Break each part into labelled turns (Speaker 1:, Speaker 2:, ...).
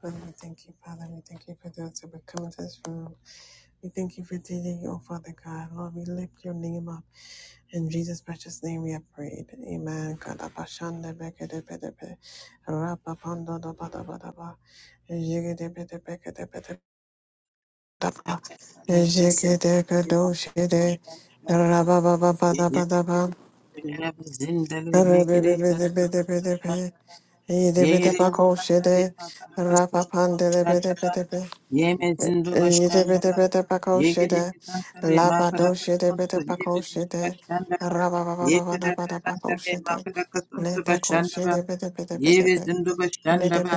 Speaker 1: Father, we thank you, Father. We thank you for those who have come into this room. We thank you for today, oh Father God. Lord, we lift your name up. In Jesus' precious name we have prayed. Amen. Kadabashandebekedebedepe, rapapandodabadabadaba, jigidebedebekedebedebedaba, jigidekedoshide, rababababadabadaba,
Speaker 2: Zindale make it a custom to Bashan.
Speaker 1: rebebebedebedebedepe,
Speaker 2: Yea, they
Speaker 1: yidebedebakoshide,
Speaker 2: can
Speaker 1: rapapandedebedebedepe.
Speaker 2: Ye me zindu bashandara, ye
Speaker 1: Yidibidibidibakoshe,
Speaker 2: gidi kisantale makara
Speaker 1: labadoshe
Speaker 2: kasuntu, ye me
Speaker 1: dibidibakoshe,
Speaker 2: zindu bashandara, ye kada kasantale
Speaker 1: rabababababababakoshe,
Speaker 2: makara kasuntu
Speaker 1: ledekoshe
Speaker 2: bashandara, ye me
Speaker 1: dibidibidibidibid,
Speaker 2: zindu bashandara,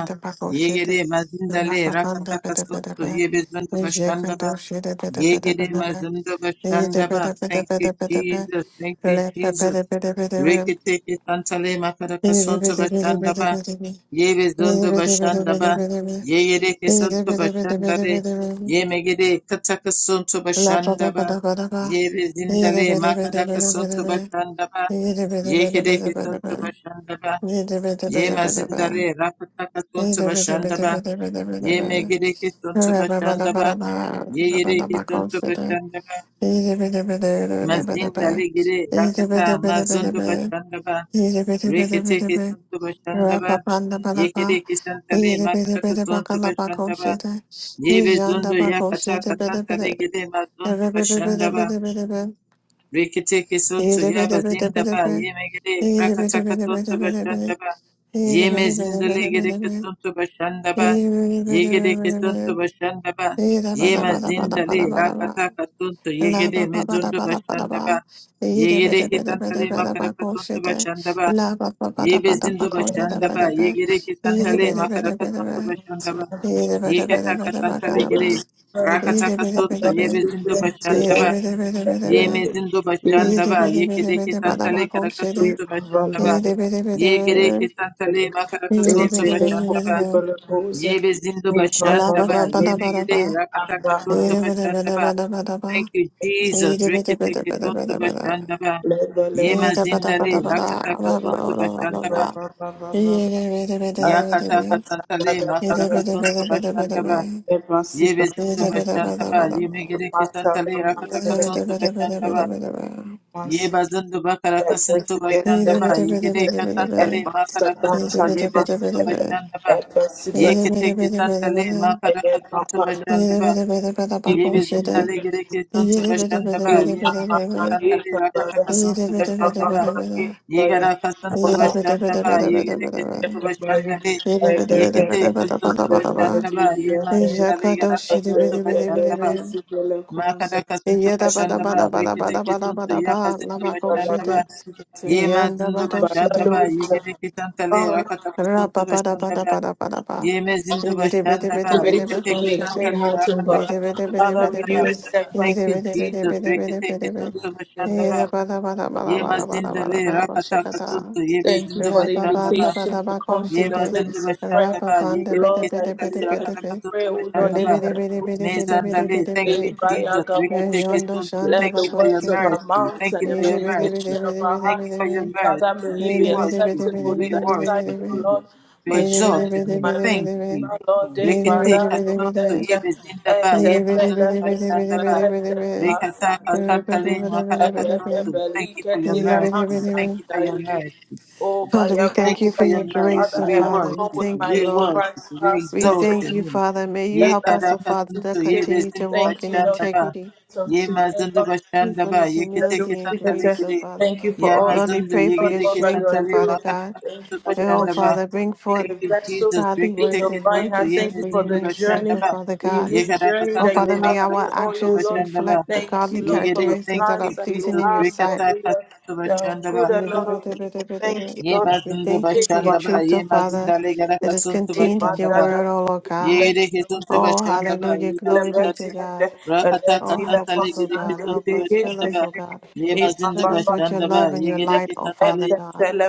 Speaker 2: ye gidi mazindale rakata kasuntu,
Speaker 1: rababandibidibidibid,
Speaker 2: ye me zindu bashandara,
Speaker 1: yijekadoshe
Speaker 2: ye gidi
Speaker 1: dibidibidibidibid,
Speaker 2: mazindu bashandara. Thank you,
Speaker 1: yidibidibidibidibidibid,
Speaker 2: Jesus. Thank you, Jesus.
Speaker 1: lepebidibidibidibid,
Speaker 2: Rekete kisantale makara kasuntu bashandara,
Speaker 1: yidibidibidibidibidibid,
Speaker 2: ye me zindu bashandara.
Speaker 1: yidibidibidibidibidibid,
Speaker 2: Ye yere kesuntu başandare.
Speaker 1: yidibidibidibidibidibid.
Speaker 2: Ye megede kata kesuntu
Speaker 1: La ba ba ba
Speaker 2: başandaba.
Speaker 1: da ba da ba.
Speaker 2: Ye
Speaker 1: Yere
Speaker 2: bezindale
Speaker 1: be bere be
Speaker 2: makada
Speaker 1: bere
Speaker 2: kesuntu
Speaker 1: be.
Speaker 2: başandaba.
Speaker 1: de be, bere
Speaker 2: Ye
Speaker 1: bere
Speaker 2: kede
Speaker 1: bere bere
Speaker 2: kesuntu
Speaker 1: be.
Speaker 2: başandaba.
Speaker 1: Yere bere
Speaker 2: Ye
Speaker 1: bere bere
Speaker 2: mazindale
Speaker 1: be.
Speaker 2: rakata kesuntu
Speaker 1: Yere bere bere
Speaker 2: başandaba.
Speaker 1: bere be bere
Speaker 2: Ye
Speaker 1: be.
Speaker 2: megede kesuntu
Speaker 1: Re ba ba da ba
Speaker 2: başandaba.
Speaker 1: da ba.
Speaker 2: Ye
Speaker 1: Da ba
Speaker 2: yere
Speaker 1: da ba
Speaker 2: kesuntu
Speaker 1: konsere.
Speaker 2: başandaba.
Speaker 1: Yere bere bere bere bere bere be.
Speaker 2: Mazindale gede
Speaker 1: de be
Speaker 2: rakata
Speaker 1: bere be bere
Speaker 2: mazundu
Speaker 1: be.
Speaker 2: başandaba.
Speaker 1: Yere bere be bere be.
Speaker 2: Rekete
Speaker 1: de be
Speaker 2: kesuntu
Speaker 1: Re
Speaker 2: başandaba.
Speaker 1: ba ba da ba da
Speaker 2: Ye kede
Speaker 1: ba.
Speaker 2: kesantale
Speaker 1: Yere be
Speaker 2: makada
Speaker 1: bere ba
Speaker 2: kesuntu
Speaker 1: ka la ba
Speaker 2: başandaba.
Speaker 1: konsere. Yere
Speaker 2: Yebezundu
Speaker 1: janda ba
Speaker 2: yakataka
Speaker 1: konsere bere
Speaker 2: santa
Speaker 1: be
Speaker 2: regede mazundu
Speaker 1: Re be bere bere bere be. be be de
Speaker 2: bashandaba.
Speaker 1: be de be de be.
Speaker 2: Reketeke suntu yabazindaba. Yemegede brakataka suntu bashandaba. Yeme zindu legede suntu bashandaba. Yegede suntu bashandaba. Yemazindale rakataka suntu yegede mezundu bashandaba. Yegede santale makaraka suntu bashandaba. Ye bezindo bashanda ba, ye gere ke santale, makaraka santo
Speaker 1: La
Speaker 3: I'm
Speaker 2: bashanda
Speaker 3: to
Speaker 2: ba, ye kataka santale gere,
Speaker 3: bring
Speaker 2: rakataka
Speaker 3: to
Speaker 2: soto, ye bezindo bashanda
Speaker 3: us
Speaker 2: ba, ye
Speaker 3: yesterday.
Speaker 2: mezindo
Speaker 3: We
Speaker 2: bashanda ba, ye kede ke
Speaker 3: are
Speaker 2: santale, karaka
Speaker 3: We
Speaker 2: santo
Speaker 3: are
Speaker 2: bashanda ba,
Speaker 3: yesterday.
Speaker 2: ye gere ke santale, makaraka
Speaker 1: Shit.
Speaker 3: We
Speaker 2: santo
Speaker 3: did the
Speaker 2: bashanda ba,
Speaker 3: possible moves.
Speaker 2: ye bezindo
Speaker 3: We
Speaker 2: bashanda ba, ye megede, rakataka santo bashanda ba. Thank you, Jesus. Rekete ke santo bashanda ba, ye mazindale, rakataka santo bashanda ba, Yakataka Santale, Makaraka Suntu Bashandaba, Ye
Speaker 3: Emancipation,
Speaker 2: Vizundu Bashandaba, Ye Megiriki Santale, Rakataka
Speaker 3: Emancipation,
Speaker 2: Suntu Bashandaba, Ye
Speaker 3: Emancipation.
Speaker 2: Bazundu Bakaraka Suntu
Speaker 3: Thank
Speaker 2: Bashandaba, Ye Gedeka Santale, Makaraka Suntu, Ye Vizundu Bashandaba, Ye Keteki Santale, Makaraka Suntu Bashandaba, Ye Vizindale Giriki
Speaker 1: Yeah,
Speaker 2: Suntu Bashandaba, Ye Megiriki Santale, Rakataka Suntu Bashandaba, Yegara kasantu bashanda ba yegere kasantu bashanda be yekete kasantu bashanda ba ye mazinda le gara kasantu bashanda ba makada kasantu bashanda ba
Speaker 3: you.
Speaker 2: rekete kasantu ya kasantu
Speaker 3: Ready
Speaker 2: bashanda ba ye mazinda bashanda ba yegere kasanta le rakata kasantu bashanda ba ye mazinda bashanda ba
Speaker 3: to
Speaker 2: rekete
Speaker 3: be a
Speaker 2: kasanta
Speaker 3: clean
Speaker 2: le
Speaker 3: heart, O
Speaker 2: rakata
Speaker 3: God.
Speaker 2: kasantu
Speaker 3: Father,
Speaker 2: bashanda ba
Speaker 3: renew a
Speaker 2: Thank
Speaker 3: steadfast
Speaker 2: you, Jesus. Rekete kasantu
Speaker 3: spirit in the
Speaker 2: bashanda
Speaker 3: way of
Speaker 2: ba
Speaker 3: life.
Speaker 2: Ye mazinda le rakata kasunto ye
Speaker 3: Thank you
Speaker 2: bezinda
Speaker 3: for
Speaker 1: La
Speaker 3: the
Speaker 1: ba
Speaker 2: bashanda
Speaker 1: ban
Speaker 2: ba
Speaker 1: da ba
Speaker 3: invitation
Speaker 1: da
Speaker 3: to
Speaker 1: ba go
Speaker 3: come
Speaker 2: ye
Speaker 3: to
Speaker 1: she
Speaker 3: the
Speaker 1: de.
Speaker 2: mazinda
Speaker 3: place of
Speaker 1: Ra
Speaker 2: bashanda
Speaker 3: prayer.
Speaker 1: ba
Speaker 2: ba ye
Speaker 1: ban da ba de
Speaker 2: gereke
Speaker 3: Lord,
Speaker 1: ba
Speaker 3: I
Speaker 1: de ba
Speaker 2: sakale
Speaker 1: de ba de
Speaker 3: as
Speaker 2: rakata
Speaker 3: we
Speaker 1: ba.
Speaker 3: pray,
Speaker 2: kasunto
Speaker 3: O Lord,
Speaker 2: bashanda
Speaker 1: Li
Speaker 2: ba
Speaker 1: bi di bi di bi di bi di bi
Speaker 2: mezanda
Speaker 1: di
Speaker 2: le.
Speaker 1: bi di
Speaker 2: Thank you,
Speaker 1: bi.
Speaker 2: Jesus.
Speaker 3: Ibrahim
Speaker 1: Re
Speaker 2: Rikete
Speaker 1: jon do shan da
Speaker 3: Let
Speaker 2: Thank
Speaker 1: ba
Speaker 2: you
Speaker 3: the
Speaker 1: go
Speaker 2: for your
Speaker 3: words
Speaker 1: she
Speaker 3: of
Speaker 1: de.
Speaker 3: our
Speaker 2: mercy.
Speaker 3: mouths
Speaker 2: Thank
Speaker 3: and
Speaker 2: you
Speaker 3: the
Speaker 2: for
Speaker 1: Ni di
Speaker 2: your
Speaker 1: bi di bi
Speaker 2: mercy.
Speaker 1: di
Speaker 3: meditation
Speaker 1: bi
Speaker 3: of
Speaker 1: di
Speaker 3: our
Speaker 1: bi di
Speaker 2: Thank
Speaker 1: bi
Speaker 2: you
Speaker 3: hearts,
Speaker 1: di
Speaker 2: for
Speaker 1: bi.
Speaker 2: your
Speaker 3: Father,
Speaker 2: mercy.
Speaker 3: may he
Speaker 2: We
Speaker 1: Ni
Speaker 3: be
Speaker 1: di bi di bi
Speaker 2: worship
Speaker 1: di bi
Speaker 2: you.
Speaker 3: acceptable
Speaker 1: di
Speaker 3: in
Speaker 2: We
Speaker 1: bi
Speaker 3: thy
Speaker 1: di bi di bi
Speaker 3: sight,
Speaker 1: di
Speaker 2: worship
Speaker 3: O
Speaker 2: you.
Speaker 1: bi.
Speaker 3: Lord,
Speaker 2: We
Speaker 1: Ni
Speaker 3: my
Speaker 1: di bi di
Speaker 2: exalt
Speaker 3: strength,
Speaker 1: bi
Speaker 2: your
Speaker 1: di
Speaker 2: name.
Speaker 3: my
Speaker 1: bi di bi
Speaker 2: Thank
Speaker 1: di bi.
Speaker 2: you.
Speaker 3: redeemer, Lord. De
Speaker 1: Ni di bi
Speaker 2: Rikete
Speaker 1: di
Speaker 3: para
Speaker 1: bi di
Speaker 3: no
Speaker 1: bi di.
Speaker 2: kasunto ye
Speaker 3: tete,
Speaker 2: bezinda ba
Speaker 1: Ni
Speaker 3: ete
Speaker 2: ye
Speaker 1: di bi
Speaker 3: te
Speaker 1: di bi
Speaker 2: mazinda
Speaker 3: le
Speaker 1: di bi di
Speaker 3: vesi
Speaker 1: bi di
Speaker 2: bashanda
Speaker 1: bi
Speaker 2: ba
Speaker 1: di
Speaker 3: vele
Speaker 1: bi di
Speaker 3: te
Speaker 1: bi.
Speaker 3: le pasa
Speaker 2: Rekataka
Speaker 3: de le
Speaker 1: Re ba
Speaker 3: gidi,
Speaker 1: ba
Speaker 2: Santale
Speaker 1: ba da ba da ba
Speaker 3: ebe
Speaker 1: da ba.
Speaker 2: Makarakasutu.
Speaker 3: bebe
Speaker 2: Thank
Speaker 3: li
Speaker 2: you for your
Speaker 1: Ni
Speaker 3: keti
Speaker 1: di
Speaker 3: le
Speaker 1: bi di bi
Speaker 2: mercy.
Speaker 1: di
Speaker 3: masa
Speaker 1: bi.
Speaker 2: Thank you for
Speaker 3: da
Speaker 2: your
Speaker 3: gidi.
Speaker 2: mercy.
Speaker 3: Oh, by
Speaker 1: Father, we
Speaker 3: your
Speaker 2: Thank
Speaker 1: thank
Speaker 2: you
Speaker 1: you
Speaker 3: grace,
Speaker 2: for
Speaker 1: for
Speaker 2: your
Speaker 1: your grace,
Speaker 3: Father,
Speaker 2: mercy.
Speaker 1: oh
Speaker 3: I
Speaker 2: We
Speaker 3: have
Speaker 1: Father. We
Speaker 3: come
Speaker 2: worship
Speaker 3: with
Speaker 2: you.
Speaker 1: thank
Speaker 3: my
Speaker 1: you,
Speaker 2: We
Speaker 3: in
Speaker 1: Lord.
Speaker 2: worship
Speaker 3: Christ
Speaker 2: you. We
Speaker 1: We
Speaker 2: exalt
Speaker 3: passport.
Speaker 1: thank
Speaker 2: your
Speaker 1: you,
Speaker 2: name.
Speaker 1: Father. May you
Speaker 2: Ye
Speaker 1: help us, oh Father,
Speaker 2: Karakasutu.
Speaker 1: to
Speaker 2: Ye
Speaker 1: continue to
Speaker 2: Bezindu
Speaker 1: walk
Speaker 3: Thank
Speaker 1: in
Speaker 3: you, Lord,
Speaker 2: Bashandaba.
Speaker 1: integrity,
Speaker 3: for the gift of
Speaker 2: Ye
Speaker 3: today,
Speaker 2: Mazundu
Speaker 3: Lord.
Speaker 2: Bashandaba.
Speaker 1: truthfulness,
Speaker 2: Ye
Speaker 3: Let that
Speaker 2: Kiteke
Speaker 1: humility, and
Speaker 3: be
Speaker 2: Santale
Speaker 1: grace, oh
Speaker 2: Gide.
Speaker 1: Father.
Speaker 3: Thank you for
Speaker 2: Ye
Speaker 3: all that
Speaker 1: Lord, we
Speaker 2: Mazundu.
Speaker 1: pray
Speaker 3: you
Speaker 2: Ye
Speaker 1: for
Speaker 3: have done,
Speaker 1: your
Speaker 3: all
Speaker 2: Gideke
Speaker 3: that you
Speaker 1: strength, oh
Speaker 3: are
Speaker 2: Santale
Speaker 1: Father
Speaker 3: doing.
Speaker 1: God.
Speaker 3: Thank you
Speaker 2: Makarakasutu
Speaker 3: for
Speaker 1: And
Speaker 3: the
Speaker 1: oh
Speaker 3: opportunity
Speaker 2: Bashandaba.
Speaker 1: Father,
Speaker 3: to
Speaker 1: bring
Speaker 3: be
Speaker 1: forth
Speaker 3: a
Speaker 2: Thank you,
Speaker 3: vessel
Speaker 2: Jesus. We
Speaker 1: godly
Speaker 2: can
Speaker 3: in
Speaker 2: take
Speaker 1: works
Speaker 3: your
Speaker 2: it
Speaker 1: and
Speaker 2: to
Speaker 3: vine. hand.
Speaker 1: righteousness
Speaker 3: thank you
Speaker 1: for
Speaker 2: Yemis
Speaker 3: for
Speaker 1: your
Speaker 2: in the
Speaker 3: the
Speaker 1: name's sake,
Speaker 3: journey,
Speaker 1: oh
Speaker 2: Bashandaba.
Speaker 1: Father
Speaker 3: the
Speaker 1: God.
Speaker 3: unique
Speaker 2: Yekaraka
Speaker 3: journey
Speaker 1: Oh
Speaker 3: that you
Speaker 1: Father,
Speaker 2: Santale
Speaker 1: may
Speaker 3: have me
Speaker 1: our
Speaker 2: Makaraka
Speaker 3: on, oh
Speaker 1: actions
Speaker 3: Lord.
Speaker 2: Santu
Speaker 1: reflect the
Speaker 3: Thank
Speaker 1: godly
Speaker 3: you, Lord, for
Speaker 2: Yegede,
Speaker 3: the
Speaker 2: thank
Speaker 1: characteristics that are
Speaker 2: you,
Speaker 3: plans that you
Speaker 1: pleasing
Speaker 2: Jesus.
Speaker 1: in your
Speaker 3: have for
Speaker 1: sight.
Speaker 2: Rekata
Speaker 3: me, Lord.
Speaker 2: kasuntu
Speaker 3: They are good
Speaker 2: bashandaba.
Speaker 1: And
Speaker 3: and
Speaker 1: you
Speaker 3: not
Speaker 1: dip it,
Speaker 3: of
Speaker 1: dip
Speaker 3: evil.
Speaker 1: it, dip it, dip
Speaker 3: Thank
Speaker 1: it.
Speaker 3: you,
Speaker 2: Ye
Speaker 3: Lord.
Speaker 1: We
Speaker 2: bazundu
Speaker 1: thank you for your
Speaker 2: bashandaba.
Speaker 1: truth, oh
Speaker 2: Ye
Speaker 1: Father,
Speaker 2: mazinda legada
Speaker 1: that is
Speaker 2: kasuntu
Speaker 1: contained in your
Speaker 2: bashandaba.
Speaker 1: word, oh Lord God.
Speaker 2: Yegede kasuntu
Speaker 1: Oh,
Speaker 2: bashandaba.
Speaker 1: hallelujah.
Speaker 2: Ye
Speaker 1: Glory
Speaker 2: mazinda
Speaker 1: be
Speaker 2: le.
Speaker 1: to God.
Speaker 2: Rakata
Speaker 1: Oh,
Speaker 2: kasanta
Speaker 1: help us, O
Speaker 2: legede
Speaker 1: God.
Speaker 2: kasuntu
Speaker 1: Help us. Fill us,
Speaker 2: bashandaba.
Speaker 1: O God.
Speaker 2: Ye mazindu
Speaker 1: Fill us with your
Speaker 2: bashandaba.
Speaker 1: love and your
Speaker 2: Yegede
Speaker 1: light, O
Speaker 2: kasanta
Speaker 1: Father
Speaker 2: le.
Speaker 1: God.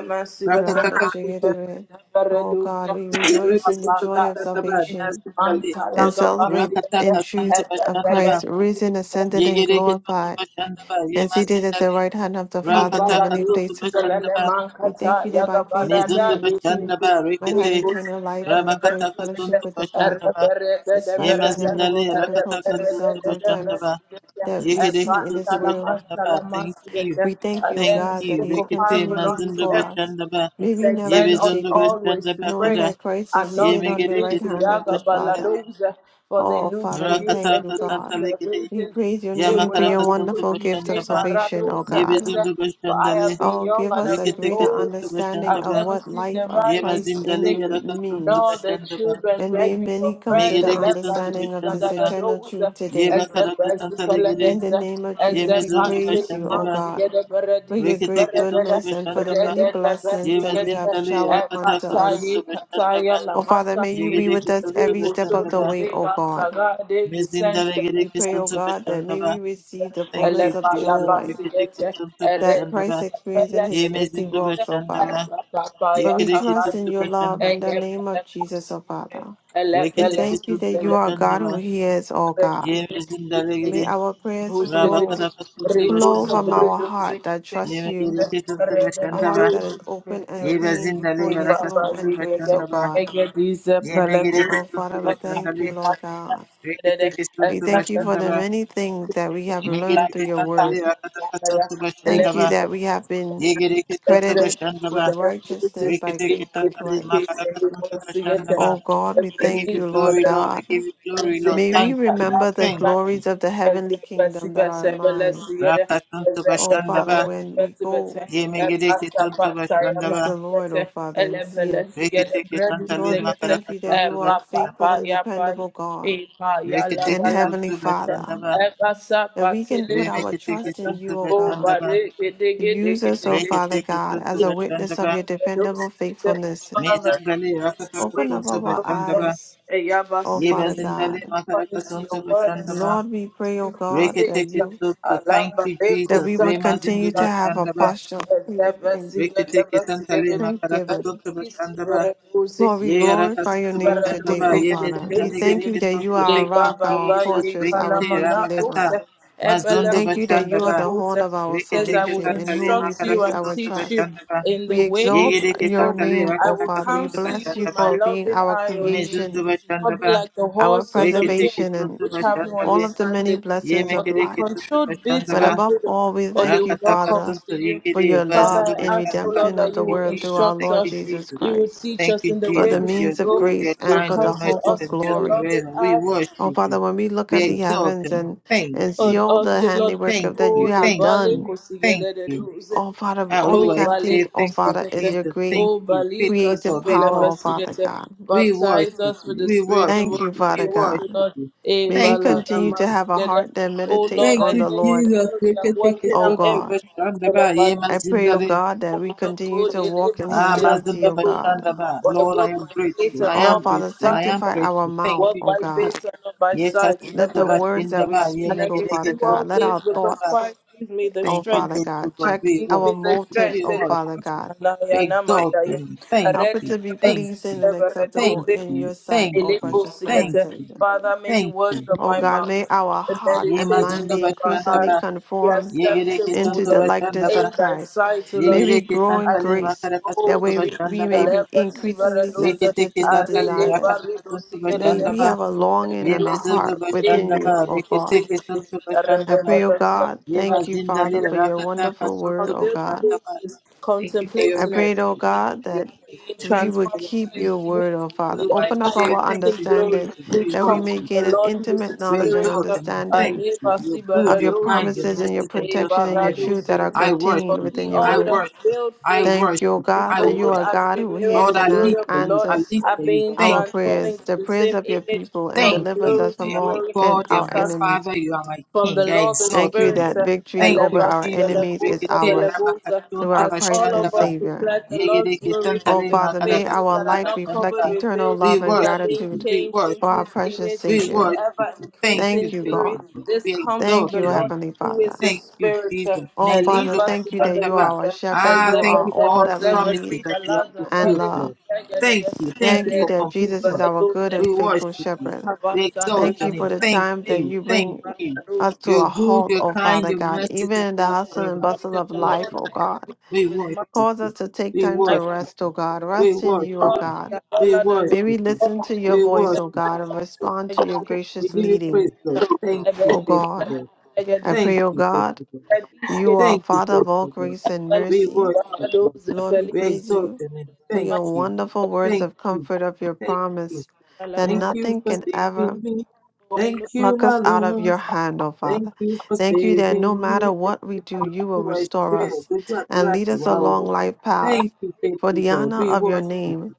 Speaker 2: Rakata
Speaker 1: Rando
Speaker 2: kasuntu.
Speaker 1: shigedebe. Oh God, we rejoice in the
Speaker 2: Rekasuntu
Speaker 1: joy of
Speaker 2: bashandaba.
Speaker 1: salvation
Speaker 2: Mazinda le.
Speaker 3: Manta
Speaker 1: and
Speaker 3: laga basi,
Speaker 1: celebrate
Speaker 2: Rakata
Speaker 1: in
Speaker 2: kasuntu
Speaker 1: truth of
Speaker 2: bashandaba.
Speaker 1: Christ, risen, ascended, and
Speaker 2: Yegede kasuntu
Speaker 1: glorified,
Speaker 2: bashandaba. Ye
Speaker 1: and seated at
Speaker 2: mazinda
Speaker 1: the
Speaker 2: le.
Speaker 1: right hand of the Father in
Speaker 2: Rakata
Speaker 3: Ibaladu
Speaker 1: heavenly
Speaker 2: kasuntu
Speaker 1: places.
Speaker 3: sikelele
Speaker 2: bashandaba.
Speaker 1: We
Speaker 3: mankata
Speaker 1: thank you that by faith in
Speaker 3: yagabarada
Speaker 2: Mezundo
Speaker 1: him, we too
Speaker 3: ikiki
Speaker 2: Bashandaba
Speaker 1: might have
Speaker 2: Rekete
Speaker 1: eternal
Speaker 3: ikusete
Speaker 1: life and enjoy
Speaker 2: Rabakataka
Speaker 3: lebesite
Speaker 1: fellowship
Speaker 2: Sunto
Speaker 1: with the Father,
Speaker 2: Bashandaba
Speaker 3: erepere
Speaker 1: despite
Speaker 3: dedebere
Speaker 1: the inevitable
Speaker 2: Yemazindale Rakataka
Speaker 3: erepere
Speaker 1: difficulties
Speaker 2: Sunto
Speaker 1: some
Speaker 3: dedebere
Speaker 1: sometimes
Speaker 2: Bashandaba
Speaker 3: sikete
Speaker 1: that we
Speaker 2: Yekedeke
Speaker 1: see in
Speaker 2: Sunto
Speaker 1: this
Speaker 3: epantala
Speaker 1: world.
Speaker 3: mantala
Speaker 2: Bashandaba Thank you,
Speaker 3: masikete.
Speaker 1: We thank
Speaker 3: And
Speaker 1: you, O
Speaker 3: then
Speaker 2: thank
Speaker 3: he
Speaker 1: God, that
Speaker 2: you,
Speaker 1: He
Speaker 3: spoke
Speaker 1: is
Speaker 3: a
Speaker 2: Rekete
Speaker 3: parable
Speaker 1: continually
Speaker 3: unto
Speaker 2: Mazundo
Speaker 1: before
Speaker 3: them
Speaker 1: us.
Speaker 2: Bashandaba
Speaker 3: he
Speaker 1: May we
Speaker 3: said,
Speaker 1: never
Speaker 3: Men
Speaker 1: be
Speaker 3: ought
Speaker 2: Yebezundo
Speaker 1: shaken,
Speaker 3: always to
Speaker 2: Bashandaba
Speaker 1: knowing
Speaker 3: pray
Speaker 2: Kada
Speaker 1: that Christ is
Speaker 3: and
Speaker 2: Ye
Speaker 3: not
Speaker 1: seated
Speaker 3: to
Speaker 1: on the
Speaker 2: Yemegedeke
Speaker 1: right
Speaker 3: faint
Speaker 1: hand
Speaker 2: Sunto
Speaker 1: of
Speaker 3: Yaga
Speaker 1: the Father.
Speaker 2: Bashandale
Speaker 3: Baladoza, for they
Speaker 1: Oh,
Speaker 3: look
Speaker 1: Father,
Speaker 3: to
Speaker 1: we
Speaker 3: you,
Speaker 1: thank
Speaker 3: their
Speaker 1: you,
Speaker 2: Rakataka Santa
Speaker 3: faces
Speaker 1: God.
Speaker 3: are
Speaker 2: Legede
Speaker 1: We
Speaker 3: radiant.
Speaker 1: praise your
Speaker 3: They
Speaker 1: name
Speaker 3: will
Speaker 1: for
Speaker 3: not
Speaker 1: your
Speaker 2: Yamakaraka
Speaker 3: be
Speaker 2: Sunto
Speaker 3: put
Speaker 1: wonderful
Speaker 3: to
Speaker 1: gift of
Speaker 3: shame,
Speaker 2: Bashandaba
Speaker 1: salvation,
Speaker 3: Marado
Speaker 1: O God.
Speaker 3: Sakata.
Speaker 2: Yebezundo
Speaker 3: For I have
Speaker 2: Bashandale
Speaker 3: been
Speaker 1: Oh,
Speaker 3: young
Speaker 1: give
Speaker 3: and
Speaker 1: us
Speaker 3: I've
Speaker 1: a
Speaker 3: been
Speaker 1: greater
Speaker 2: Reketeke
Speaker 3: old.
Speaker 2: Sunto
Speaker 1: understanding
Speaker 3: I've
Speaker 1: of
Speaker 2: Bashandaba
Speaker 3: never
Speaker 1: what
Speaker 3: seen
Speaker 1: life
Speaker 3: the
Speaker 1: of
Speaker 3: righteous
Speaker 1: Christ
Speaker 2: Yemazindale
Speaker 1: in
Speaker 3: forsaken,
Speaker 1: me
Speaker 2: Garaka Sunto
Speaker 3: nor
Speaker 1: means.
Speaker 3: their
Speaker 2: Bashandaba
Speaker 3: children
Speaker 1: And
Speaker 3: begging
Speaker 1: may
Speaker 3: thank you
Speaker 1: many
Speaker 3: for
Speaker 1: come
Speaker 3: bread
Speaker 1: to
Speaker 2: Megede
Speaker 1: the
Speaker 3: that left my
Speaker 2: kesantu
Speaker 1: understanding
Speaker 3: leaves
Speaker 1: of this
Speaker 3: under
Speaker 2: bashandaba.
Speaker 3: the
Speaker 1: eternal
Speaker 3: doors.
Speaker 1: truth
Speaker 2: Ye
Speaker 1: today.
Speaker 3: As a
Speaker 2: bakara
Speaker 3: breast
Speaker 2: kasanta legede.
Speaker 1: In
Speaker 3: pelagas,
Speaker 1: the name of
Speaker 3: as
Speaker 2: Ye
Speaker 1: Jesus,
Speaker 3: the
Speaker 1: we
Speaker 2: mezundu
Speaker 3: panting
Speaker 1: praise you, O
Speaker 3: mouse
Speaker 2: bashandaba.
Speaker 1: God.
Speaker 3: together, but a
Speaker 1: for your
Speaker 3: decent
Speaker 2: Rekete
Speaker 1: great
Speaker 3: brother,
Speaker 2: kesantu
Speaker 1: goodness and for the
Speaker 2: bashandaba.
Speaker 3: red
Speaker 1: many
Speaker 3: and the best
Speaker 2: Ye
Speaker 1: blessings that
Speaker 3: together,
Speaker 1: you have
Speaker 2: vazindale
Speaker 1: showered
Speaker 3: and
Speaker 2: rakata
Speaker 1: onto
Speaker 2: kasantu
Speaker 1: us.
Speaker 3: Katai,
Speaker 2: bashandaba.
Speaker 3: Kataya,
Speaker 1: Oh, Father,
Speaker 3: Lamasa,
Speaker 1: may you be
Speaker 2: Yegede
Speaker 1: with us
Speaker 2: kesantu
Speaker 1: every
Speaker 3: Rebo,
Speaker 1: step
Speaker 3: so
Speaker 1: of the
Speaker 2: bashandaba.
Speaker 3: to
Speaker 1: way,
Speaker 3: live
Speaker 1: O
Speaker 3: us,
Speaker 1: God.
Speaker 3: Saga, David,
Speaker 2: Mezindale
Speaker 3: Santa.
Speaker 2: gede
Speaker 1: We pray, O
Speaker 2: kesantu
Speaker 1: God, that may
Speaker 2: bashandaba.
Speaker 1: we receive the
Speaker 2: Thank
Speaker 1: fullness
Speaker 2: you,
Speaker 1: of
Speaker 2: Jesus.
Speaker 1: joy
Speaker 2: Rekete
Speaker 3: Elebalabasiyete,
Speaker 2: kesantu
Speaker 1: that Christ
Speaker 2: bashandaba.
Speaker 1: experienced in
Speaker 2: Ye
Speaker 1: his earthly
Speaker 2: mezindu
Speaker 3: eretisepelelemesiyete,
Speaker 1: walks, O Father.
Speaker 2: bashandaba.
Speaker 1: But we
Speaker 2: Yekede
Speaker 1: trust in
Speaker 2: kesantu
Speaker 1: your
Speaker 3: ekapapayakapandi,
Speaker 1: love in the
Speaker 2: bashandale.
Speaker 1: name of Jesus, O
Speaker 3: egebelekusiyete,
Speaker 1: Father. We
Speaker 2: Rekete
Speaker 1: thank you
Speaker 2: kesantu
Speaker 1: that you
Speaker 3: elebelesiyete,
Speaker 1: are God
Speaker 2: bashandaba.
Speaker 1: who hears, O God.
Speaker 2: Ye mezindale
Speaker 1: May
Speaker 2: gede.
Speaker 1: our prayers flow,
Speaker 2: Rabakara kasantu
Speaker 1: flow from
Speaker 2: bashandaba.
Speaker 1: our heart that trusts you
Speaker 2: Yemegiri kesuntu
Speaker 1: a heart
Speaker 2: başandaba.
Speaker 1: that is open and
Speaker 2: Yeva
Speaker 1: clean
Speaker 2: zindali
Speaker 1: before your
Speaker 2: yaraka
Speaker 1: throne
Speaker 2: suntu
Speaker 1: and grace, O
Speaker 2: başandaba.
Speaker 1: God.
Speaker 2: Yemegiri
Speaker 1: Oh,
Speaker 2: kesuntu
Speaker 1: Father, we thank
Speaker 2: başandali.
Speaker 1: you, Lord God.
Speaker 2: Rekete
Speaker 1: We
Speaker 2: kesuntu
Speaker 1: thank you for the
Speaker 2: başandaba.
Speaker 1: many things
Speaker 3: Bread
Speaker 1: that we have
Speaker 2: Megiri
Speaker 1: learned through your
Speaker 2: kesantali
Speaker 1: word.
Speaker 2: rakataka suntu
Speaker 1: Thank you
Speaker 2: başandaba.
Speaker 1: that we have been
Speaker 2: Yegiri kesuntu
Speaker 1: credited with
Speaker 2: başandaba.
Speaker 1: righteousness by
Speaker 2: Rekete
Speaker 1: faith in
Speaker 2: kesantali
Speaker 1: Christ.
Speaker 2: makaraka suntu
Speaker 1: Oh,
Speaker 2: başandaba.
Speaker 1: God, we
Speaker 2: We
Speaker 1: thank
Speaker 2: give you
Speaker 1: you, Lord
Speaker 2: glory, Lord. We
Speaker 1: God.
Speaker 2: give you glory, Lord.
Speaker 1: May we
Speaker 2: Thank you.
Speaker 1: remember the
Speaker 2: Thank you.
Speaker 1: glories of the heavenly kingdom that are mine.
Speaker 2: Rakatuntu
Speaker 1: Oh, Father,
Speaker 2: başandaba.
Speaker 1: when we go
Speaker 2: Yemegiri kesuntu
Speaker 1: with
Speaker 2: başandaba.
Speaker 1: the Lord, oh, Father, and see him.
Speaker 3: is
Speaker 2: Rekete kesantali
Speaker 1: Lord, we
Speaker 3: together,
Speaker 1: thank
Speaker 2: makaraka
Speaker 1: you that you
Speaker 2: suntu
Speaker 3: papa,
Speaker 1: are
Speaker 2: başandaba.
Speaker 1: faithful
Speaker 3: papa,
Speaker 1: and dependable
Speaker 3: yapa, Father,
Speaker 1: God. and
Speaker 2: Reketeke
Speaker 1: Heavenly
Speaker 2: suntu
Speaker 1: Father,
Speaker 2: bashandaba.
Speaker 1: that we can put our
Speaker 2: Remeketeke
Speaker 1: trust in
Speaker 2: suntu
Speaker 1: you, O God.
Speaker 2: bashandaba.
Speaker 1: Use us, O Father
Speaker 2: Reketeke
Speaker 1: God,
Speaker 2: suntu
Speaker 1: as a witness
Speaker 2: bashandaba.
Speaker 1: of your dependable faithfulness.
Speaker 2: Mezandale rakataka
Speaker 1: Open up
Speaker 2: suntu
Speaker 1: our
Speaker 2: bashandaba.
Speaker 1: eyes, O
Speaker 3: we
Speaker 1: Father
Speaker 2: Yebazindale
Speaker 1: God.
Speaker 2: makaraka
Speaker 3: According to
Speaker 2: suntu
Speaker 3: your word in
Speaker 2: bashandaba.
Speaker 3: Psalm
Speaker 1: Lord, we pray, O
Speaker 3: 32,
Speaker 1: God, that
Speaker 2: Reketeke
Speaker 3: verse
Speaker 1: you
Speaker 3: 8,
Speaker 2: suntu. Thank
Speaker 3: Alamba
Speaker 2: you,
Speaker 3: Leko
Speaker 1: that
Speaker 2: Jesus.
Speaker 1: we
Speaker 3: Sanda
Speaker 1: would
Speaker 2: Remazindu
Speaker 1: continue to
Speaker 3: Lala
Speaker 1: have a
Speaker 3: Lose,
Speaker 2: bashandaba.
Speaker 1: posture of faith
Speaker 3: Ezebe
Speaker 1: and
Speaker 3: Sige
Speaker 2: Reketeke
Speaker 3: Debe Sige
Speaker 2: santale
Speaker 3: Debe,
Speaker 2: makaraka
Speaker 1: thanksgiving.
Speaker 2: suntu
Speaker 3: Eredi
Speaker 2: bashandaba.
Speaker 3: Sibere Dose,
Speaker 1: Lord, we
Speaker 2: Yegaraka
Speaker 1: glorify your
Speaker 2: suntu
Speaker 1: name
Speaker 3: Sibere
Speaker 1: today,
Speaker 2: bashandaba.
Speaker 3: Dose,
Speaker 1: O
Speaker 3: Gedede
Speaker 1: Father. We
Speaker 3: Dede
Speaker 2: Yemezindale
Speaker 1: thank you
Speaker 2: gereke
Speaker 3: Zegede,
Speaker 1: that you are
Speaker 2: suntu.
Speaker 3: E
Speaker 1: our
Speaker 2: Thank you,
Speaker 3: Baba
Speaker 1: rock,
Speaker 3: Ba ba,
Speaker 1: our
Speaker 3: ba,
Speaker 2: Jesus.
Speaker 3: Ye
Speaker 1: fortress, our
Speaker 2: Rekete
Speaker 1: great
Speaker 3: Kalamana
Speaker 1: deliverer.
Speaker 2: rabakata.
Speaker 3: Kose, Ebele
Speaker 2: Mazondo
Speaker 1: Thank you
Speaker 3: Kose
Speaker 1: that you
Speaker 3: Bele
Speaker 1: are
Speaker 2: bashandaba.
Speaker 1: the
Speaker 3: Kose.
Speaker 1: horn of our
Speaker 3: It says,
Speaker 2: Rikete
Speaker 3: I
Speaker 2: ke
Speaker 3: will
Speaker 1: salvation, in
Speaker 2: santale
Speaker 1: whom we
Speaker 3: instruct
Speaker 2: makara
Speaker 3: you
Speaker 1: place
Speaker 2: ke
Speaker 3: and
Speaker 1: our
Speaker 2: suntu
Speaker 3: teach you
Speaker 1: trust.
Speaker 2: bashanda ba.
Speaker 3: in
Speaker 1: We
Speaker 3: the way you
Speaker 1: exalt
Speaker 2: Yegere
Speaker 3: should
Speaker 2: ke
Speaker 1: your
Speaker 3: go.
Speaker 2: santale
Speaker 1: name,
Speaker 3: I
Speaker 1: O
Speaker 2: akata
Speaker 3: will
Speaker 2: ke
Speaker 1: Father. We
Speaker 2: suntu
Speaker 3: counsel you
Speaker 1: bless you
Speaker 2: bashanda
Speaker 3: with
Speaker 2: ba.
Speaker 3: my
Speaker 1: for being
Speaker 3: loving
Speaker 1: our
Speaker 3: eye on you
Speaker 2: Mezundu
Speaker 1: creation,
Speaker 2: bashanda
Speaker 3: not be
Speaker 2: ba.
Speaker 3: like the
Speaker 1: our
Speaker 3: horse or the
Speaker 2: Rikete
Speaker 3: mule,
Speaker 2: ke
Speaker 1: preservation, and
Speaker 2: suntu
Speaker 3: which have no
Speaker 2: bashanda le.
Speaker 1: all of the many
Speaker 3: understanding,
Speaker 1: blessings of
Speaker 3: but be
Speaker 2: Yemekere ke
Speaker 1: life.
Speaker 2: suntu
Speaker 3: controlled, bit
Speaker 2: bashanda
Speaker 1: But
Speaker 2: ba.
Speaker 3: and
Speaker 1: above
Speaker 3: bridle,
Speaker 1: all, we
Speaker 3: or they
Speaker 1: thank
Speaker 3: will
Speaker 1: you,
Speaker 2: Rakata
Speaker 3: not
Speaker 2: ke
Speaker 3: come
Speaker 1: Father,
Speaker 3: to
Speaker 2: suntu
Speaker 3: you.
Speaker 1: for
Speaker 2: yegere
Speaker 1: your
Speaker 3: Father,
Speaker 1: love
Speaker 2: bazindu
Speaker 1: and
Speaker 3: I ask,
Speaker 2: bashanda
Speaker 3: O
Speaker 2: ba.
Speaker 3: Lord,
Speaker 1: redemption of
Speaker 3: that
Speaker 2: Thank
Speaker 1: the
Speaker 3: you
Speaker 2: you,
Speaker 3: will
Speaker 1: world through
Speaker 2: Jesus.
Speaker 1: our
Speaker 3: instruct
Speaker 2: Thank
Speaker 1: Lord
Speaker 2: you,
Speaker 3: us,
Speaker 1: Jesus
Speaker 2: Jesus.
Speaker 3: you will
Speaker 1: Christ,
Speaker 3: teach
Speaker 2: Thank
Speaker 3: us
Speaker 2: you,
Speaker 3: in the
Speaker 1: for
Speaker 3: way
Speaker 1: the
Speaker 2: Jesus.
Speaker 3: we should
Speaker 2: Your
Speaker 1: means of
Speaker 3: go,
Speaker 2: good, your
Speaker 1: grace
Speaker 3: you will
Speaker 1: and
Speaker 2: kind,
Speaker 1: for
Speaker 2: your
Speaker 1: the
Speaker 3: counsel
Speaker 1: hope
Speaker 2: mercy,
Speaker 1: of
Speaker 3: us
Speaker 2: and
Speaker 3: with
Speaker 2: just
Speaker 3: your
Speaker 1: glory.
Speaker 3: loving
Speaker 2: forever. We
Speaker 3: eye,
Speaker 1: Oh
Speaker 2: worship you.
Speaker 1: Father, when we look
Speaker 2: We
Speaker 1: at the
Speaker 2: exalt
Speaker 1: heavens
Speaker 2: you.
Speaker 1: and,
Speaker 2: Thank
Speaker 1: and see
Speaker 2: you.
Speaker 3: and
Speaker 1: all the
Speaker 3: also, Lord,
Speaker 1: handiwork
Speaker 2: Thank
Speaker 1: of that
Speaker 3: oh,
Speaker 1: you
Speaker 2: you.
Speaker 1: have
Speaker 2: Thank
Speaker 3: lebale
Speaker 1: done,
Speaker 2: you. Thank
Speaker 3: kosigede de
Speaker 2: you.
Speaker 3: doze.
Speaker 1: Oh, Father, all we
Speaker 3: Oh,
Speaker 2: Hallelujah. I
Speaker 1: can
Speaker 3: bale
Speaker 2: say
Speaker 1: think of,
Speaker 2: thank you,
Speaker 1: Father,
Speaker 3: kosekete.
Speaker 1: is your
Speaker 2: Jesus.
Speaker 1: great
Speaker 2: Thank
Speaker 3: Oh,
Speaker 2: you,
Speaker 3: bale
Speaker 2: faithful
Speaker 1: creative
Speaker 2: God. We
Speaker 3: kasigele
Speaker 1: power,
Speaker 2: worship
Speaker 1: oh, Father
Speaker 2: you.
Speaker 3: besigete.
Speaker 1: God.
Speaker 2: We worship
Speaker 3: Baptize us with
Speaker 2: you.
Speaker 3: the
Speaker 2: We
Speaker 3: spirit
Speaker 2: worship
Speaker 3: of
Speaker 1: Thank
Speaker 2: you.
Speaker 1: you,
Speaker 2: We
Speaker 1: Father
Speaker 3: obedience, O
Speaker 1: God.
Speaker 2: worship
Speaker 3: Lord.
Speaker 2: you.
Speaker 3: Eh,
Speaker 1: May we
Speaker 2: Thank you,
Speaker 3: balada
Speaker 1: continue to
Speaker 2: Jesus.
Speaker 1: have a
Speaker 3: masigede.
Speaker 1: heart that
Speaker 3: Oh,
Speaker 1: meditates
Speaker 3: Lord,
Speaker 2: Thank
Speaker 3: I
Speaker 1: on
Speaker 2: you,
Speaker 1: the
Speaker 3: thank you
Speaker 1: Lord,
Speaker 2: Jesus.
Speaker 3: because
Speaker 2: We
Speaker 3: you are
Speaker 2: can take
Speaker 3: working
Speaker 2: his
Speaker 1: O
Speaker 3: out
Speaker 2: love to
Speaker 3: every
Speaker 1: God.
Speaker 3: detail
Speaker 2: Bashandaba.
Speaker 3: of our
Speaker 2: Ye
Speaker 3: lives,
Speaker 1: I
Speaker 3: O
Speaker 1: pray, O
Speaker 3: Lord.
Speaker 2: mazindare.
Speaker 1: God, that we
Speaker 3: Oh, your
Speaker 1: continue to
Speaker 3: good, eh,
Speaker 1: walk in
Speaker 2: Ah,
Speaker 3: lebasila,
Speaker 1: humility,
Speaker 2: mazinda
Speaker 1: O God.
Speaker 2: Bashandaba.
Speaker 3: By
Speaker 2: Lord, I
Speaker 3: what my
Speaker 2: am
Speaker 3: faith
Speaker 2: grateful.
Speaker 3: and
Speaker 2: I
Speaker 1: Oh,
Speaker 2: am
Speaker 3: not
Speaker 1: Father,
Speaker 2: grateful.
Speaker 3: by
Speaker 2: I am
Speaker 3: sight.
Speaker 1: sanctify our
Speaker 2: grateful.
Speaker 3: I
Speaker 2: Thank
Speaker 1: mouth,
Speaker 3: walk
Speaker 2: you,
Speaker 1: O
Speaker 3: by
Speaker 2: Jesus.
Speaker 1: God.
Speaker 3: faith and not by
Speaker 2: Ye
Speaker 3: sight.
Speaker 2: kasun
Speaker 1: Let
Speaker 2: to
Speaker 1: the words
Speaker 3: Lebaredosa.
Speaker 1: that we
Speaker 2: Bashandaba. Ye
Speaker 3: And
Speaker 1: speak,
Speaker 3: I
Speaker 1: O
Speaker 3: can
Speaker 2: megedeke
Speaker 1: Father
Speaker 3: do
Speaker 2: son
Speaker 3: all
Speaker 1: God,
Speaker 2: to
Speaker 1: let
Speaker 3: things
Speaker 1: our
Speaker 3: because
Speaker 2: Bashandaba.
Speaker 1: thoughts,
Speaker 3: Christ gives me the
Speaker 1: O
Speaker 2: Thank you,
Speaker 3: strength.
Speaker 1: Father
Speaker 2: faithful
Speaker 1: God,
Speaker 3: Christ
Speaker 2: God.
Speaker 1: check
Speaker 2: We
Speaker 3: gives
Speaker 1: our
Speaker 3: me
Speaker 2: worship
Speaker 3: the
Speaker 2: you.
Speaker 1: motives,
Speaker 3: strength.
Speaker 2: We
Speaker 1: O Father
Speaker 2: worship you.
Speaker 1: God.
Speaker 3: Elemasa,
Speaker 2: We
Speaker 3: laya,
Speaker 2: exalt your
Speaker 3: namasaya.
Speaker 2: name. Thank
Speaker 1: Help
Speaker 3: Arede,
Speaker 1: it
Speaker 2: you.
Speaker 1: to be
Speaker 2: Thank
Speaker 3: lebesi,
Speaker 1: pleasing
Speaker 2: you.
Speaker 1: and acceptable
Speaker 2: Thank
Speaker 3: lebaredose.
Speaker 1: in
Speaker 2: you.
Speaker 1: your sight,
Speaker 2: Thank
Speaker 1: O
Speaker 2: you.
Speaker 3: Elebo,
Speaker 1: precious Lord
Speaker 2: Thank
Speaker 1: and
Speaker 3: sigete.
Speaker 2: you.
Speaker 1: Savior.
Speaker 3: Father, may the
Speaker 2: Thank
Speaker 3: words
Speaker 2: you.
Speaker 3: of
Speaker 1: O
Speaker 3: my
Speaker 1: God,
Speaker 3: mouth,
Speaker 1: may our
Speaker 3: the
Speaker 1: heart
Speaker 2: Ye
Speaker 1: and
Speaker 3: meditation
Speaker 1: mind
Speaker 2: mazondo
Speaker 1: be
Speaker 3: of our
Speaker 2: bashanda
Speaker 1: increasingly
Speaker 3: hearts
Speaker 2: ba.
Speaker 3: be
Speaker 1: conformed
Speaker 2: Ye gereke
Speaker 3: acceptable, O
Speaker 1: into
Speaker 2: santo
Speaker 1: the
Speaker 3: Lord,
Speaker 2: bashanda
Speaker 1: likeness
Speaker 2: ba.
Speaker 3: in
Speaker 1: of
Speaker 3: thy
Speaker 1: Christ.
Speaker 3: sight, O
Speaker 2: Ye
Speaker 3: Lord.
Speaker 1: May we
Speaker 2: gereke
Speaker 1: grow in
Speaker 2: santa le
Speaker 1: grace
Speaker 2: makaraka
Speaker 3: Oh,
Speaker 1: that
Speaker 2: santo
Speaker 1: we,
Speaker 3: Jesus,
Speaker 1: we
Speaker 2: bashanda ba.
Speaker 1: may be
Speaker 3: eleva si
Speaker 1: increasingly
Speaker 2: Reke
Speaker 3: varadusa,
Speaker 1: sensitive
Speaker 2: teke
Speaker 1: to your
Speaker 2: santa le
Speaker 3: arede
Speaker 1: desires.
Speaker 2: makaraka
Speaker 3: barido
Speaker 2: santo
Speaker 3: si gede
Speaker 1: May
Speaker 3: de
Speaker 2: bashanda
Speaker 1: we
Speaker 2: ba.
Speaker 1: have a
Speaker 3: kutu de de
Speaker 1: longing
Speaker 2: Ye
Speaker 1: and a
Speaker 3: dusi,
Speaker 2: mezondo
Speaker 1: heart within
Speaker 2: bashanda
Speaker 3: ebe
Speaker 1: you,
Speaker 2: ba.
Speaker 1: O
Speaker 2: Reke
Speaker 3: kusi
Speaker 1: God.
Speaker 2: teke
Speaker 3: gede,
Speaker 2: santo
Speaker 1: I
Speaker 3: arede
Speaker 2: bashanda
Speaker 3: de
Speaker 2: ba.
Speaker 1: pray, O
Speaker 3: basa,
Speaker 1: God,
Speaker 2: Ye
Speaker 3: as
Speaker 1: thank you,
Speaker 2: mazinda le
Speaker 3: we
Speaker 1: Father, for your
Speaker 2: rakata
Speaker 1: wonderful
Speaker 3: are on
Speaker 1: word,
Speaker 2: santo
Speaker 1: O
Speaker 3: their
Speaker 1: God.
Speaker 2: bashanda ba.
Speaker 3: faces,
Speaker 2: Thank you for your
Speaker 1: I
Speaker 3: Contemplating
Speaker 1: prayed,
Speaker 2: mercy.
Speaker 1: O
Speaker 2: Thank you
Speaker 1: God,
Speaker 2: for your
Speaker 1: that
Speaker 3: being
Speaker 2: mercy.
Speaker 1: we
Speaker 2: Thank you
Speaker 1: would
Speaker 2: for
Speaker 3: transformed
Speaker 2: your
Speaker 1: keep
Speaker 3: into
Speaker 2: mercy.
Speaker 3: his
Speaker 1: your
Speaker 3: image
Speaker 1: word, O Father.
Speaker 3: with
Speaker 2: Oluwa,
Speaker 1: Open up
Speaker 3: ever
Speaker 2: say
Speaker 1: our
Speaker 2: thank
Speaker 3: increasing
Speaker 2: you,
Speaker 3: glory,
Speaker 1: understanding
Speaker 2: Jesus. We
Speaker 3: which
Speaker 1: that we
Speaker 2: worship
Speaker 3: comes
Speaker 1: may
Speaker 2: you.
Speaker 3: from
Speaker 1: gain
Speaker 3: the
Speaker 1: an
Speaker 3: Lord who is the
Speaker 1: intimate
Speaker 2: We
Speaker 1: knowledge and
Speaker 3: Spirit.
Speaker 2: exalt and we
Speaker 1: understanding
Speaker 2: thank you.
Speaker 3: Aleba
Speaker 2: You're
Speaker 3: si
Speaker 2: good,
Speaker 1: of your
Speaker 2: you're
Speaker 3: barado
Speaker 2: kind, your
Speaker 1: promises
Speaker 3: segete,
Speaker 1: and your
Speaker 2: mercy and
Speaker 3: e
Speaker 2: just
Speaker 1: protection and your
Speaker 2: forever.
Speaker 3: barado
Speaker 1: truth that are
Speaker 3: segete.
Speaker 2: I worship
Speaker 3: For
Speaker 1: contained
Speaker 3: we
Speaker 1: within
Speaker 2: you.
Speaker 1: your
Speaker 3: all
Speaker 2: I
Speaker 3: with
Speaker 1: word.
Speaker 2: worship you.
Speaker 3: unveiled
Speaker 2: I
Speaker 3: faces,
Speaker 1: Thank
Speaker 2: worship
Speaker 1: you, O
Speaker 2: you.
Speaker 1: God,
Speaker 2: I
Speaker 1: that you
Speaker 3: beholding
Speaker 2: worship
Speaker 1: are
Speaker 2: you.
Speaker 3: as
Speaker 1: God
Speaker 3: in a
Speaker 1: who
Speaker 3: mirror the
Speaker 2: Lord,
Speaker 1: hears
Speaker 2: I
Speaker 1: and
Speaker 3: glory
Speaker 1: an-
Speaker 2: live
Speaker 3: of the
Speaker 2: for you.
Speaker 3: Lord,
Speaker 2: I
Speaker 1: answers
Speaker 2: live
Speaker 3: are
Speaker 2: for you.
Speaker 3: being
Speaker 1: our
Speaker 2: Thank you.
Speaker 3: transformed
Speaker 1: prayers,
Speaker 3: into
Speaker 1: the
Speaker 3: the
Speaker 1: prayers
Speaker 3: same
Speaker 1: of your
Speaker 3: image
Speaker 1: people, and
Speaker 2: Thank
Speaker 3: from
Speaker 1: delivers
Speaker 2: you.
Speaker 3: glory
Speaker 1: us
Speaker 3: to
Speaker 2: You
Speaker 1: from
Speaker 2: are my
Speaker 1: all
Speaker 3: glory,
Speaker 1: and
Speaker 2: God. You
Speaker 1: our
Speaker 2: are
Speaker 3: just
Speaker 2: my
Speaker 3: as
Speaker 1: enemies.
Speaker 2: Father. You are my
Speaker 3: from the
Speaker 2: King. I
Speaker 3: law of the
Speaker 2: exalt
Speaker 1: Thank
Speaker 2: your
Speaker 1: you
Speaker 3: Spirit,
Speaker 2: name.
Speaker 1: that
Speaker 3: uh,
Speaker 1: victory
Speaker 2: Thank
Speaker 1: over
Speaker 2: you,
Speaker 3: Elebas,
Speaker 1: our
Speaker 2: Jesus.
Speaker 1: enemies is
Speaker 3: Belekosa,
Speaker 2: Rekete,
Speaker 1: ours
Speaker 3: Belekosa,
Speaker 1: through
Speaker 2: Rabakatonto,
Speaker 1: our
Speaker 3: as
Speaker 1: Christ
Speaker 3: all
Speaker 1: and
Speaker 3: of
Speaker 2: Bashandaba.
Speaker 3: us
Speaker 1: Savior.
Speaker 3: reflect the Lord's glory
Speaker 1: O
Speaker 2: Yegerekesantale
Speaker 3: with
Speaker 1: Father, may
Speaker 3: faces
Speaker 1: our
Speaker 3: that
Speaker 2: makarakasonto
Speaker 3: are
Speaker 1: life
Speaker 3: not
Speaker 1: reflect
Speaker 2: bashandaba.
Speaker 3: covered with
Speaker 1: eternal
Speaker 3: veils,
Speaker 2: We
Speaker 1: love and
Speaker 3: we are
Speaker 2: worship
Speaker 3: being
Speaker 2: you,
Speaker 1: gratitude
Speaker 2: we
Speaker 3: changed
Speaker 1: for
Speaker 3: into
Speaker 2: worship
Speaker 1: our
Speaker 3: His
Speaker 2: you,
Speaker 1: precious
Speaker 3: image
Speaker 2: we
Speaker 3: with
Speaker 1: Savior.
Speaker 2: worship
Speaker 3: ever
Speaker 2: you. Thank you,
Speaker 3: increasing
Speaker 1: Thank you,
Speaker 3: glory.
Speaker 2: faithful
Speaker 1: God.
Speaker 2: God.
Speaker 3: This
Speaker 2: We
Speaker 3: comes from
Speaker 1: Thank
Speaker 2: exalt
Speaker 3: the
Speaker 1: you,
Speaker 2: your
Speaker 3: Lord
Speaker 2: name.
Speaker 1: Heavenly
Speaker 3: who is the
Speaker 1: Father.
Speaker 2: Thank you,
Speaker 3: Spirit. uh,
Speaker 2: Jesus.
Speaker 1: Oh,
Speaker 2: Mezondo
Speaker 1: Father,
Speaker 3: Elebas,
Speaker 1: thank you that you
Speaker 2: bashandaba.
Speaker 1: are our
Speaker 3: Belekosa,
Speaker 1: shepherd.
Speaker 2: Ah,
Speaker 1: You
Speaker 2: thank
Speaker 3: Ezebe,
Speaker 1: are
Speaker 2: you for
Speaker 1: all
Speaker 2: all
Speaker 3: Zebe,
Speaker 2: the
Speaker 1: that we
Speaker 3: Zebe,
Speaker 2: promises
Speaker 1: need
Speaker 3: Sika,
Speaker 2: that you have
Speaker 3: Laza,
Speaker 1: and
Speaker 2: fulfilled,
Speaker 3: Bali,
Speaker 1: love.
Speaker 2: Lord. Thank
Speaker 3: Egedede,
Speaker 2: you. Thank you
Speaker 1: Thank you
Speaker 3: Erede,
Speaker 2: for
Speaker 1: that Jesus is
Speaker 2: completion.
Speaker 1: our good
Speaker 3: Belekosa,
Speaker 1: and
Speaker 2: We
Speaker 1: faithful
Speaker 2: worship you.
Speaker 1: shepherd.
Speaker 2: We
Speaker 3: Kabasanda,
Speaker 2: exalt
Speaker 1: Thank
Speaker 2: your
Speaker 1: you for
Speaker 2: name.
Speaker 1: the
Speaker 3: Nakuna,
Speaker 2: Thank
Speaker 1: time that
Speaker 2: you.
Speaker 1: you
Speaker 2: Thank
Speaker 1: bring
Speaker 2: you.
Speaker 3: Bele,
Speaker 1: us to
Speaker 2: You're
Speaker 1: a
Speaker 2: good,
Speaker 1: halt,
Speaker 2: you're
Speaker 1: oh
Speaker 2: kind,
Speaker 1: Father
Speaker 2: your
Speaker 1: God,
Speaker 2: mercies
Speaker 1: even in the
Speaker 2: endure
Speaker 1: hustle and
Speaker 2: forever. We
Speaker 1: bustle
Speaker 2: just
Speaker 1: of
Speaker 3: the Lord,
Speaker 1: life,
Speaker 2: worship.
Speaker 1: oh
Speaker 3: I
Speaker 2: you.
Speaker 3: have been
Speaker 1: God.
Speaker 2: We
Speaker 3: with his
Speaker 2: worship
Speaker 3: mouth.
Speaker 1: Cause
Speaker 2: you.
Speaker 1: us to take
Speaker 2: We
Speaker 1: time to
Speaker 3: I
Speaker 2: worship
Speaker 3: believe
Speaker 1: rest, oh
Speaker 2: you.
Speaker 1: God.
Speaker 2: We
Speaker 1: Rest in you, oh
Speaker 2: worship you.
Speaker 1: God.
Speaker 3: that
Speaker 2: We
Speaker 3: Allah that you
Speaker 1: May we
Speaker 2: worship you.
Speaker 1: listen to your
Speaker 2: We
Speaker 1: voice,
Speaker 2: worship
Speaker 1: O
Speaker 2: you.
Speaker 1: God, and respond to your
Speaker 3: protect
Speaker 2: We
Speaker 1: gracious
Speaker 2: give you praise,
Speaker 1: leading,
Speaker 2: Lord.
Speaker 3: the Lord.
Speaker 2: Thank
Speaker 3: I
Speaker 2: you,
Speaker 3: believe
Speaker 1: O
Speaker 2: faithful
Speaker 1: God.
Speaker 3: that
Speaker 2: God.
Speaker 3: protect
Speaker 1: I
Speaker 3: these
Speaker 2: Thank
Speaker 1: pray, O
Speaker 2: you,
Speaker 1: God,
Speaker 2: faithful God.
Speaker 3: that these
Speaker 1: you
Speaker 3: kids.
Speaker 1: are
Speaker 2: Thank you,
Speaker 1: Father of all
Speaker 2: faithful God.
Speaker 1: grace
Speaker 3: I
Speaker 1: and
Speaker 3: believe
Speaker 2: We
Speaker 1: mercy.
Speaker 2: worship
Speaker 3: that
Speaker 2: you.
Speaker 3: those that
Speaker 1: Lord, we
Speaker 3: believe
Speaker 2: We
Speaker 1: praise
Speaker 2: exalt
Speaker 1: you
Speaker 2: your name.
Speaker 1: for
Speaker 2: Thank
Speaker 3: that
Speaker 1: your
Speaker 2: you.
Speaker 1: wonderful words
Speaker 2: Thank
Speaker 1: of
Speaker 2: you.
Speaker 1: comfort of your
Speaker 2: Thank you.
Speaker 1: promise
Speaker 3: Iman
Speaker 1: that
Speaker 2: Thank
Speaker 3: Alaman.
Speaker 2: you
Speaker 1: nothing
Speaker 2: for
Speaker 1: can ever
Speaker 2: saving me.
Speaker 3: Oh, I
Speaker 2: Thank
Speaker 3: know
Speaker 2: you,
Speaker 1: Pluck
Speaker 2: my
Speaker 1: us out of
Speaker 2: Lord.
Speaker 1: your hand, O
Speaker 2: Thank
Speaker 1: Father.
Speaker 2: you for
Speaker 1: Thank you that
Speaker 2: saving
Speaker 1: no
Speaker 2: me.
Speaker 1: matter
Speaker 2: Thank
Speaker 1: what we
Speaker 2: you for
Speaker 1: do, you will
Speaker 2: loving my
Speaker 1: restore
Speaker 2: share.
Speaker 1: us
Speaker 2: Dojú
Speaker 1: and
Speaker 2: àdúrà
Speaker 1: lead
Speaker 2: tì
Speaker 1: us
Speaker 2: wá
Speaker 1: along
Speaker 2: o.
Speaker 1: life
Speaker 3: Allah.
Speaker 2: Thank
Speaker 1: paths
Speaker 2: you,
Speaker 3: They did,
Speaker 1: for
Speaker 2: faithful
Speaker 1: the
Speaker 2: God.
Speaker 1: honor
Speaker 2: We
Speaker 1: of your
Speaker 2: worship
Speaker 1: name.
Speaker 2: you.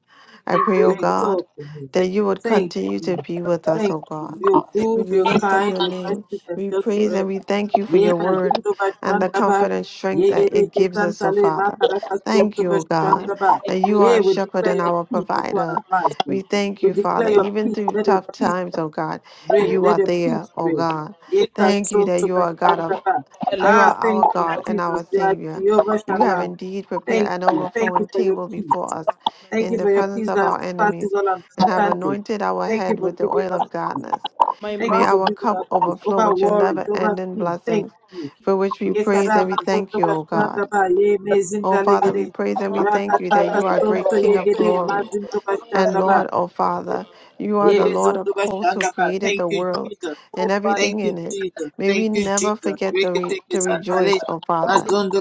Speaker 1: I
Speaker 3: they
Speaker 1: pray,
Speaker 2: We
Speaker 3: break,
Speaker 1: O God,
Speaker 2: exalt your name.
Speaker 3: they
Speaker 1: that
Speaker 3: did,
Speaker 1: you would
Speaker 2: Thank
Speaker 1: continue
Speaker 2: you.
Speaker 1: to be with us,
Speaker 2: Thank
Speaker 1: O
Speaker 2: you.
Speaker 1: God.
Speaker 2: You're
Speaker 1: We
Speaker 2: good, you're
Speaker 1: lift up
Speaker 2: kind,
Speaker 1: your
Speaker 2: you're
Speaker 1: name.
Speaker 2: merciful and
Speaker 1: We
Speaker 2: just
Speaker 1: praise and we
Speaker 2: forever.
Speaker 1: thank you for
Speaker 2: Ye
Speaker 1: your word
Speaker 2: mazindo
Speaker 1: and the
Speaker 2: bashandaba.
Speaker 1: comfort and
Speaker 2: Ye
Speaker 1: strength that it
Speaker 2: yedeke
Speaker 1: gives us, O
Speaker 2: santale
Speaker 1: Father. Thank
Speaker 2: makarakasunto
Speaker 1: you, O
Speaker 3: they
Speaker 1: God,
Speaker 2: bashandaba.
Speaker 3: break,
Speaker 1: that
Speaker 3: they
Speaker 1: you
Speaker 3: did,
Speaker 1: are
Speaker 2: Hey,
Speaker 1: a
Speaker 2: we
Speaker 1: shepherd
Speaker 3: they
Speaker 2: declare
Speaker 1: and
Speaker 2: your
Speaker 3: did.
Speaker 1: our
Speaker 2: peace upon
Speaker 1: provider.
Speaker 2: our lives,
Speaker 1: We
Speaker 2: Lord.
Speaker 1: thank
Speaker 2: We
Speaker 1: you,
Speaker 2: declare
Speaker 1: Father,
Speaker 2: your
Speaker 1: even
Speaker 2: peace.
Speaker 1: through
Speaker 2: Let your
Speaker 1: tough
Speaker 2: peace
Speaker 1: times, O God.
Speaker 3: I
Speaker 2: reign.
Speaker 3: will
Speaker 1: You
Speaker 2: Let
Speaker 1: are
Speaker 2: the
Speaker 1: there,
Speaker 2: peace
Speaker 1: O
Speaker 2: reign.
Speaker 1: God.
Speaker 3: break
Speaker 2: Yeka
Speaker 1: Thank you
Speaker 2: son
Speaker 1: that
Speaker 2: to
Speaker 1: you are God of
Speaker 2: Bashandaba.
Speaker 3: the
Speaker 1: you
Speaker 3: level.
Speaker 2: Ah,
Speaker 1: are our
Speaker 2: thank you,
Speaker 1: God and
Speaker 2: Jesus.
Speaker 1: our
Speaker 2: You are
Speaker 1: Savior.
Speaker 2: Jehovah
Speaker 1: You have
Speaker 2: Shalom.
Speaker 1: indeed prepared
Speaker 2: Thank
Speaker 1: an
Speaker 2: you. Thank you
Speaker 1: overflowing
Speaker 2: for your
Speaker 1: table before
Speaker 2: peace.
Speaker 1: us
Speaker 2: Thank
Speaker 1: in
Speaker 2: you
Speaker 1: the
Speaker 2: for your
Speaker 1: presence
Speaker 2: peace
Speaker 1: of
Speaker 2: that
Speaker 1: our
Speaker 2: surpasses
Speaker 1: enemies
Speaker 2: all
Speaker 3: I
Speaker 1: and have
Speaker 3: am
Speaker 2: understanding.
Speaker 1: anointed our
Speaker 2: Thank you
Speaker 1: head
Speaker 2: for
Speaker 1: with the
Speaker 2: giving
Speaker 1: oil
Speaker 2: us
Speaker 1: of
Speaker 2: peace.
Speaker 1: godness.
Speaker 3: my
Speaker 2: Thank
Speaker 1: May
Speaker 2: you
Speaker 3: mind.
Speaker 2: for
Speaker 1: our
Speaker 2: giving
Speaker 1: cup
Speaker 2: us peace
Speaker 1: overflow
Speaker 2: over
Speaker 1: with your
Speaker 2: worries,
Speaker 1: never
Speaker 2: over
Speaker 1: ending
Speaker 2: sin. Thank
Speaker 1: blessings,
Speaker 2: you.
Speaker 1: for which we praise and we
Speaker 2: Yekarama
Speaker 1: thank
Speaker 2: zoto
Speaker 1: you, O God.
Speaker 2: Bashandaba. Ye
Speaker 3: is
Speaker 1: O Father, we
Speaker 2: mezindalegede.
Speaker 1: praise and we thank you that
Speaker 2: Rakataka
Speaker 1: you are a great
Speaker 2: sonto
Speaker 1: King of
Speaker 2: yegede.
Speaker 1: glory.
Speaker 2: Mazindo
Speaker 3: the Lord that
Speaker 1: And
Speaker 3: in the
Speaker 2: Bashandaba.
Speaker 1: Lord, O
Speaker 3: Lord.
Speaker 1: Father, you
Speaker 3: Hey,
Speaker 1: are
Speaker 2: Ye
Speaker 3: yeah,
Speaker 1: the Lord of
Speaker 2: bezondo
Speaker 1: hosts who
Speaker 2: Bashandaba.
Speaker 1: created
Speaker 2: Thank
Speaker 1: the
Speaker 2: you,
Speaker 1: world
Speaker 2: Jesus.
Speaker 3: oh,
Speaker 1: and
Speaker 3: but
Speaker 2: Thank
Speaker 1: everything
Speaker 2: you,
Speaker 1: in it.
Speaker 2: Jesus.
Speaker 1: May
Speaker 2: Thank
Speaker 1: we
Speaker 2: you,
Speaker 1: never
Speaker 2: Jesus.
Speaker 1: forget to, re-
Speaker 2: Reketeke
Speaker 1: to
Speaker 2: santale.
Speaker 1: rejoice, O Father.
Speaker 2: Mazondo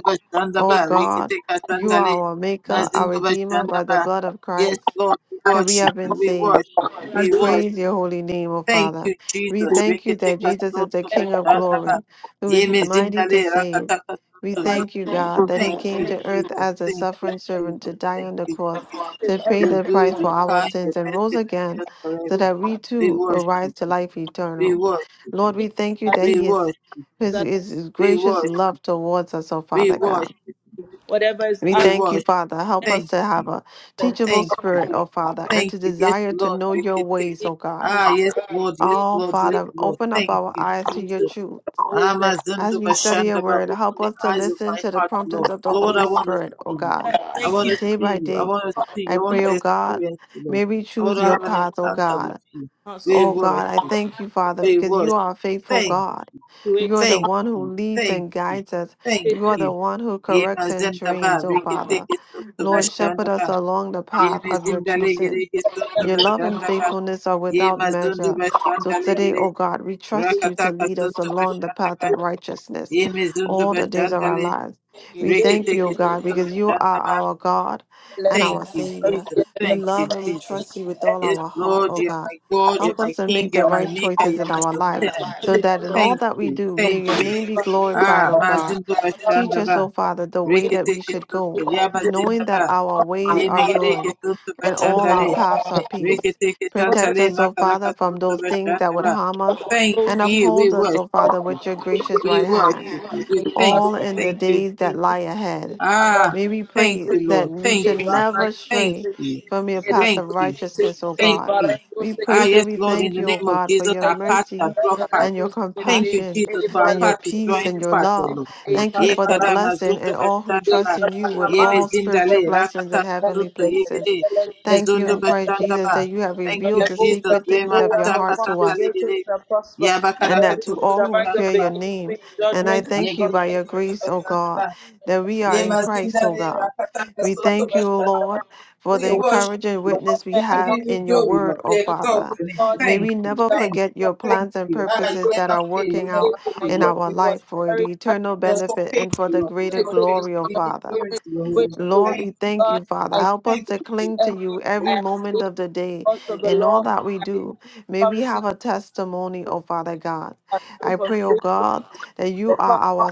Speaker 1: O
Speaker 3: only
Speaker 2: bashandaba.
Speaker 1: God,
Speaker 2: Reketeka
Speaker 1: you are
Speaker 2: santale.
Speaker 1: our Maker, our
Speaker 2: Mazondo
Speaker 1: Redeemer by the
Speaker 2: bashandaba.
Speaker 1: blood of
Speaker 2: Yes,
Speaker 1: Christ
Speaker 2: Lord, we
Speaker 1: that we have
Speaker 2: worship
Speaker 1: been
Speaker 2: you. We
Speaker 1: saved.
Speaker 2: worship you.
Speaker 1: We
Speaker 2: We
Speaker 3: it.
Speaker 1: praise
Speaker 2: worship
Speaker 1: your
Speaker 2: you.
Speaker 1: holy name, O
Speaker 2: Thank
Speaker 1: Father.
Speaker 2: you,
Speaker 1: We
Speaker 2: Jesus.
Speaker 1: thank you that
Speaker 2: Reketeka
Speaker 1: Jesus is the
Speaker 2: soto
Speaker 3: everything
Speaker 1: King of
Speaker 2: bashandaba.
Speaker 1: glory, who is
Speaker 3: is
Speaker 2: Yeme
Speaker 1: mighty to
Speaker 2: zindale
Speaker 1: save.
Speaker 2: rakataka
Speaker 1: We
Speaker 2: soto.
Speaker 3: over you.
Speaker 2: Ye-
Speaker 1: thank you, God, that he
Speaker 2: Thank
Speaker 1: came
Speaker 2: you,
Speaker 1: to earth
Speaker 2: Jesus.
Speaker 1: as a
Speaker 2: Thank you,
Speaker 1: suffering servant to
Speaker 2: Jesus.
Speaker 1: die
Speaker 2: Thank
Speaker 1: on the
Speaker 2: you,
Speaker 1: cross,
Speaker 2: Jesus.
Speaker 3: Take
Speaker 1: to pay
Speaker 2: You're
Speaker 1: the
Speaker 3: everything
Speaker 2: good,
Speaker 1: price for
Speaker 2: you're
Speaker 1: our
Speaker 2: kind, you're
Speaker 1: sins, and rose
Speaker 2: merciful, and
Speaker 1: again
Speaker 2: just
Speaker 1: so
Speaker 2: forever.
Speaker 1: that we
Speaker 2: We
Speaker 1: too will
Speaker 2: worship
Speaker 1: rise to
Speaker 2: you.
Speaker 1: life
Speaker 2: We
Speaker 1: eternal.
Speaker 2: worship you.
Speaker 1: Lord, we thank you that
Speaker 2: We
Speaker 1: he is
Speaker 2: worship you.
Speaker 1: his,
Speaker 3: that
Speaker 1: his, his
Speaker 2: We
Speaker 1: gracious
Speaker 2: worship you.
Speaker 1: love towards us, O
Speaker 2: We
Speaker 1: Father God.
Speaker 2: worship you.
Speaker 3: whatever is
Speaker 1: We
Speaker 2: We
Speaker 3: absent.
Speaker 1: thank you,
Speaker 2: worship
Speaker 1: Father.
Speaker 2: you.
Speaker 1: Help us
Speaker 2: Thank
Speaker 1: to
Speaker 2: you.
Speaker 1: have a teachable
Speaker 2: Thank you.
Speaker 1: spirit, oh Father, and
Speaker 2: Thank
Speaker 1: to
Speaker 2: you. Yes,
Speaker 1: desire
Speaker 2: Lord.
Speaker 1: to know
Speaker 2: We
Speaker 1: your
Speaker 2: can take.
Speaker 1: ways,
Speaker 3: take
Speaker 1: oh God.
Speaker 3: it
Speaker 2: Ah, yes,
Speaker 3: away.
Speaker 2: Lord. Yes,
Speaker 3: Take-
Speaker 1: Oh,
Speaker 2: Lord. Yes,
Speaker 3: take
Speaker 1: Father,
Speaker 2: Lord.
Speaker 1: open up
Speaker 2: Thank
Speaker 1: our
Speaker 2: you,
Speaker 1: eyes to your
Speaker 2: Jesus.
Speaker 1: truth.
Speaker 3: it away.
Speaker 1: As
Speaker 2: Amazundo
Speaker 1: we study your
Speaker 2: Bashandaba,
Speaker 1: word,
Speaker 2: open
Speaker 1: help
Speaker 2: the
Speaker 1: us to
Speaker 2: eyes of
Speaker 1: listen
Speaker 2: my
Speaker 1: to the
Speaker 2: heart,
Speaker 1: promptings
Speaker 2: Lord.
Speaker 1: of the
Speaker 2: Lord,
Speaker 1: Holy
Speaker 2: I want to
Speaker 1: Spirit, oh
Speaker 2: see you.
Speaker 1: God,
Speaker 2: I
Speaker 3: Thank
Speaker 2: want to
Speaker 3: you.
Speaker 1: day
Speaker 2: see
Speaker 1: by
Speaker 2: you. I
Speaker 1: day.
Speaker 2: want to see
Speaker 1: I
Speaker 2: you. I want
Speaker 1: pray,
Speaker 3: Jesus,
Speaker 2: to
Speaker 1: oh God,
Speaker 2: experience you, Lord.
Speaker 1: may we
Speaker 2: I want
Speaker 1: choose
Speaker 2: to
Speaker 1: your
Speaker 3: our
Speaker 2: have an
Speaker 1: path, oh
Speaker 2: encounter
Speaker 1: God.
Speaker 2: with you. We
Speaker 1: Oh
Speaker 3: concept,
Speaker 2: worship
Speaker 1: God, I
Speaker 2: you.
Speaker 1: thank you, Father,
Speaker 2: We
Speaker 1: because you
Speaker 2: worship
Speaker 1: are a
Speaker 2: you.
Speaker 1: faithful
Speaker 2: Thank
Speaker 1: God.
Speaker 3: situation,
Speaker 1: You are the
Speaker 2: Thank
Speaker 1: one who
Speaker 2: you,
Speaker 1: leads
Speaker 2: thank
Speaker 1: and
Speaker 2: you,
Speaker 1: guides us.
Speaker 2: thank
Speaker 1: You
Speaker 3: situation,
Speaker 1: are the
Speaker 2: you.
Speaker 1: one who
Speaker 2: Yema
Speaker 1: corrects and
Speaker 2: zenda ba
Speaker 1: trains, oh
Speaker 2: reke
Speaker 1: Father.
Speaker 2: teke soto
Speaker 1: Lord,
Speaker 3: lifestyle.
Speaker 1: shepherd
Speaker 2: bashanda
Speaker 1: us
Speaker 2: ba.
Speaker 1: along the path
Speaker 2: Yeme
Speaker 1: of your
Speaker 2: zinda lege
Speaker 1: choosing.
Speaker 2: reke soto
Speaker 1: Your love and
Speaker 2: bashanda ba.
Speaker 1: faithfulness are without
Speaker 2: Yema zundu
Speaker 1: measure. So
Speaker 2: bashanda lege
Speaker 1: today,
Speaker 2: re.
Speaker 1: O God, we trust you to
Speaker 2: Rakataka
Speaker 1: lead us
Speaker 2: soto
Speaker 1: along the
Speaker 2: bashanda
Speaker 1: path
Speaker 2: ba.
Speaker 1: of righteousness
Speaker 2: Yeme zundu
Speaker 1: all the days of
Speaker 2: bashanda
Speaker 1: our
Speaker 2: le.
Speaker 1: lives.
Speaker 3: They get
Speaker 1: We
Speaker 2: Reke
Speaker 1: thank you, O
Speaker 2: teke
Speaker 1: God,
Speaker 3: it.
Speaker 2: soto
Speaker 3: away.
Speaker 1: because you are
Speaker 2: bashanda ba.
Speaker 1: our God
Speaker 3: Let's
Speaker 1: and
Speaker 2: Thank
Speaker 1: our
Speaker 2: you,
Speaker 3: just work
Speaker 1: Savior.
Speaker 2: Jesus.
Speaker 3: together.
Speaker 1: We
Speaker 2: Thank you,
Speaker 1: love and we
Speaker 2: Jesus.
Speaker 1: trust you with all
Speaker 2: Yes,
Speaker 1: our heart,
Speaker 2: Lord,
Speaker 1: O
Speaker 2: you are
Speaker 1: God.
Speaker 2: my God, you are
Speaker 1: Help
Speaker 2: my
Speaker 1: us to
Speaker 2: King,
Speaker 1: make
Speaker 2: you
Speaker 1: the
Speaker 2: are my
Speaker 1: right
Speaker 2: Maker,
Speaker 1: choices
Speaker 2: you
Speaker 1: in
Speaker 2: are my
Speaker 1: our life
Speaker 2: Sustainer.
Speaker 1: so that in all
Speaker 2: Thank
Speaker 1: that we
Speaker 2: you,
Speaker 1: do, may
Speaker 2: thank
Speaker 1: your
Speaker 2: you.
Speaker 1: name be glorified,
Speaker 2: Ah,
Speaker 1: O God.
Speaker 2: Mazindo
Speaker 1: Teach
Speaker 2: bashanda
Speaker 1: us,
Speaker 2: ba.
Speaker 1: O Father, the way that
Speaker 2: Rekete
Speaker 1: we should
Speaker 2: ketuntu
Speaker 1: go,
Speaker 2: yaba
Speaker 1: knowing
Speaker 2: zindaba.
Speaker 1: that our ways are
Speaker 2: Yemegere
Speaker 1: good
Speaker 2: ketuntu
Speaker 1: and all our
Speaker 2: bashandale.
Speaker 1: paths are peace.
Speaker 2: Rekete
Speaker 1: Protect
Speaker 2: ketantale
Speaker 1: us, O Father, from
Speaker 2: makarakatuntu
Speaker 1: those things that would
Speaker 2: bashandaba.
Speaker 1: harm us,
Speaker 2: Thank
Speaker 1: and
Speaker 2: you. We
Speaker 1: uphold us, O
Speaker 2: worship
Speaker 1: Father,
Speaker 2: you.
Speaker 1: with your
Speaker 3: Everything
Speaker 1: gracious
Speaker 2: We
Speaker 1: right hand
Speaker 2: worship you. We thank
Speaker 1: all
Speaker 2: you.
Speaker 1: in the
Speaker 2: Thank you,
Speaker 1: days that lie
Speaker 2: Jesus.
Speaker 1: ahead.
Speaker 2: Ah,
Speaker 1: May we
Speaker 2: thank
Speaker 1: pray
Speaker 2: you,
Speaker 1: that
Speaker 2: Lord.
Speaker 1: we
Speaker 2: Thank
Speaker 1: should
Speaker 2: you.
Speaker 1: never
Speaker 2: Thank
Speaker 1: stray
Speaker 2: you.
Speaker 1: from your path
Speaker 2: Thank
Speaker 1: of
Speaker 2: you.
Speaker 1: righteousness, O
Speaker 2: Thank
Speaker 1: God.
Speaker 2: you.
Speaker 1: We
Speaker 2: Ah,
Speaker 1: praise and
Speaker 2: yes,
Speaker 1: we
Speaker 2: Lord, in
Speaker 1: thank
Speaker 2: the
Speaker 1: you, O
Speaker 2: name of
Speaker 1: God, for
Speaker 2: Jesus,
Speaker 1: your
Speaker 3: No
Speaker 2: our path
Speaker 3: weapon
Speaker 2: shall
Speaker 1: mercy
Speaker 2: draw path.
Speaker 1: and your
Speaker 2: Thank you,
Speaker 1: compassion
Speaker 2: Jesus, for our
Speaker 1: and your
Speaker 2: path is
Speaker 1: peace
Speaker 2: drawing
Speaker 1: and your
Speaker 2: path, O
Speaker 1: love.
Speaker 2: Lord.
Speaker 1: Thank you
Speaker 2: Ye
Speaker 1: for the
Speaker 2: karama
Speaker 1: blessing
Speaker 2: zundu
Speaker 1: and all who
Speaker 2: bashanda ba.
Speaker 1: trust in you with
Speaker 2: Ye
Speaker 1: all
Speaker 2: mezindale
Speaker 1: spiritual blessings in
Speaker 2: rakatata
Speaker 1: heavenly
Speaker 2: zundu ye
Speaker 1: places.
Speaker 2: gede.
Speaker 1: Thank you
Speaker 2: Mezundu
Speaker 1: in Christ
Speaker 2: bashanda
Speaker 1: Jesus
Speaker 2: ba.
Speaker 1: that you have
Speaker 2: Thank you,
Speaker 1: revealed the
Speaker 2: Jesus.
Speaker 1: secret things
Speaker 2: Rema
Speaker 1: of your
Speaker 2: kataka
Speaker 1: heart
Speaker 3: formed
Speaker 1: to
Speaker 2: santa
Speaker 1: us
Speaker 3: against us
Speaker 2: legere.
Speaker 3: shall prosper, and
Speaker 2: Yabakara
Speaker 1: and that to
Speaker 3: everything
Speaker 2: katundu
Speaker 1: all
Speaker 3: that
Speaker 1: who
Speaker 3: rise
Speaker 2: bashanda
Speaker 1: fear
Speaker 3: up
Speaker 2: ba.
Speaker 1: your
Speaker 3: against me
Speaker 1: name.
Speaker 3: in
Speaker 1: And I
Speaker 3: judgment shall
Speaker 2: Ye
Speaker 1: thank you by
Speaker 2: gede
Speaker 1: your
Speaker 2: zunto
Speaker 1: grace, O
Speaker 2: bastanda
Speaker 1: God,
Speaker 2: ba.
Speaker 1: that we are
Speaker 3: prosper.
Speaker 1: in Christ, O
Speaker 2: Yemazindale
Speaker 1: God.
Speaker 2: Rakataka
Speaker 1: We
Speaker 2: Soto
Speaker 1: thank you, O
Speaker 2: Bashataba.
Speaker 1: Lord, for the
Speaker 2: We
Speaker 3: The way
Speaker 2: worship
Speaker 1: encouraging
Speaker 2: you.
Speaker 3: of
Speaker 1: witness we
Speaker 3: warfare
Speaker 2: We
Speaker 3: are not
Speaker 1: have
Speaker 2: give you
Speaker 1: in your
Speaker 2: glory, Lord.
Speaker 1: word,
Speaker 2: We
Speaker 1: O
Speaker 3: connected
Speaker 2: exalt
Speaker 3: to
Speaker 1: Father.
Speaker 2: your name.
Speaker 3: God to
Speaker 1: May
Speaker 3: the
Speaker 2: Thank
Speaker 1: we
Speaker 2: you.
Speaker 1: never
Speaker 3: kingdom of
Speaker 2: Thank
Speaker 1: forget
Speaker 2: you.
Speaker 1: your
Speaker 3: trouble.
Speaker 2: Thank
Speaker 1: plans and
Speaker 2: you. Ah,
Speaker 3: My
Speaker 2: you
Speaker 1: purposes
Speaker 3: good
Speaker 1: that
Speaker 3: is
Speaker 2: never
Speaker 1: are
Speaker 2: fail.
Speaker 3: of
Speaker 2: You
Speaker 1: working out
Speaker 3: faith
Speaker 2: never
Speaker 3: to my
Speaker 2: fail,
Speaker 1: in
Speaker 2: Lord.
Speaker 3: quest
Speaker 1: our
Speaker 2: We
Speaker 1: life
Speaker 2: worship
Speaker 1: for
Speaker 3: very
Speaker 2: you.
Speaker 1: the
Speaker 3: that
Speaker 1: eternal
Speaker 2: You're so
Speaker 1: benefit and for
Speaker 2: faithful,
Speaker 1: the
Speaker 2: Lord. You're
Speaker 1: greater
Speaker 3: to
Speaker 2: so
Speaker 3: take the
Speaker 1: glory,
Speaker 2: faithful.
Speaker 1: O
Speaker 3: sword
Speaker 2: We
Speaker 3: of
Speaker 2: give
Speaker 1: Father.
Speaker 3: the
Speaker 2: glory
Speaker 3: spirit
Speaker 2: to your holy
Speaker 3: which is
Speaker 2: name.
Speaker 3: the
Speaker 1: Lord,
Speaker 3: word
Speaker 2: Thank
Speaker 1: we
Speaker 3: of
Speaker 2: you,
Speaker 1: thank
Speaker 3: God.
Speaker 1: you,
Speaker 2: Jesus.
Speaker 1: Father.
Speaker 3: I
Speaker 1: Help us
Speaker 2: Thank
Speaker 1: to
Speaker 2: you,
Speaker 1: cling to
Speaker 2: Jesus.
Speaker 3: enemy.
Speaker 1: you
Speaker 3: I
Speaker 2: Thank
Speaker 1: every
Speaker 3: am
Speaker 2: you,
Speaker 1: moment
Speaker 2: Jesus.
Speaker 3: weak
Speaker 1: of the
Speaker 3: in the
Speaker 1: day
Speaker 3: courts
Speaker 2: Thank
Speaker 3: of the
Speaker 1: in all
Speaker 3: law.
Speaker 1: that
Speaker 3: I
Speaker 1: we
Speaker 3: am
Speaker 1: do. May we
Speaker 3: poverty.
Speaker 1: have a testimony, oh Father God.
Speaker 3: I am from
Speaker 1: I pray, oh
Speaker 3: spiritual
Speaker 1: God, that you
Speaker 3: but
Speaker 1: are
Speaker 3: come on
Speaker 1: our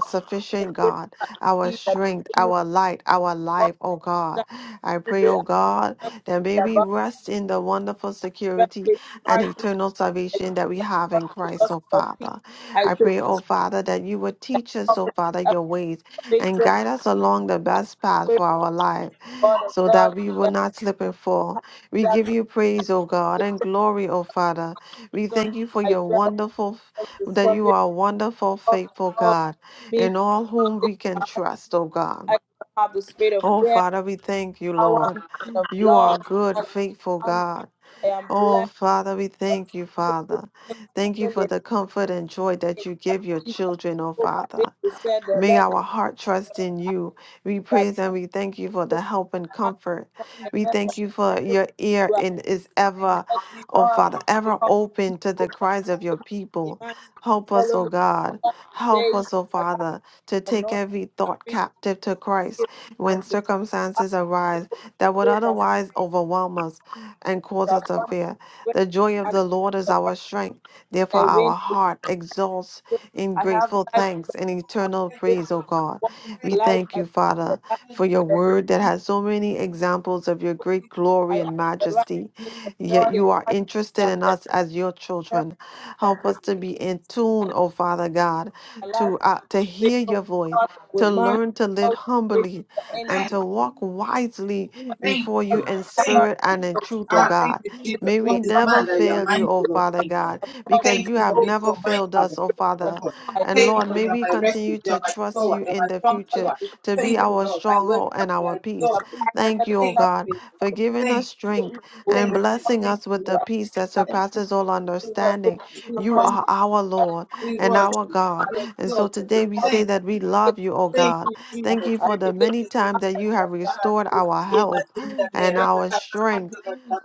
Speaker 3: the
Speaker 1: sufficient
Speaker 3: spirit
Speaker 1: God,
Speaker 3: and
Speaker 1: our
Speaker 3: see that
Speaker 1: strength,
Speaker 3: the enemy
Speaker 1: our light, our
Speaker 3: walks
Speaker 1: life, oh God.
Speaker 3: that
Speaker 1: I
Speaker 3: the day
Speaker 1: pray, oh God,
Speaker 3: I am
Speaker 1: that may
Speaker 3: not
Speaker 1: we
Speaker 3: about
Speaker 1: rest in the wonderful
Speaker 3: Where
Speaker 1: security
Speaker 3: faith
Speaker 1: and
Speaker 3: rises,
Speaker 1: eternal salvation that we have in
Speaker 3: the
Speaker 1: Christ,
Speaker 3: gospel
Speaker 1: oh
Speaker 3: of peace.
Speaker 1: Father.
Speaker 3: I
Speaker 1: I
Speaker 3: take
Speaker 1: pray,
Speaker 3: this
Speaker 1: oh Father, that you would
Speaker 3: and
Speaker 1: teach us,
Speaker 3: cover
Speaker 1: oh
Speaker 3: it with
Speaker 1: Father,
Speaker 3: the
Speaker 1: your ways and
Speaker 3: salvation.
Speaker 1: guide us along the best path
Speaker 3: Praise
Speaker 1: for our life
Speaker 3: the of
Speaker 1: so
Speaker 3: God.
Speaker 1: that we will
Speaker 3: and
Speaker 1: not slip
Speaker 3: the
Speaker 1: and fall. We give
Speaker 3: darkness
Speaker 1: you praise, O God, and
Speaker 3: the
Speaker 1: glory, O Father. We
Speaker 3: sun.
Speaker 1: thank you for
Speaker 3: I
Speaker 1: your
Speaker 3: pray
Speaker 1: wonderful,
Speaker 3: that the
Speaker 1: that you
Speaker 3: scorpion
Speaker 1: are a wonderful,
Speaker 3: of
Speaker 1: faithful
Speaker 3: all
Speaker 1: God,
Speaker 3: me.
Speaker 1: and all whom we can
Speaker 3: I
Speaker 1: trust, O
Speaker 3: do
Speaker 1: God.
Speaker 3: not have the spirit of
Speaker 1: Oh,
Speaker 3: fear.
Speaker 1: Father, we thank you,
Speaker 3: power
Speaker 1: Lord.
Speaker 3: of
Speaker 1: You are
Speaker 3: love
Speaker 1: good,
Speaker 3: and
Speaker 1: faithful
Speaker 3: sound mind.
Speaker 1: God.
Speaker 3: I am
Speaker 1: Oh, Father, we thank you,
Speaker 3: blessed to
Speaker 1: Father. Thank you
Speaker 3: in
Speaker 1: for
Speaker 3: the
Speaker 2: you,
Speaker 1: the
Speaker 2: Lord.
Speaker 1: comfort and joy
Speaker 3: in
Speaker 1: that you
Speaker 3: that
Speaker 2: Thank you,
Speaker 1: give your children, oh Father.
Speaker 3: Jesus who said the
Speaker 1: May
Speaker 3: Lord
Speaker 1: our heart trust in
Speaker 3: and
Speaker 1: you. We
Speaker 3: by
Speaker 1: praise and
Speaker 2: Lord.
Speaker 1: we thank you for
Speaker 3: the Son
Speaker 1: the help and comfort.
Speaker 3: the
Speaker 1: We
Speaker 3: name of
Speaker 1: thank you for your
Speaker 3: everyone
Speaker 1: ear
Speaker 3: who are
Speaker 1: and is
Speaker 3: in
Speaker 1: ever, oh
Speaker 3: all
Speaker 1: Father, ever
Speaker 3: come
Speaker 1: open to the
Speaker 3: over
Speaker 1: cries of your people.
Speaker 3: and
Speaker 1: Help us,
Speaker 3: follow
Speaker 1: oh
Speaker 3: me
Speaker 1: God.
Speaker 3: all the
Speaker 1: Help
Speaker 3: days
Speaker 1: us, oh
Speaker 3: of my life
Speaker 1: Father, to
Speaker 3: and
Speaker 1: take
Speaker 3: not
Speaker 1: every thought
Speaker 3: free to
Speaker 1: captive to Christ
Speaker 3: give
Speaker 1: when
Speaker 3: and to
Speaker 1: circumstances arise that would
Speaker 3: ask
Speaker 1: otherwise overwhelm us and cause us to
Speaker 3: abundant
Speaker 1: fear.
Speaker 3: grace
Speaker 1: The joy of
Speaker 3: and
Speaker 1: the Lord is
Speaker 3: abundant
Speaker 1: our strength. Therefore,
Speaker 3: rain.
Speaker 1: our heart exalts in
Speaker 3: I have
Speaker 1: grateful
Speaker 3: life
Speaker 1: thanks and eternal
Speaker 3: abundant
Speaker 1: praise, O God.
Speaker 3: walk
Speaker 1: We thank you,
Speaker 3: as the
Speaker 1: Father,
Speaker 3: light
Speaker 1: for your
Speaker 3: and the blood.
Speaker 1: word that has so many examples of your great
Speaker 3: I
Speaker 1: glory
Speaker 3: am
Speaker 1: and
Speaker 3: the
Speaker 1: majesty.
Speaker 3: righteousness of
Speaker 1: Yet
Speaker 3: God in
Speaker 1: you are
Speaker 3: Christ. I
Speaker 1: interested
Speaker 3: am
Speaker 1: in
Speaker 3: the
Speaker 1: us as your
Speaker 3: righteousness
Speaker 1: children. Help us to be in
Speaker 3: of God
Speaker 1: tune,
Speaker 3: and
Speaker 1: O Father God,
Speaker 3: my life
Speaker 1: to uh, to
Speaker 3: with
Speaker 1: hear your voice.
Speaker 3: God, with
Speaker 1: To
Speaker 3: man,
Speaker 1: learn to live
Speaker 3: with
Speaker 1: humbly
Speaker 3: the end, my
Speaker 1: and
Speaker 3: God
Speaker 2: Thank
Speaker 1: to
Speaker 2: you.
Speaker 1: walk wisely
Speaker 2: Thank
Speaker 1: before you
Speaker 2: you.
Speaker 1: in
Speaker 2: Thank
Speaker 1: spirit and
Speaker 2: you.
Speaker 1: in truth, O
Speaker 2: Ah, thank
Speaker 1: God.
Speaker 2: you, Jesus.
Speaker 1: May
Speaker 2: What
Speaker 1: we
Speaker 2: is
Speaker 1: never
Speaker 2: man that you are
Speaker 1: fail you, O
Speaker 2: mindful of
Speaker 1: Father
Speaker 2: him,
Speaker 1: God,
Speaker 2: Lord?
Speaker 1: because
Speaker 2: Thank
Speaker 1: you
Speaker 2: you for
Speaker 1: have
Speaker 3: so
Speaker 2: being
Speaker 1: never
Speaker 2: so
Speaker 1: failed us,
Speaker 2: mindful
Speaker 1: O
Speaker 2: of,
Speaker 1: Father.
Speaker 2: of us.
Speaker 3: I
Speaker 1: And
Speaker 2: Thank
Speaker 3: did
Speaker 2: you
Speaker 1: Lord,
Speaker 2: for
Speaker 1: may
Speaker 2: you are
Speaker 1: we
Speaker 2: my refuge,
Speaker 1: continue
Speaker 2: you are
Speaker 1: to
Speaker 2: my
Speaker 1: trust
Speaker 2: tower,
Speaker 1: you
Speaker 2: you are
Speaker 1: in
Speaker 2: my
Speaker 1: the
Speaker 2: strong
Speaker 1: future
Speaker 2: tower.
Speaker 1: to be
Speaker 2: Thank you,
Speaker 1: our
Speaker 2: Lord. I worship
Speaker 1: stronghold and
Speaker 2: you, I
Speaker 1: our peace.
Speaker 2: exalt you.
Speaker 1: Thank you, O
Speaker 2: Thank you,
Speaker 1: God,
Speaker 2: thank you,
Speaker 1: for
Speaker 2: Lord.
Speaker 1: giving
Speaker 2: thank you,
Speaker 1: us strength and
Speaker 2: thank you,
Speaker 1: blessing
Speaker 2: thank
Speaker 1: us
Speaker 2: you,
Speaker 1: with
Speaker 2: Lord.
Speaker 1: the peace that
Speaker 2: Thank you,
Speaker 1: surpasses all
Speaker 2: Jesus. We worship
Speaker 1: understanding.
Speaker 2: you, we
Speaker 1: You
Speaker 2: worship
Speaker 1: are
Speaker 2: you,
Speaker 1: our Lord
Speaker 2: we
Speaker 1: and
Speaker 2: worship
Speaker 1: our
Speaker 2: you,
Speaker 1: God.
Speaker 2: we
Speaker 1: And so
Speaker 2: exalt you.
Speaker 1: today we say
Speaker 2: Thank
Speaker 1: that
Speaker 2: you.
Speaker 1: we love you, O
Speaker 2: Thank
Speaker 1: God.
Speaker 2: you,
Speaker 1: Thank
Speaker 2: Jesus.
Speaker 1: you for the many times that you have
Speaker 2: Reketeketuntabashantaba.
Speaker 1: restored our health
Speaker 2: Yemazindabe,
Speaker 1: and our strength,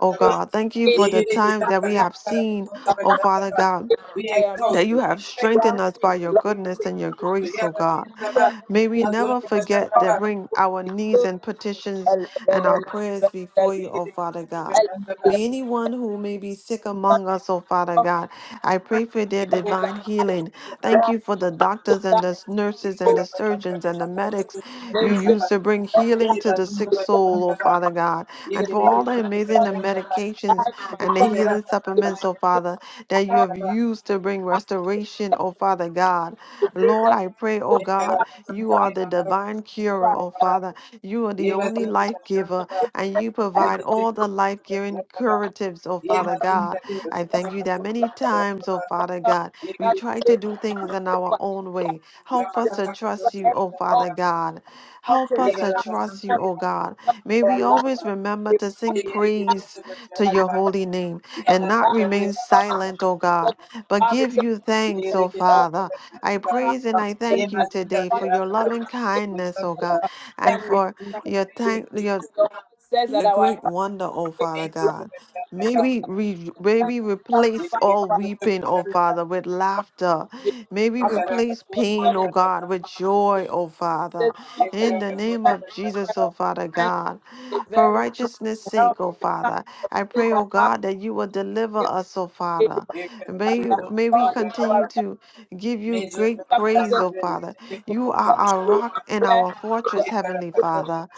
Speaker 1: O God. Thank you for the times that we have seen, O Father
Speaker 2: Yegereketantarepakarapatuntabashantaba.
Speaker 1: God
Speaker 2: We
Speaker 3: I am
Speaker 2: exalt
Speaker 1: that you
Speaker 2: you.
Speaker 1: have
Speaker 2: Thank
Speaker 1: strengthened
Speaker 2: you,
Speaker 1: us by
Speaker 2: Jesus.
Speaker 1: your goodness and your
Speaker 2: Reketeketuntu,
Speaker 1: grace, O God.
Speaker 2: yamazindaba.
Speaker 1: May we
Speaker 3: grounded,
Speaker 1: never forget to
Speaker 2: Mazundabashantaba.
Speaker 1: bring our needs and petitions and our prayers before you, O Father God.
Speaker 2: Yegereketuntabashantaba.
Speaker 1: May anyone who may be sick among us, O Father God, I pray for their divine healing.
Speaker 2: Yegereketuntabashantaba.
Speaker 1: Thank you for the doctors and the nurses and the surgeons and the medics you use
Speaker 2: Yegereketantarepakarapatuntabashantaba.
Speaker 1: to bring healing to the sick soul, O
Speaker 2: Yemazindabashantaba.
Speaker 1: Father God, and for all the amazing
Speaker 2: Yegereketuntabashantaba.
Speaker 1: medications and the
Speaker 2: Thank you.
Speaker 1: healing supplements, O Father, that you have used to bring restoration, oh Father God. Lord, I pray, oh God, you are the divine curer,
Speaker 3: Thank
Speaker 1: oh Father.
Speaker 3: you.
Speaker 1: You are the only life giver, and you provide
Speaker 3: Thank
Speaker 1: all the life giving curatives, oh Father God. I thank you that many times, oh Father God, we try to do things in our own way. Help us to trust you, oh Father God. Help us to trust you, oh God. May we always remember to sing
Speaker 3: you.
Speaker 1: praise to your holy name and not remain silent, O God, but give you thanks, O Father. I praise and I
Speaker 2: Yeah,
Speaker 1: thank
Speaker 2: my
Speaker 1: you
Speaker 2: sister, yeah,
Speaker 1: today for
Speaker 2: I
Speaker 1: your
Speaker 2: thought that
Speaker 1: loving
Speaker 2: was my
Speaker 1: kindness,
Speaker 2: son,
Speaker 1: O God,
Speaker 2: but
Speaker 1: and
Speaker 2: Thank you,
Speaker 1: for
Speaker 2: Jesus.
Speaker 1: your
Speaker 2: Thank you,
Speaker 1: thank your
Speaker 2: Jesus.
Speaker 3: Says that
Speaker 1: your
Speaker 3: our
Speaker 1: great wonder, oh Father
Speaker 2: May you the
Speaker 1: God.
Speaker 2: best of the
Speaker 3: very
Speaker 1: May
Speaker 2: God.
Speaker 1: we, re- may we
Speaker 2: May
Speaker 1: replace
Speaker 2: you the
Speaker 1: all
Speaker 2: best of the
Speaker 1: weeping, oh
Speaker 2: God.
Speaker 1: Father, with laughter. May we
Speaker 2: May you the
Speaker 1: replace
Speaker 2: best
Speaker 1: pain, oh
Speaker 2: of the
Speaker 1: God,
Speaker 2: God.
Speaker 1: with joy, oh Father.
Speaker 2: May you the
Speaker 1: In the
Speaker 2: best of
Speaker 1: name
Speaker 2: the
Speaker 1: of Jesus, oh
Speaker 2: God.
Speaker 1: Father God. For righteousness' sake, oh
Speaker 3: time
Speaker 1: Father, I pray, oh God, that you will deliver
Speaker 3: give
Speaker 1: us, oh
Speaker 3: you
Speaker 1: Father.
Speaker 2: May you the
Speaker 1: May,
Speaker 3: praise.
Speaker 2: best
Speaker 1: you,
Speaker 2: of
Speaker 1: may
Speaker 2: the
Speaker 1: we
Speaker 3: God is
Speaker 1: continue
Speaker 2: God.
Speaker 3: our
Speaker 1: to give
Speaker 2: May
Speaker 1: you
Speaker 2: you the best of the
Speaker 1: great praise,
Speaker 3: present
Speaker 1: oh Father. You are our rock and
Speaker 3: prayer.
Speaker 1: our fortress, Heavenly
Speaker 3: The
Speaker 1: Father.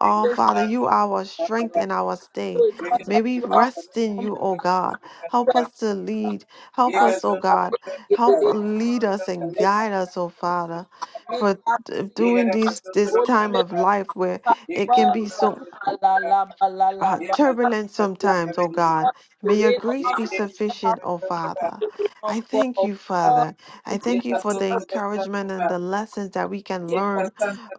Speaker 1: Oh,
Speaker 3: answers
Speaker 1: Father, you are our strength and our
Speaker 3: to
Speaker 1: stay.
Speaker 3: it was
Speaker 1: May
Speaker 3: as
Speaker 1: we
Speaker 3: well.
Speaker 1: rest in
Speaker 3: Um,
Speaker 1: you, O God. Help us to lead.
Speaker 2: Thank you,
Speaker 1: Help
Speaker 2: Jesus.
Speaker 1: us, O
Speaker 2: Thank
Speaker 1: God. Help lead us and guide us, O Father,
Speaker 3: make
Speaker 1: for
Speaker 3: us
Speaker 1: d-
Speaker 3: see
Speaker 1: doing this this
Speaker 3: whole
Speaker 1: time
Speaker 3: place
Speaker 1: of life where it can
Speaker 3: well.
Speaker 1: be so
Speaker 3: La la la la la
Speaker 1: uh,
Speaker 3: la.
Speaker 1: turbulent sometimes, oh God. May your
Speaker 3: It
Speaker 1: grace be
Speaker 3: is
Speaker 1: sufficient, oh Father.
Speaker 3: of
Speaker 1: I thank
Speaker 3: God.
Speaker 1: you,
Speaker 3: God,
Speaker 1: Father. I
Speaker 3: continually
Speaker 1: thank you for the
Speaker 3: help
Speaker 1: encouragement and the lessons that we can
Speaker 3: us
Speaker 1: learn,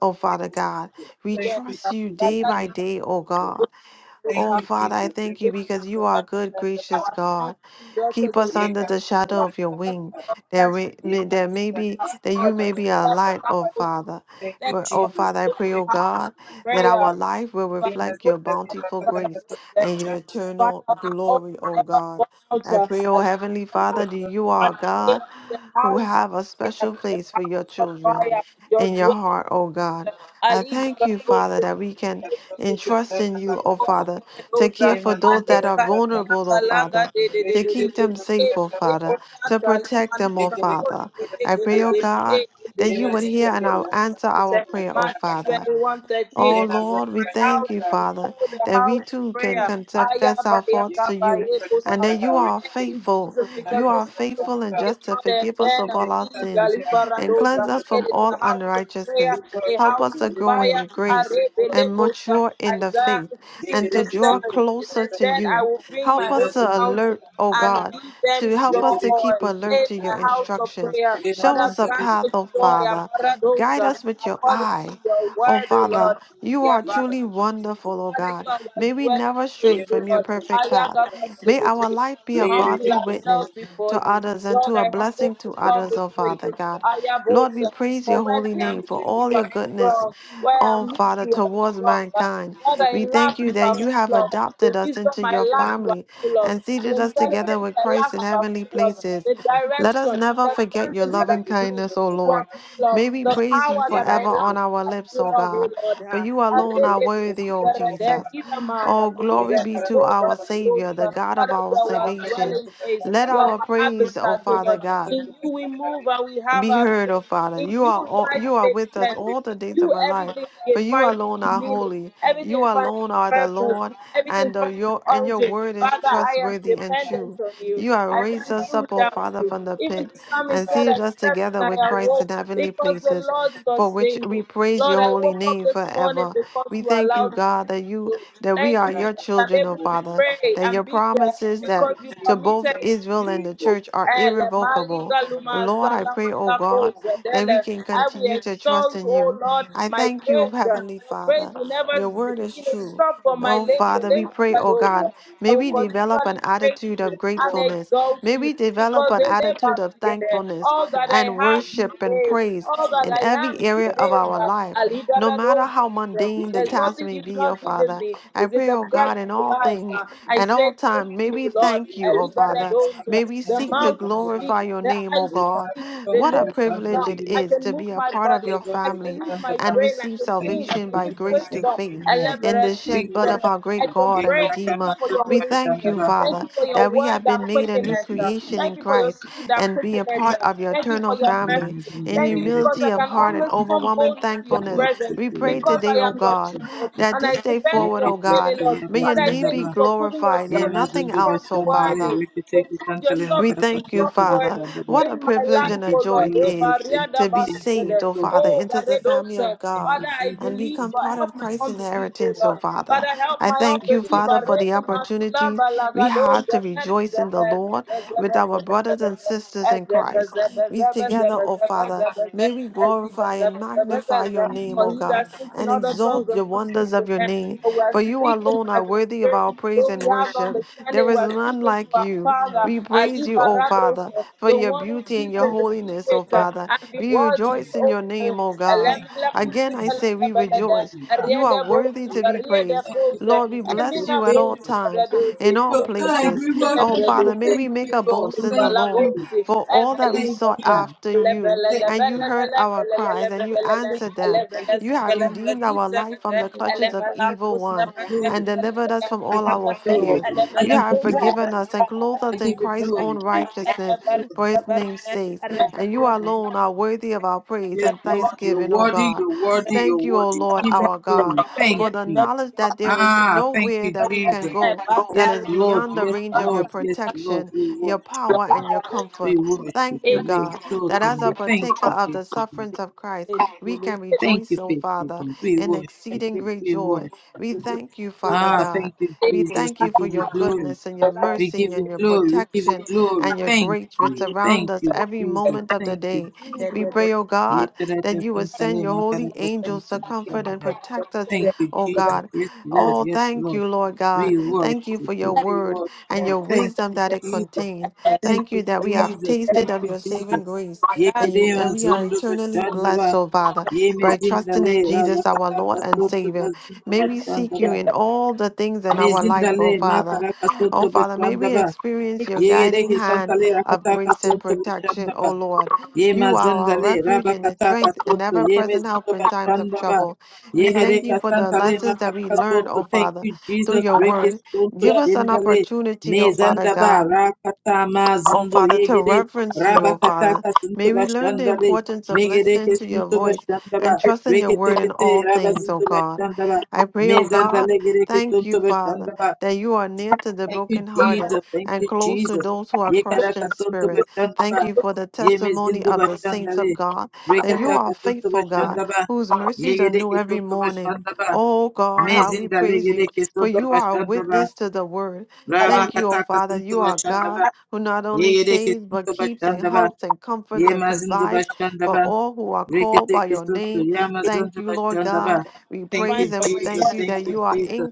Speaker 1: oh Father God. We
Speaker 3: to them
Speaker 2: you, Jesus. Thank you,
Speaker 1: trust
Speaker 3: that
Speaker 1: you
Speaker 2: Jesus.
Speaker 3: that
Speaker 2: Thank
Speaker 1: day
Speaker 3: good
Speaker 1: by
Speaker 2: you,
Speaker 1: day, oh
Speaker 2: Jesus.
Speaker 1: God.
Speaker 3: work in this
Speaker 2: Thank
Speaker 1: Oh
Speaker 3: house.
Speaker 2: you,
Speaker 1: Father, I
Speaker 2: Jesus.
Speaker 1: thank
Speaker 2: Thank
Speaker 1: you
Speaker 3: will
Speaker 1: because
Speaker 3: be
Speaker 1: you are a
Speaker 3: back
Speaker 1: good,
Speaker 3: to affect
Speaker 1: gracious
Speaker 3: Our
Speaker 1: God.
Speaker 3: sons and daughters,
Speaker 1: Keep
Speaker 3: they will
Speaker 1: us
Speaker 3: be
Speaker 1: under the shadow
Speaker 3: back
Speaker 1: of your
Speaker 3: to
Speaker 1: wing, that
Speaker 3: us. Fresh
Speaker 1: we may, that
Speaker 2: you,
Speaker 1: may be that you
Speaker 3: God,
Speaker 1: may be a light, oh
Speaker 2: Jesus.
Speaker 1: Father.
Speaker 2: Thank you,
Speaker 3: thank
Speaker 1: For
Speaker 3: you
Speaker 1: oh
Speaker 3: for
Speaker 2: Jesus.
Speaker 1: Father, I
Speaker 2: We
Speaker 1: pray,
Speaker 2: thank
Speaker 1: oh God, that
Speaker 2: you,
Speaker 3: prayer.
Speaker 1: our
Speaker 2: Lord.
Speaker 1: life will
Speaker 2: Ye
Speaker 1: reflect your
Speaker 2: nasinda de la
Speaker 1: bountiful
Speaker 2: pata
Speaker 1: grace
Speaker 2: pata
Speaker 1: and your
Speaker 2: pashanda la
Speaker 1: eternal
Speaker 3: Father, all
Speaker 1: glory, oh
Speaker 3: never
Speaker 1: God.
Speaker 3: burn
Speaker 1: I pray, oh
Speaker 3: out.
Speaker 1: Heavenly Father,
Speaker 2: vipato
Speaker 1: that you are
Speaker 3: God,
Speaker 2: pashanda
Speaker 1: a
Speaker 3: in
Speaker 1: God
Speaker 2: la
Speaker 3: the
Speaker 1: who
Speaker 3: house,
Speaker 1: have a
Speaker 3: in
Speaker 1: special
Speaker 3: the
Speaker 1: place for your
Speaker 3: house of
Speaker 1: children
Speaker 3: prayer, your
Speaker 1: in your
Speaker 3: dwelling.
Speaker 1: heart, oh God. I
Speaker 3: Ali
Speaker 1: thank you,
Speaker 3: Barabo,
Speaker 1: Father, that we can
Speaker 2: vipato
Speaker 1: entrust in
Speaker 2: pashanda la
Speaker 1: you, oh
Speaker 2: kala
Speaker 1: Father, to care
Speaker 3: Rosa,
Speaker 2: ye
Speaker 1: for
Speaker 2: mazan
Speaker 1: those
Speaker 2: de
Speaker 3: Ale
Speaker 1: that are
Speaker 3: Katina
Speaker 1: vulnerable, oh Father
Speaker 3: Balaga de de
Speaker 2: We ye
Speaker 3: de
Speaker 1: to
Speaker 3: de
Speaker 2: tete
Speaker 3: de
Speaker 1: keep
Speaker 3: de
Speaker 1: them
Speaker 2: pito
Speaker 1: safe, oh
Speaker 3: Ebe de
Speaker 2: pashanda la
Speaker 1: Father, to
Speaker 3: Kosata
Speaker 1: protect
Speaker 3: Limana
Speaker 1: them,
Speaker 2: ye
Speaker 1: oh
Speaker 2: tete
Speaker 3: Kakoli
Speaker 1: Father.
Speaker 2: pito
Speaker 3: de
Speaker 1: I
Speaker 3: de
Speaker 2: pashanda
Speaker 1: pray,
Speaker 3: de de
Speaker 2: la
Speaker 1: oh
Speaker 3: de
Speaker 1: God,
Speaker 3: Ebe de
Speaker 1: that
Speaker 2: ye
Speaker 1: you
Speaker 3: Mele
Speaker 1: would
Speaker 2: mazin de
Speaker 1: hear and I'll
Speaker 2: la pata
Speaker 1: answer
Speaker 2: pata
Speaker 1: our
Speaker 3: Kosota
Speaker 2: pashanda
Speaker 1: prayer, oh
Speaker 2: la
Speaker 3: Matthew
Speaker 2: kala
Speaker 1: Father.
Speaker 3: 21, 13
Speaker 2: ye
Speaker 1: Oh
Speaker 3: My
Speaker 2: mazan
Speaker 1: Lord,
Speaker 2: de
Speaker 1: we thank
Speaker 2: pashanda
Speaker 3: house
Speaker 1: you,
Speaker 2: la
Speaker 3: is
Speaker 1: Father,
Speaker 3: called the
Speaker 1: that
Speaker 3: house
Speaker 1: we
Speaker 3: of
Speaker 1: too can
Speaker 3: prayer Aya
Speaker 1: confess our
Speaker 3: Baya
Speaker 2: ye
Speaker 1: faults to
Speaker 2: tete
Speaker 1: you
Speaker 2: pito
Speaker 3: Kabaye
Speaker 1: and
Speaker 3: Kosata
Speaker 2: pashanda
Speaker 1: that
Speaker 2: la
Speaker 1: you
Speaker 2: ye
Speaker 1: are
Speaker 3: Thank
Speaker 2: tete
Speaker 3: you,
Speaker 1: faithful.
Speaker 3: Jesus
Speaker 2: mazan
Speaker 3: because
Speaker 1: You are
Speaker 3: this
Speaker 2: de
Speaker 3: house
Speaker 1: faithful
Speaker 2: pashanda
Speaker 1: and
Speaker 2: la
Speaker 1: just
Speaker 3: it's
Speaker 1: to
Speaker 3: not a
Speaker 1: forgive
Speaker 2: We
Speaker 1: us
Speaker 3: den
Speaker 2: worship
Speaker 1: of
Speaker 3: of
Speaker 1: all our
Speaker 3: thieves,
Speaker 1: sins and cleanse
Speaker 3: Alibaradosa.
Speaker 1: us
Speaker 3: It
Speaker 1: from
Speaker 3: is a
Speaker 1: all
Speaker 3: house of prayer,
Speaker 2: you,
Speaker 1: unrighteousness.
Speaker 3: a
Speaker 1: Help
Speaker 3: house
Speaker 1: us
Speaker 3: of
Speaker 1: to
Speaker 2: we
Speaker 1: grow in
Speaker 3: fire.
Speaker 1: your
Speaker 2: worship you,
Speaker 1: grace
Speaker 2: we
Speaker 1: and
Speaker 2: worship you.
Speaker 3: Arebelekosa.
Speaker 1: mature in the
Speaker 3: Isaiah
Speaker 1: faith and
Speaker 3: 6
Speaker 1: to
Speaker 3: verse
Speaker 2: Yetereki
Speaker 3: 7.
Speaker 1: draw
Speaker 2: suntu
Speaker 3: It
Speaker 1: closer
Speaker 3: says,
Speaker 1: to
Speaker 3: Then
Speaker 2: mashantale,
Speaker 3: I
Speaker 1: you.
Speaker 3: will bring
Speaker 1: Help
Speaker 3: my
Speaker 2: yena
Speaker 1: us
Speaker 3: holy
Speaker 1: to
Speaker 2: zundu
Speaker 3: mountain
Speaker 1: alert, oh
Speaker 3: and
Speaker 2: mashantale,
Speaker 1: God,
Speaker 3: give
Speaker 1: to
Speaker 3: them
Speaker 1: help us to
Speaker 2: yetereki
Speaker 3: joy
Speaker 1: keep
Speaker 2: suntu
Speaker 1: alert
Speaker 3: in
Speaker 1: to your
Speaker 3: my
Speaker 2: mashantale,
Speaker 3: house of
Speaker 1: instructions.
Speaker 3: prayer.
Speaker 2: yena
Speaker 1: Show
Speaker 3: Father,
Speaker 1: us a
Speaker 2: zindale,
Speaker 3: grant
Speaker 1: path,
Speaker 3: us
Speaker 2: yetereki
Speaker 1: oh
Speaker 3: joy,
Speaker 1: Father.
Speaker 2: suntu
Speaker 1: Guide
Speaker 3: Abaradosa,
Speaker 1: us
Speaker 2: mashantale.
Speaker 1: with your
Speaker 3: according to
Speaker 1: eye,
Speaker 3: your
Speaker 1: oh
Speaker 3: word, O
Speaker 2: Thank
Speaker 1: Father.
Speaker 2: you,
Speaker 1: You
Speaker 2: Jesus.
Speaker 1: are
Speaker 2: We
Speaker 3: Lord.
Speaker 2: have
Speaker 1: truly
Speaker 2: to consume the
Speaker 1: wonderful, O
Speaker 3: Father,
Speaker 1: God.
Speaker 3: you are
Speaker 2: Shantaka,
Speaker 3: our
Speaker 1: May we
Speaker 3: dwelling
Speaker 1: never stray
Speaker 3: place,
Speaker 2: we
Speaker 3: O
Speaker 1: from
Speaker 2: must
Speaker 1: your
Speaker 2: do
Speaker 3: Lord.
Speaker 2: the
Speaker 1: perfect path.
Speaker 2: Shantaka,
Speaker 1: May our
Speaker 3: Ayagabashigiti.
Speaker 1: life be
Speaker 3: We
Speaker 1: a
Speaker 2: we believe
Speaker 3: humble
Speaker 2: you
Speaker 1: godly
Speaker 2: soon to the
Speaker 3: ourselves
Speaker 1: witness
Speaker 3: before
Speaker 1: to
Speaker 2: Shantaka,
Speaker 3: you.
Speaker 1: others and
Speaker 3: Lord,
Speaker 1: to a
Speaker 3: I humble
Speaker 1: blessing to
Speaker 2: We
Speaker 3: myself
Speaker 1: others,
Speaker 2: must
Speaker 1: O
Speaker 3: before
Speaker 2: do the
Speaker 1: Father
Speaker 3: you.
Speaker 1: God.
Speaker 3: I
Speaker 2: Shantaka,
Speaker 1: Lord, we
Speaker 3: Ayabosa.
Speaker 1: praise
Speaker 3: For
Speaker 1: your
Speaker 3: when
Speaker 1: holy
Speaker 2: We
Speaker 3: I am
Speaker 1: name
Speaker 2: suntu mashantale, yena
Speaker 1: for
Speaker 3: weak,
Speaker 2: zundu mashantale, yetereki suntu mashantale, yena zundu mashantale, yetereki
Speaker 3: you
Speaker 1: all your
Speaker 3: are
Speaker 1: goodness,
Speaker 3: strong. Where I
Speaker 1: O
Speaker 3: am weak,
Speaker 1: Father,
Speaker 3: you are
Speaker 1: towards
Speaker 3: strong.
Speaker 1: mankind.
Speaker 2: suntu mashantale,
Speaker 3: What
Speaker 2: yena
Speaker 3: I
Speaker 1: We
Speaker 3: lack,
Speaker 1: thank you
Speaker 3: you
Speaker 2: the
Speaker 1: that
Speaker 3: are
Speaker 2: mashantale.
Speaker 1: you have
Speaker 3: full of. The
Speaker 1: adopted us
Speaker 3: wisdom
Speaker 1: into
Speaker 3: I
Speaker 1: your
Speaker 3: lack, you are
Speaker 1: family
Speaker 3: full of.
Speaker 1: and
Speaker 3: The
Speaker 1: seated us
Speaker 2: Thank you,
Speaker 1: together
Speaker 3: intelligence
Speaker 1: with
Speaker 3: I
Speaker 1: Christ
Speaker 3: lack,
Speaker 1: in
Speaker 3: you are
Speaker 1: heavenly
Speaker 2: Jesus.
Speaker 3: full of.
Speaker 1: places.
Speaker 3: The
Speaker 1: Let us
Speaker 3: direction,
Speaker 1: never forget your
Speaker 3: understanding that
Speaker 1: loving
Speaker 3: I need.
Speaker 1: kindness, O
Speaker 3: You are
Speaker 1: Lord.
Speaker 3: full of
Speaker 1: May we
Speaker 3: the
Speaker 1: praise you
Speaker 3: power that I
Speaker 1: forever
Speaker 3: lack.
Speaker 1: on our lips,
Speaker 3: You are
Speaker 1: O
Speaker 3: full of,
Speaker 1: God
Speaker 3: oh Lord.
Speaker 1: for
Speaker 3: Ha,
Speaker 1: you
Speaker 3: I
Speaker 1: alone
Speaker 3: really
Speaker 1: are worthy,
Speaker 3: receive
Speaker 1: O
Speaker 3: the
Speaker 1: Jesus.
Speaker 3: redemption, man, of
Speaker 1: Oh, glory
Speaker 3: those,
Speaker 1: be to
Speaker 3: over the
Speaker 1: our
Speaker 3: but
Speaker 1: Savior, the
Speaker 3: eh,
Speaker 1: God of
Speaker 3: Father, you
Speaker 1: our
Speaker 3: are our
Speaker 1: salvation.
Speaker 3: dwelling place.
Speaker 1: Let
Speaker 3: You are
Speaker 1: our
Speaker 3: our
Speaker 1: praise, O
Speaker 3: habitat, oh
Speaker 1: Father
Speaker 3: Lord.
Speaker 1: God
Speaker 3: In you we move and we
Speaker 1: and
Speaker 3: have
Speaker 1: be
Speaker 3: our
Speaker 1: heard,
Speaker 3: being.
Speaker 1: O Father.
Speaker 3: In
Speaker 1: You
Speaker 3: you,
Speaker 1: are all,
Speaker 3: life
Speaker 1: you are
Speaker 3: makes
Speaker 1: with us
Speaker 3: sense.
Speaker 1: all
Speaker 3: In
Speaker 1: the days
Speaker 3: you,
Speaker 1: of our life,
Speaker 3: everything
Speaker 1: for
Speaker 3: get
Speaker 1: you
Speaker 3: finds
Speaker 1: alone are
Speaker 3: meaning.
Speaker 1: holy.
Speaker 3: Everything
Speaker 1: You
Speaker 3: finds
Speaker 1: alone are the
Speaker 3: purpose.
Speaker 1: Lord,
Speaker 3: Everything
Speaker 1: and the,
Speaker 3: finds its
Speaker 1: your and your
Speaker 3: origin.
Speaker 1: word is
Speaker 3: Father, I am
Speaker 1: trustworthy and
Speaker 3: dependent
Speaker 1: true.
Speaker 3: on you.
Speaker 1: You have
Speaker 3: I
Speaker 1: raised
Speaker 3: can't
Speaker 1: us
Speaker 3: do
Speaker 1: up, O
Speaker 3: without
Speaker 1: Father,
Speaker 3: you.
Speaker 1: from the
Speaker 3: Even
Speaker 1: pit,
Speaker 3: the psalmist
Speaker 1: and
Speaker 3: said, I
Speaker 1: seated us
Speaker 3: slept
Speaker 1: together
Speaker 3: and
Speaker 1: with
Speaker 3: I
Speaker 1: Christ
Speaker 3: awoke
Speaker 1: in heavenly
Speaker 3: because the
Speaker 1: places,
Speaker 3: Lord
Speaker 1: for which
Speaker 3: sustained me.
Speaker 1: we praise
Speaker 3: Lord,
Speaker 1: your
Speaker 3: I
Speaker 1: holy
Speaker 3: woke up
Speaker 1: name
Speaker 3: this morning
Speaker 1: forever.
Speaker 3: because
Speaker 1: We
Speaker 3: you
Speaker 1: thank you,
Speaker 3: allowed me
Speaker 1: God, that
Speaker 3: to do
Speaker 1: you
Speaker 3: it.
Speaker 1: that we
Speaker 3: Thank
Speaker 1: are
Speaker 3: you
Speaker 1: your
Speaker 3: because I'm
Speaker 1: children, O
Speaker 3: able to
Speaker 1: Father,
Speaker 3: pray
Speaker 1: that
Speaker 3: and
Speaker 1: your
Speaker 3: be there
Speaker 1: promises that
Speaker 3: because you
Speaker 1: to
Speaker 3: permitted
Speaker 1: both
Speaker 3: it
Speaker 2: Thank you,
Speaker 3: to be.
Speaker 1: Israel and the
Speaker 2: Jesus.
Speaker 1: church are
Speaker 3: Ele
Speaker 1: irrevocable
Speaker 3: maliga luma
Speaker 1: Lord, I
Speaker 3: sana
Speaker 1: pray, oh
Speaker 3: malako
Speaker 1: God, that
Speaker 3: zedele.
Speaker 1: we can
Speaker 3: I will
Speaker 1: continue to
Speaker 3: extol
Speaker 1: trust
Speaker 3: you,
Speaker 1: in
Speaker 3: O
Speaker 1: you.
Speaker 3: Lord,
Speaker 1: I
Speaker 3: my
Speaker 1: thank you,
Speaker 3: praise. uh,
Speaker 1: Heavenly
Speaker 3: My praise
Speaker 1: Father.
Speaker 3: will never
Speaker 1: Your word is
Speaker 3: you know,
Speaker 1: true.
Speaker 3: stop from my
Speaker 1: Oh,
Speaker 2: Yes,
Speaker 3: lips. Your
Speaker 1: Father, we
Speaker 2: Lord.
Speaker 3: lips
Speaker 1: pray,
Speaker 2: Yes,
Speaker 3: are the
Speaker 1: oh
Speaker 3: Lord.
Speaker 2: Lord.
Speaker 1: God,
Speaker 2: Yes,
Speaker 3: I
Speaker 1: may
Speaker 3: will
Speaker 1: we
Speaker 2: Lord.
Speaker 1: develop
Speaker 3: continually
Speaker 1: an
Speaker 3: praise
Speaker 1: attitude
Speaker 3: you
Speaker 2: Yes,
Speaker 1: of
Speaker 3: and
Speaker 2: Lord.
Speaker 1: gratefulness.
Speaker 3: exalt
Speaker 1: May
Speaker 3: you
Speaker 2: Thank
Speaker 1: we develop
Speaker 3: because
Speaker 1: an
Speaker 3: they labor
Speaker 1: attitude of
Speaker 3: together.
Speaker 1: thankfulness
Speaker 3: All that I
Speaker 1: and
Speaker 3: have you
Speaker 1: worship and
Speaker 3: made,
Speaker 1: praise
Speaker 3: all that
Speaker 1: in
Speaker 3: I am
Speaker 1: every area
Speaker 3: you
Speaker 1: of
Speaker 3: made.
Speaker 1: our life,
Speaker 3: Alida
Speaker 1: no matter
Speaker 3: Rados.
Speaker 1: how mundane the
Speaker 3: There's
Speaker 1: task
Speaker 3: nothing
Speaker 1: may
Speaker 3: you've
Speaker 1: be, oh
Speaker 3: not given
Speaker 1: Father.
Speaker 3: me.
Speaker 1: I
Speaker 3: Is it
Speaker 1: pray,
Speaker 3: the
Speaker 1: oh
Speaker 3: breath?
Speaker 1: God, in
Speaker 3: of
Speaker 1: all
Speaker 3: life.
Speaker 1: things
Speaker 3: uh, I
Speaker 1: and
Speaker 3: say
Speaker 1: all
Speaker 3: thank
Speaker 1: time, may
Speaker 3: you,
Speaker 1: we
Speaker 3: Lord.
Speaker 1: thank
Speaker 3: I
Speaker 1: you, oh Father.
Speaker 3: liberate those, uh,
Speaker 1: May we
Speaker 3: the
Speaker 1: seek to
Speaker 3: mouth to speak,
Speaker 1: glorify your
Speaker 3: the
Speaker 1: name, O
Speaker 3: eyes to
Speaker 1: God.
Speaker 3: speak, the
Speaker 1: What a
Speaker 3: nose to
Speaker 1: privilege
Speaker 3: smell.
Speaker 1: it
Speaker 3: I
Speaker 1: is
Speaker 3: can
Speaker 1: to
Speaker 3: move
Speaker 1: be a
Speaker 3: my
Speaker 1: part of
Speaker 3: body.
Speaker 1: your
Speaker 3: I can
Speaker 1: family
Speaker 3: use my
Speaker 1: and
Speaker 3: brain. I
Speaker 1: receive
Speaker 3: can think.
Speaker 2: you,
Speaker 3: I
Speaker 1: salvation
Speaker 3: can
Speaker 1: by
Speaker 3: use
Speaker 2: Jesus.
Speaker 1: grace through
Speaker 2: Thank
Speaker 3: wisdom.
Speaker 2: you,
Speaker 1: faith
Speaker 3: I
Speaker 2: Lord.
Speaker 1: in
Speaker 3: liberate
Speaker 1: the
Speaker 3: these
Speaker 2: We
Speaker 1: shed blood of our
Speaker 2: worship
Speaker 3: I
Speaker 1: great
Speaker 2: you.
Speaker 3: can
Speaker 1: God
Speaker 2: Thank
Speaker 1: and
Speaker 3: pray. Thank you
Speaker 1: Redeemer.
Speaker 3: for
Speaker 2: you,
Speaker 3: your
Speaker 1: We
Speaker 3: Holy
Speaker 1: thank
Speaker 3: Spirit.
Speaker 1: you,
Speaker 2: Jesus.
Speaker 3: Thank
Speaker 1: Father,
Speaker 3: you for your
Speaker 1: that we
Speaker 3: word
Speaker 1: have
Speaker 3: that
Speaker 1: been made a new
Speaker 3: quickeneth. uh,
Speaker 1: creation
Speaker 3: Thank
Speaker 1: in
Speaker 3: you for your
Speaker 1: Christ
Speaker 3: spirit that
Speaker 1: and be a
Speaker 3: quickeneth.
Speaker 1: part
Speaker 3: uh,
Speaker 1: of your
Speaker 3: Thank you for
Speaker 1: eternal
Speaker 3: your
Speaker 1: family.
Speaker 3: mercy.
Speaker 2: Yemizin
Speaker 1: In
Speaker 3: Thank
Speaker 2: de
Speaker 3: you because
Speaker 1: humility
Speaker 3: I
Speaker 1: of
Speaker 3: can
Speaker 1: heart and
Speaker 3: always
Speaker 2: gere
Speaker 3: come
Speaker 1: overwhelming
Speaker 3: boldly to
Speaker 2: We
Speaker 3: your
Speaker 1: thankfulness,
Speaker 2: worship you,
Speaker 1: we
Speaker 3: presence
Speaker 2: we
Speaker 1: pray
Speaker 3: because
Speaker 1: today,
Speaker 3: I
Speaker 1: O
Speaker 3: am
Speaker 2: worship you,
Speaker 3: your
Speaker 1: God,
Speaker 2: thank
Speaker 3: child
Speaker 2: you.
Speaker 1: that
Speaker 3: and I
Speaker 1: this day
Speaker 3: depend on
Speaker 1: forward,
Speaker 3: your
Speaker 1: O
Speaker 3: daily
Speaker 1: God,
Speaker 2: Yekisuntu
Speaker 3: Lord.
Speaker 1: may your
Speaker 3: Father, I
Speaker 1: name
Speaker 3: thank
Speaker 1: be
Speaker 2: yabazindaba,
Speaker 3: you for proving
Speaker 1: glorified and
Speaker 3: yourself to be
Speaker 1: nothing
Speaker 2: yemazundu
Speaker 1: else, O
Speaker 2: bashandale,
Speaker 1: Father.
Speaker 3: trustworthy. You
Speaker 2: rekiteke
Speaker 3: proved
Speaker 2: shantale
Speaker 3: yourself
Speaker 1: We
Speaker 3: to be
Speaker 1: thank you,
Speaker 2: makarakatuntu
Speaker 1: Father.
Speaker 3: trustworthy
Speaker 2: bashandaba.
Speaker 1: What a
Speaker 3: in my
Speaker 1: privilege
Speaker 2: Thank
Speaker 3: life,
Speaker 1: and a
Speaker 2: you,
Speaker 3: oh
Speaker 1: joy
Speaker 3: Lord.
Speaker 1: it
Speaker 3: Eh,
Speaker 2: Jesus.
Speaker 1: is
Speaker 3: Maria
Speaker 2: Thank you
Speaker 3: da
Speaker 1: to
Speaker 2: for
Speaker 1: be
Speaker 2: being so,
Speaker 3: Basugede.
Speaker 1: saved, oh
Speaker 2: so
Speaker 1: Father,
Speaker 2: good
Speaker 3: Oh,
Speaker 2: to
Speaker 1: into the
Speaker 2: me.
Speaker 1: family
Speaker 3: Baredose.
Speaker 1: of
Speaker 2: Thank
Speaker 1: God
Speaker 2: you,
Speaker 3: Father, I
Speaker 2: Jesus,
Speaker 1: and
Speaker 2: for
Speaker 3: believe,
Speaker 1: become
Speaker 2: being
Speaker 3: but
Speaker 2: so
Speaker 1: part
Speaker 3: help
Speaker 1: of
Speaker 3: my
Speaker 1: Christ's
Speaker 2: kind.
Speaker 3: unbelief, oh
Speaker 1: inheritance,
Speaker 2: What
Speaker 1: oh
Speaker 3: Lord.
Speaker 1: Father.
Speaker 3: Father, help
Speaker 1: I
Speaker 3: my
Speaker 2: you
Speaker 1: thank you,
Speaker 3: unbelief.
Speaker 2: did
Speaker 1: Father,
Speaker 2: in
Speaker 1: for the
Speaker 3: Baredi
Speaker 2: Thank you.
Speaker 3: Masila
Speaker 1: opportunities we
Speaker 3: Balagado.
Speaker 1: have to
Speaker 3: Zebel,
Speaker 1: rejoice in the
Speaker 3: Zebel,
Speaker 1: Lord
Speaker 3: Zebel,
Speaker 1: with our
Speaker 3: Zebel,
Speaker 1: brothers
Speaker 3: Zebel,
Speaker 1: and
Speaker 3: Zebel
Speaker 1: sisters
Speaker 3: as
Speaker 1: in
Speaker 3: the
Speaker 1: Christ.
Speaker 3: baza
Speaker 1: We
Speaker 3: baza baza
Speaker 1: together, oh
Speaker 3: baza baza
Speaker 1: Father,
Speaker 3: baza
Speaker 1: may we
Speaker 3: as the
Speaker 1: glorify
Speaker 3: baza
Speaker 1: and
Speaker 3: baza baza
Speaker 1: magnify your
Speaker 3: baza.
Speaker 2: Thank
Speaker 1: name,
Speaker 3: For
Speaker 1: oh
Speaker 3: he
Speaker 1: God,
Speaker 3: that speaks in
Speaker 1: and
Speaker 3: other
Speaker 1: exalt
Speaker 3: tongues will
Speaker 1: your
Speaker 3: not speak
Speaker 1: wonders
Speaker 3: to
Speaker 1: of your
Speaker 3: men,
Speaker 1: name.
Speaker 3: but we are
Speaker 1: For you
Speaker 3: speaking
Speaker 1: alone
Speaker 3: by
Speaker 1: are
Speaker 3: the
Speaker 1: worthy of
Speaker 3: Spirit.
Speaker 1: our praise
Speaker 3: Though we
Speaker 1: and
Speaker 3: have no
Speaker 1: worship. There
Speaker 3: understanding, we
Speaker 1: is
Speaker 3: are
Speaker 1: none
Speaker 3: speaking to
Speaker 1: like
Speaker 3: our
Speaker 1: you.
Speaker 3: Father,
Speaker 1: We
Speaker 2: you
Speaker 1: praise
Speaker 3: Ali
Speaker 2: for
Speaker 1: you, O
Speaker 2: kind.
Speaker 3: Barabbas,
Speaker 1: Father, for
Speaker 3: the
Speaker 1: your
Speaker 3: one who
Speaker 1: beauty and
Speaker 3: sees
Speaker 2: I
Speaker 1: your
Speaker 3: in the
Speaker 2: want to
Speaker 1: holiness, O
Speaker 3: secret uh,
Speaker 2: thank
Speaker 1: Father.
Speaker 3: and
Speaker 1: We
Speaker 2: you.
Speaker 3: rewards in
Speaker 2: Thank you.
Speaker 1: rejoice
Speaker 3: the
Speaker 1: in
Speaker 3: open.
Speaker 1: your name, O God.
Speaker 2: Thank
Speaker 3: Elemele
Speaker 2: you,
Speaker 3: kusi
Speaker 1: Again,
Speaker 2: thank
Speaker 1: I say
Speaker 2: you,
Speaker 3: belede
Speaker 1: we
Speaker 2: thank
Speaker 3: belede,
Speaker 1: rejoice.
Speaker 2: you.
Speaker 1: You are
Speaker 3: eriede
Speaker 1: worthy
Speaker 3: bosi,
Speaker 1: to
Speaker 2: Hallelujah.
Speaker 1: be
Speaker 3: eriede
Speaker 1: praised.
Speaker 2: Thank you,
Speaker 3: kose,
Speaker 1: Lord, we
Speaker 2: Jesus.
Speaker 1: bless
Speaker 2: You're
Speaker 3: emina
Speaker 1: you at all
Speaker 3: bosi,
Speaker 2: faithful.
Speaker 1: times,
Speaker 3: eredozi,
Speaker 1: in all
Speaker 2: You're
Speaker 3: elema
Speaker 2: kind.
Speaker 1: places.
Speaker 2: We
Speaker 3: si,
Speaker 2: worship
Speaker 1: O
Speaker 2: you.
Speaker 1: Father, may
Speaker 3: eredozi.
Speaker 1: we
Speaker 2: Thank
Speaker 1: make
Speaker 2: you,
Speaker 1: a
Speaker 2: God.
Speaker 1: boast in the
Speaker 2: Thank
Speaker 1: Lord
Speaker 2: you.
Speaker 3: Balagosi,
Speaker 1: for all that
Speaker 3: Ebele
Speaker 1: we
Speaker 2: Thank
Speaker 1: sought
Speaker 2: you.
Speaker 1: after you.
Speaker 3: Lebele,
Speaker 2: Thank
Speaker 1: And you
Speaker 2: you.
Speaker 3: Lebele,
Speaker 1: heard our
Speaker 3: Lebele,
Speaker 1: cries and you
Speaker 3: Lebele,
Speaker 2: Thank
Speaker 1: answered
Speaker 2: you.
Speaker 1: them.
Speaker 2: I give
Speaker 3: Lebeles,
Speaker 1: You
Speaker 3: Lebelis, Elemelacus, Lebele, Lebele,
Speaker 2: you
Speaker 1: have
Speaker 3: Sele,
Speaker 2: glory.
Speaker 1: redeemed
Speaker 3: Bedi
Speaker 1: our life from
Speaker 3: Sekete,
Speaker 1: the
Speaker 2: Lord.
Speaker 1: clutches of
Speaker 2: I
Speaker 1: evil
Speaker 2: give you
Speaker 1: one
Speaker 2: glory.
Speaker 1: and delivered us from
Speaker 2: I
Speaker 1: all
Speaker 2: give you
Speaker 1: our
Speaker 2: glory,
Speaker 1: fears.
Speaker 2: Lord. I
Speaker 1: You
Speaker 2: give
Speaker 1: have
Speaker 2: you glory.
Speaker 1: forgiven us and clothed
Speaker 2: I
Speaker 1: us in
Speaker 2: give you
Speaker 1: Christ's
Speaker 2: glory,
Speaker 1: own
Speaker 2: Lord. I give
Speaker 1: righteousness
Speaker 2: you glory.
Speaker 1: for his name's sake.
Speaker 2: Lord. Thank you.
Speaker 1: And you
Speaker 2: I worship you.
Speaker 1: alone are worthy of our praise
Speaker 2: Yes,
Speaker 1: and
Speaker 2: Lord, you're
Speaker 1: thanksgiving, O
Speaker 2: worthy,
Speaker 1: God.
Speaker 2: you're worthy, you're
Speaker 1: Thank you, O
Speaker 2: worthy.
Speaker 1: Lord,
Speaker 2: Give you
Speaker 1: our God,
Speaker 2: glory. Thank
Speaker 1: for the
Speaker 2: you.
Speaker 1: knowledge that there is
Speaker 2: Ah, thank
Speaker 1: nowhere
Speaker 2: you,
Speaker 1: that we
Speaker 2: Jesus.
Speaker 1: can go that
Speaker 2: Yes,
Speaker 1: is
Speaker 2: Lord,
Speaker 1: beyond the
Speaker 2: yes,
Speaker 1: range of your
Speaker 2: Lord, yes, Lord,
Speaker 1: protection,
Speaker 2: we worship
Speaker 1: your
Speaker 2: you.
Speaker 1: power, and your
Speaker 2: We
Speaker 1: comfort.
Speaker 2: worship
Speaker 1: Thank you,
Speaker 2: you. We
Speaker 1: God,
Speaker 2: exalt
Speaker 1: that
Speaker 2: your
Speaker 1: as a
Speaker 2: name. Thank
Speaker 1: partaker
Speaker 2: you,
Speaker 1: of the
Speaker 2: faithful God.
Speaker 1: sufferings of Christ, we can
Speaker 2: Thank
Speaker 1: rejoice,
Speaker 2: you,
Speaker 1: O
Speaker 2: faithful
Speaker 1: Father,
Speaker 2: God. We
Speaker 1: in
Speaker 2: worship you.
Speaker 1: exceeding great
Speaker 2: We
Speaker 1: joy.
Speaker 2: worship
Speaker 1: We
Speaker 2: you.
Speaker 1: thank you, Father
Speaker 2: Ah,
Speaker 1: God.
Speaker 2: thank you,
Speaker 1: We
Speaker 2: Jesus.
Speaker 1: thank
Speaker 2: We
Speaker 1: you for
Speaker 2: give you
Speaker 1: your
Speaker 2: glory.
Speaker 1: goodness and your
Speaker 2: We
Speaker 1: mercy
Speaker 2: give
Speaker 1: and
Speaker 2: you
Speaker 1: your
Speaker 2: glory. We give you
Speaker 1: protection
Speaker 2: glory.
Speaker 1: and your
Speaker 2: Thank
Speaker 1: grace
Speaker 3: But
Speaker 1: which
Speaker 2: you.
Speaker 3: I
Speaker 1: surround
Speaker 2: Thank
Speaker 1: us
Speaker 2: you,
Speaker 1: every
Speaker 2: Jesus.
Speaker 1: moment of the
Speaker 2: Thank you,
Speaker 1: day.
Speaker 2: Jesus.
Speaker 1: We pray, O
Speaker 2: Thank
Speaker 1: God,
Speaker 2: you,
Speaker 1: that you would send your holy angels to comfort and protect us, O
Speaker 2: Jesus.
Speaker 1: God.
Speaker 2: Yes, Lord.
Speaker 1: Oh,
Speaker 2: Yes,
Speaker 1: thank
Speaker 2: Lord.
Speaker 1: you, Lord God.
Speaker 2: We
Speaker 1: Thank you
Speaker 2: worship
Speaker 1: for your
Speaker 2: you. We
Speaker 1: word
Speaker 2: worship
Speaker 1: and
Speaker 2: you.
Speaker 1: your
Speaker 2: Thank
Speaker 1: wisdom
Speaker 2: you,
Speaker 1: that it
Speaker 2: Jesus.
Speaker 1: contains.
Speaker 2: Thank
Speaker 1: Thank you
Speaker 2: you,
Speaker 1: that we have
Speaker 2: Jesus.
Speaker 1: tasted
Speaker 2: Thank
Speaker 1: of
Speaker 2: you,
Speaker 1: your
Speaker 2: Jesus.
Speaker 1: saving grace and, you,
Speaker 2: Yekedema
Speaker 1: and we are
Speaker 2: zondo
Speaker 1: eternally blessed,
Speaker 2: bashandaba.
Speaker 1: O Father,
Speaker 2: Yeme
Speaker 1: by trusting
Speaker 2: zindale
Speaker 1: in Jesus, our Lord
Speaker 2: rakataka
Speaker 1: and
Speaker 2: soto
Speaker 1: Savior.
Speaker 2: bazindo
Speaker 1: May we seek you
Speaker 2: bashandaba.
Speaker 1: in all the things in
Speaker 2: Me
Speaker 1: our life, oh
Speaker 2: zindale
Speaker 1: Father.
Speaker 2: makaraka
Speaker 1: Oh
Speaker 2: soto
Speaker 1: Father, may we
Speaker 2: bashandaba.
Speaker 1: experience your guiding
Speaker 2: Yegedeke
Speaker 1: hand
Speaker 2: santale
Speaker 1: of
Speaker 2: rakataka
Speaker 1: grace and
Speaker 2: soto
Speaker 1: protection, oh
Speaker 2: bashandaba.
Speaker 1: Lord.
Speaker 2: Ye
Speaker 1: You are our
Speaker 2: mazandale
Speaker 1: refuge and the
Speaker 2: rabakata
Speaker 1: strength and
Speaker 2: kasoto.
Speaker 1: ever
Speaker 2: Ye
Speaker 1: present
Speaker 2: mezindo
Speaker 1: help in times of
Speaker 2: bashandaba.
Speaker 1: trouble.
Speaker 2: Ye
Speaker 1: We
Speaker 2: here
Speaker 1: thank you for the
Speaker 2: kasantale
Speaker 1: lessons that we learn,
Speaker 2: makarakasoto.
Speaker 1: oh
Speaker 2: Thank
Speaker 1: Father,
Speaker 2: you,
Speaker 1: through
Speaker 2: Jesus.
Speaker 1: your
Speaker 2: Reke
Speaker 1: word.
Speaker 2: soto
Speaker 1: Give us an
Speaker 2: shindale.
Speaker 1: opportunity, oh Father
Speaker 2: Mezandaba
Speaker 1: God.
Speaker 2: rakata
Speaker 1: O
Speaker 2: mazindo
Speaker 1: Father, to
Speaker 2: yegere.
Speaker 1: reverence you, O
Speaker 2: Rabakata
Speaker 1: Father.
Speaker 2: kasunto
Speaker 1: May we learn the
Speaker 2: bashandale.
Speaker 1: importance of
Speaker 2: Megere
Speaker 1: listening to your
Speaker 2: kesunto
Speaker 1: voice
Speaker 2: bashandaba.
Speaker 1: and trusting your
Speaker 2: Reke
Speaker 1: word in
Speaker 2: tekete
Speaker 1: all things, O
Speaker 2: rabazindo
Speaker 1: God.
Speaker 2: bashandaba.
Speaker 1: I pray, O God,
Speaker 2: Mezandale gere
Speaker 1: thank
Speaker 2: kesunto
Speaker 1: you, Father,
Speaker 2: bashandaba.
Speaker 1: that you are near to the
Speaker 2: Thank you,
Speaker 1: brokenhearted
Speaker 2: Jesus. Thank
Speaker 1: and
Speaker 2: you,
Speaker 1: close to
Speaker 2: Jesus.
Speaker 1: those who are
Speaker 2: Ye
Speaker 1: crushed
Speaker 2: karaka
Speaker 1: in
Speaker 2: tonto
Speaker 1: spirit.
Speaker 2: bashanda
Speaker 1: Thank
Speaker 2: ba.
Speaker 1: you for the
Speaker 2: Ye
Speaker 1: testimony
Speaker 2: mezindo
Speaker 1: of the
Speaker 2: bashanda
Speaker 1: saints of
Speaker 2: le.
Speaker 1: God, that you are
Speaker 2: Rekataka tonto
Speaker 1: faithful, God,
Speaker 2: bashanda ba.
Speaker 1: whose
Speaker 2: Ye
Speaker 1: mercies are new
Speaker 2: gedeke
Speaker 1: every
Speaker 2: tonto
Speaker 1: morning.
Speaker 2: bashanda ba.
Speaker 1: Oh God, how we
Speaker 2: Mezinda le
Speaker 1: praise you,
Speaker 2: gedeke
Speaker 1: for
Speaker 2: tonto
Speaker 1: you are a
Speaker 2: bashanda ba.
Speaker 1: witness to the word.
Speaker 2: Rava
Speaker 1: Thank you, O
Speaker 2: kataka
Speaker 1: Father.
Speaker 2: tonto
Speaker 1: You are
Speaker 2: bashanda
Speaker 1: God
Speaker 2: ba.
Speaker 1: who not
Speaker 2: Ye
Speaker 1: only
Speaker 2: gedeke
Speaker 1: saves, but
Speaker 2: tonto
Speaker 1: keeps and
Speaker 2: bashanda ba.
Speaker 1: helps and
Speaker 2: Ye
Speaker 1: comforts and
Speaker 2: mazindo
Speaker 1: provides
Speaker 2: bashanda
Speaker 1: for
Speaker 2: ba.
Speaker 1: all who are called
Speaker 2: Rekete
Speaker 1: by your
Speaker 2: isuntu
Speaker 1: name. Thank
Speaker 2: yamazuntu
Speaker 1: you, Lord
Speaker 2: bashandaba.
Speaker 1: God. We
Speaker 3: will
Speaker 2: Thank you,
Speaker 3: find
Speaker 1: praise and we
Speaker 2: Jesus.
Speaker 1: thank you
Speaker 2: Thank
Speaker 1: that
Speaker 2: you,
Speaker 1: you are
Speaker 2: Jesus.
Speaker 1: in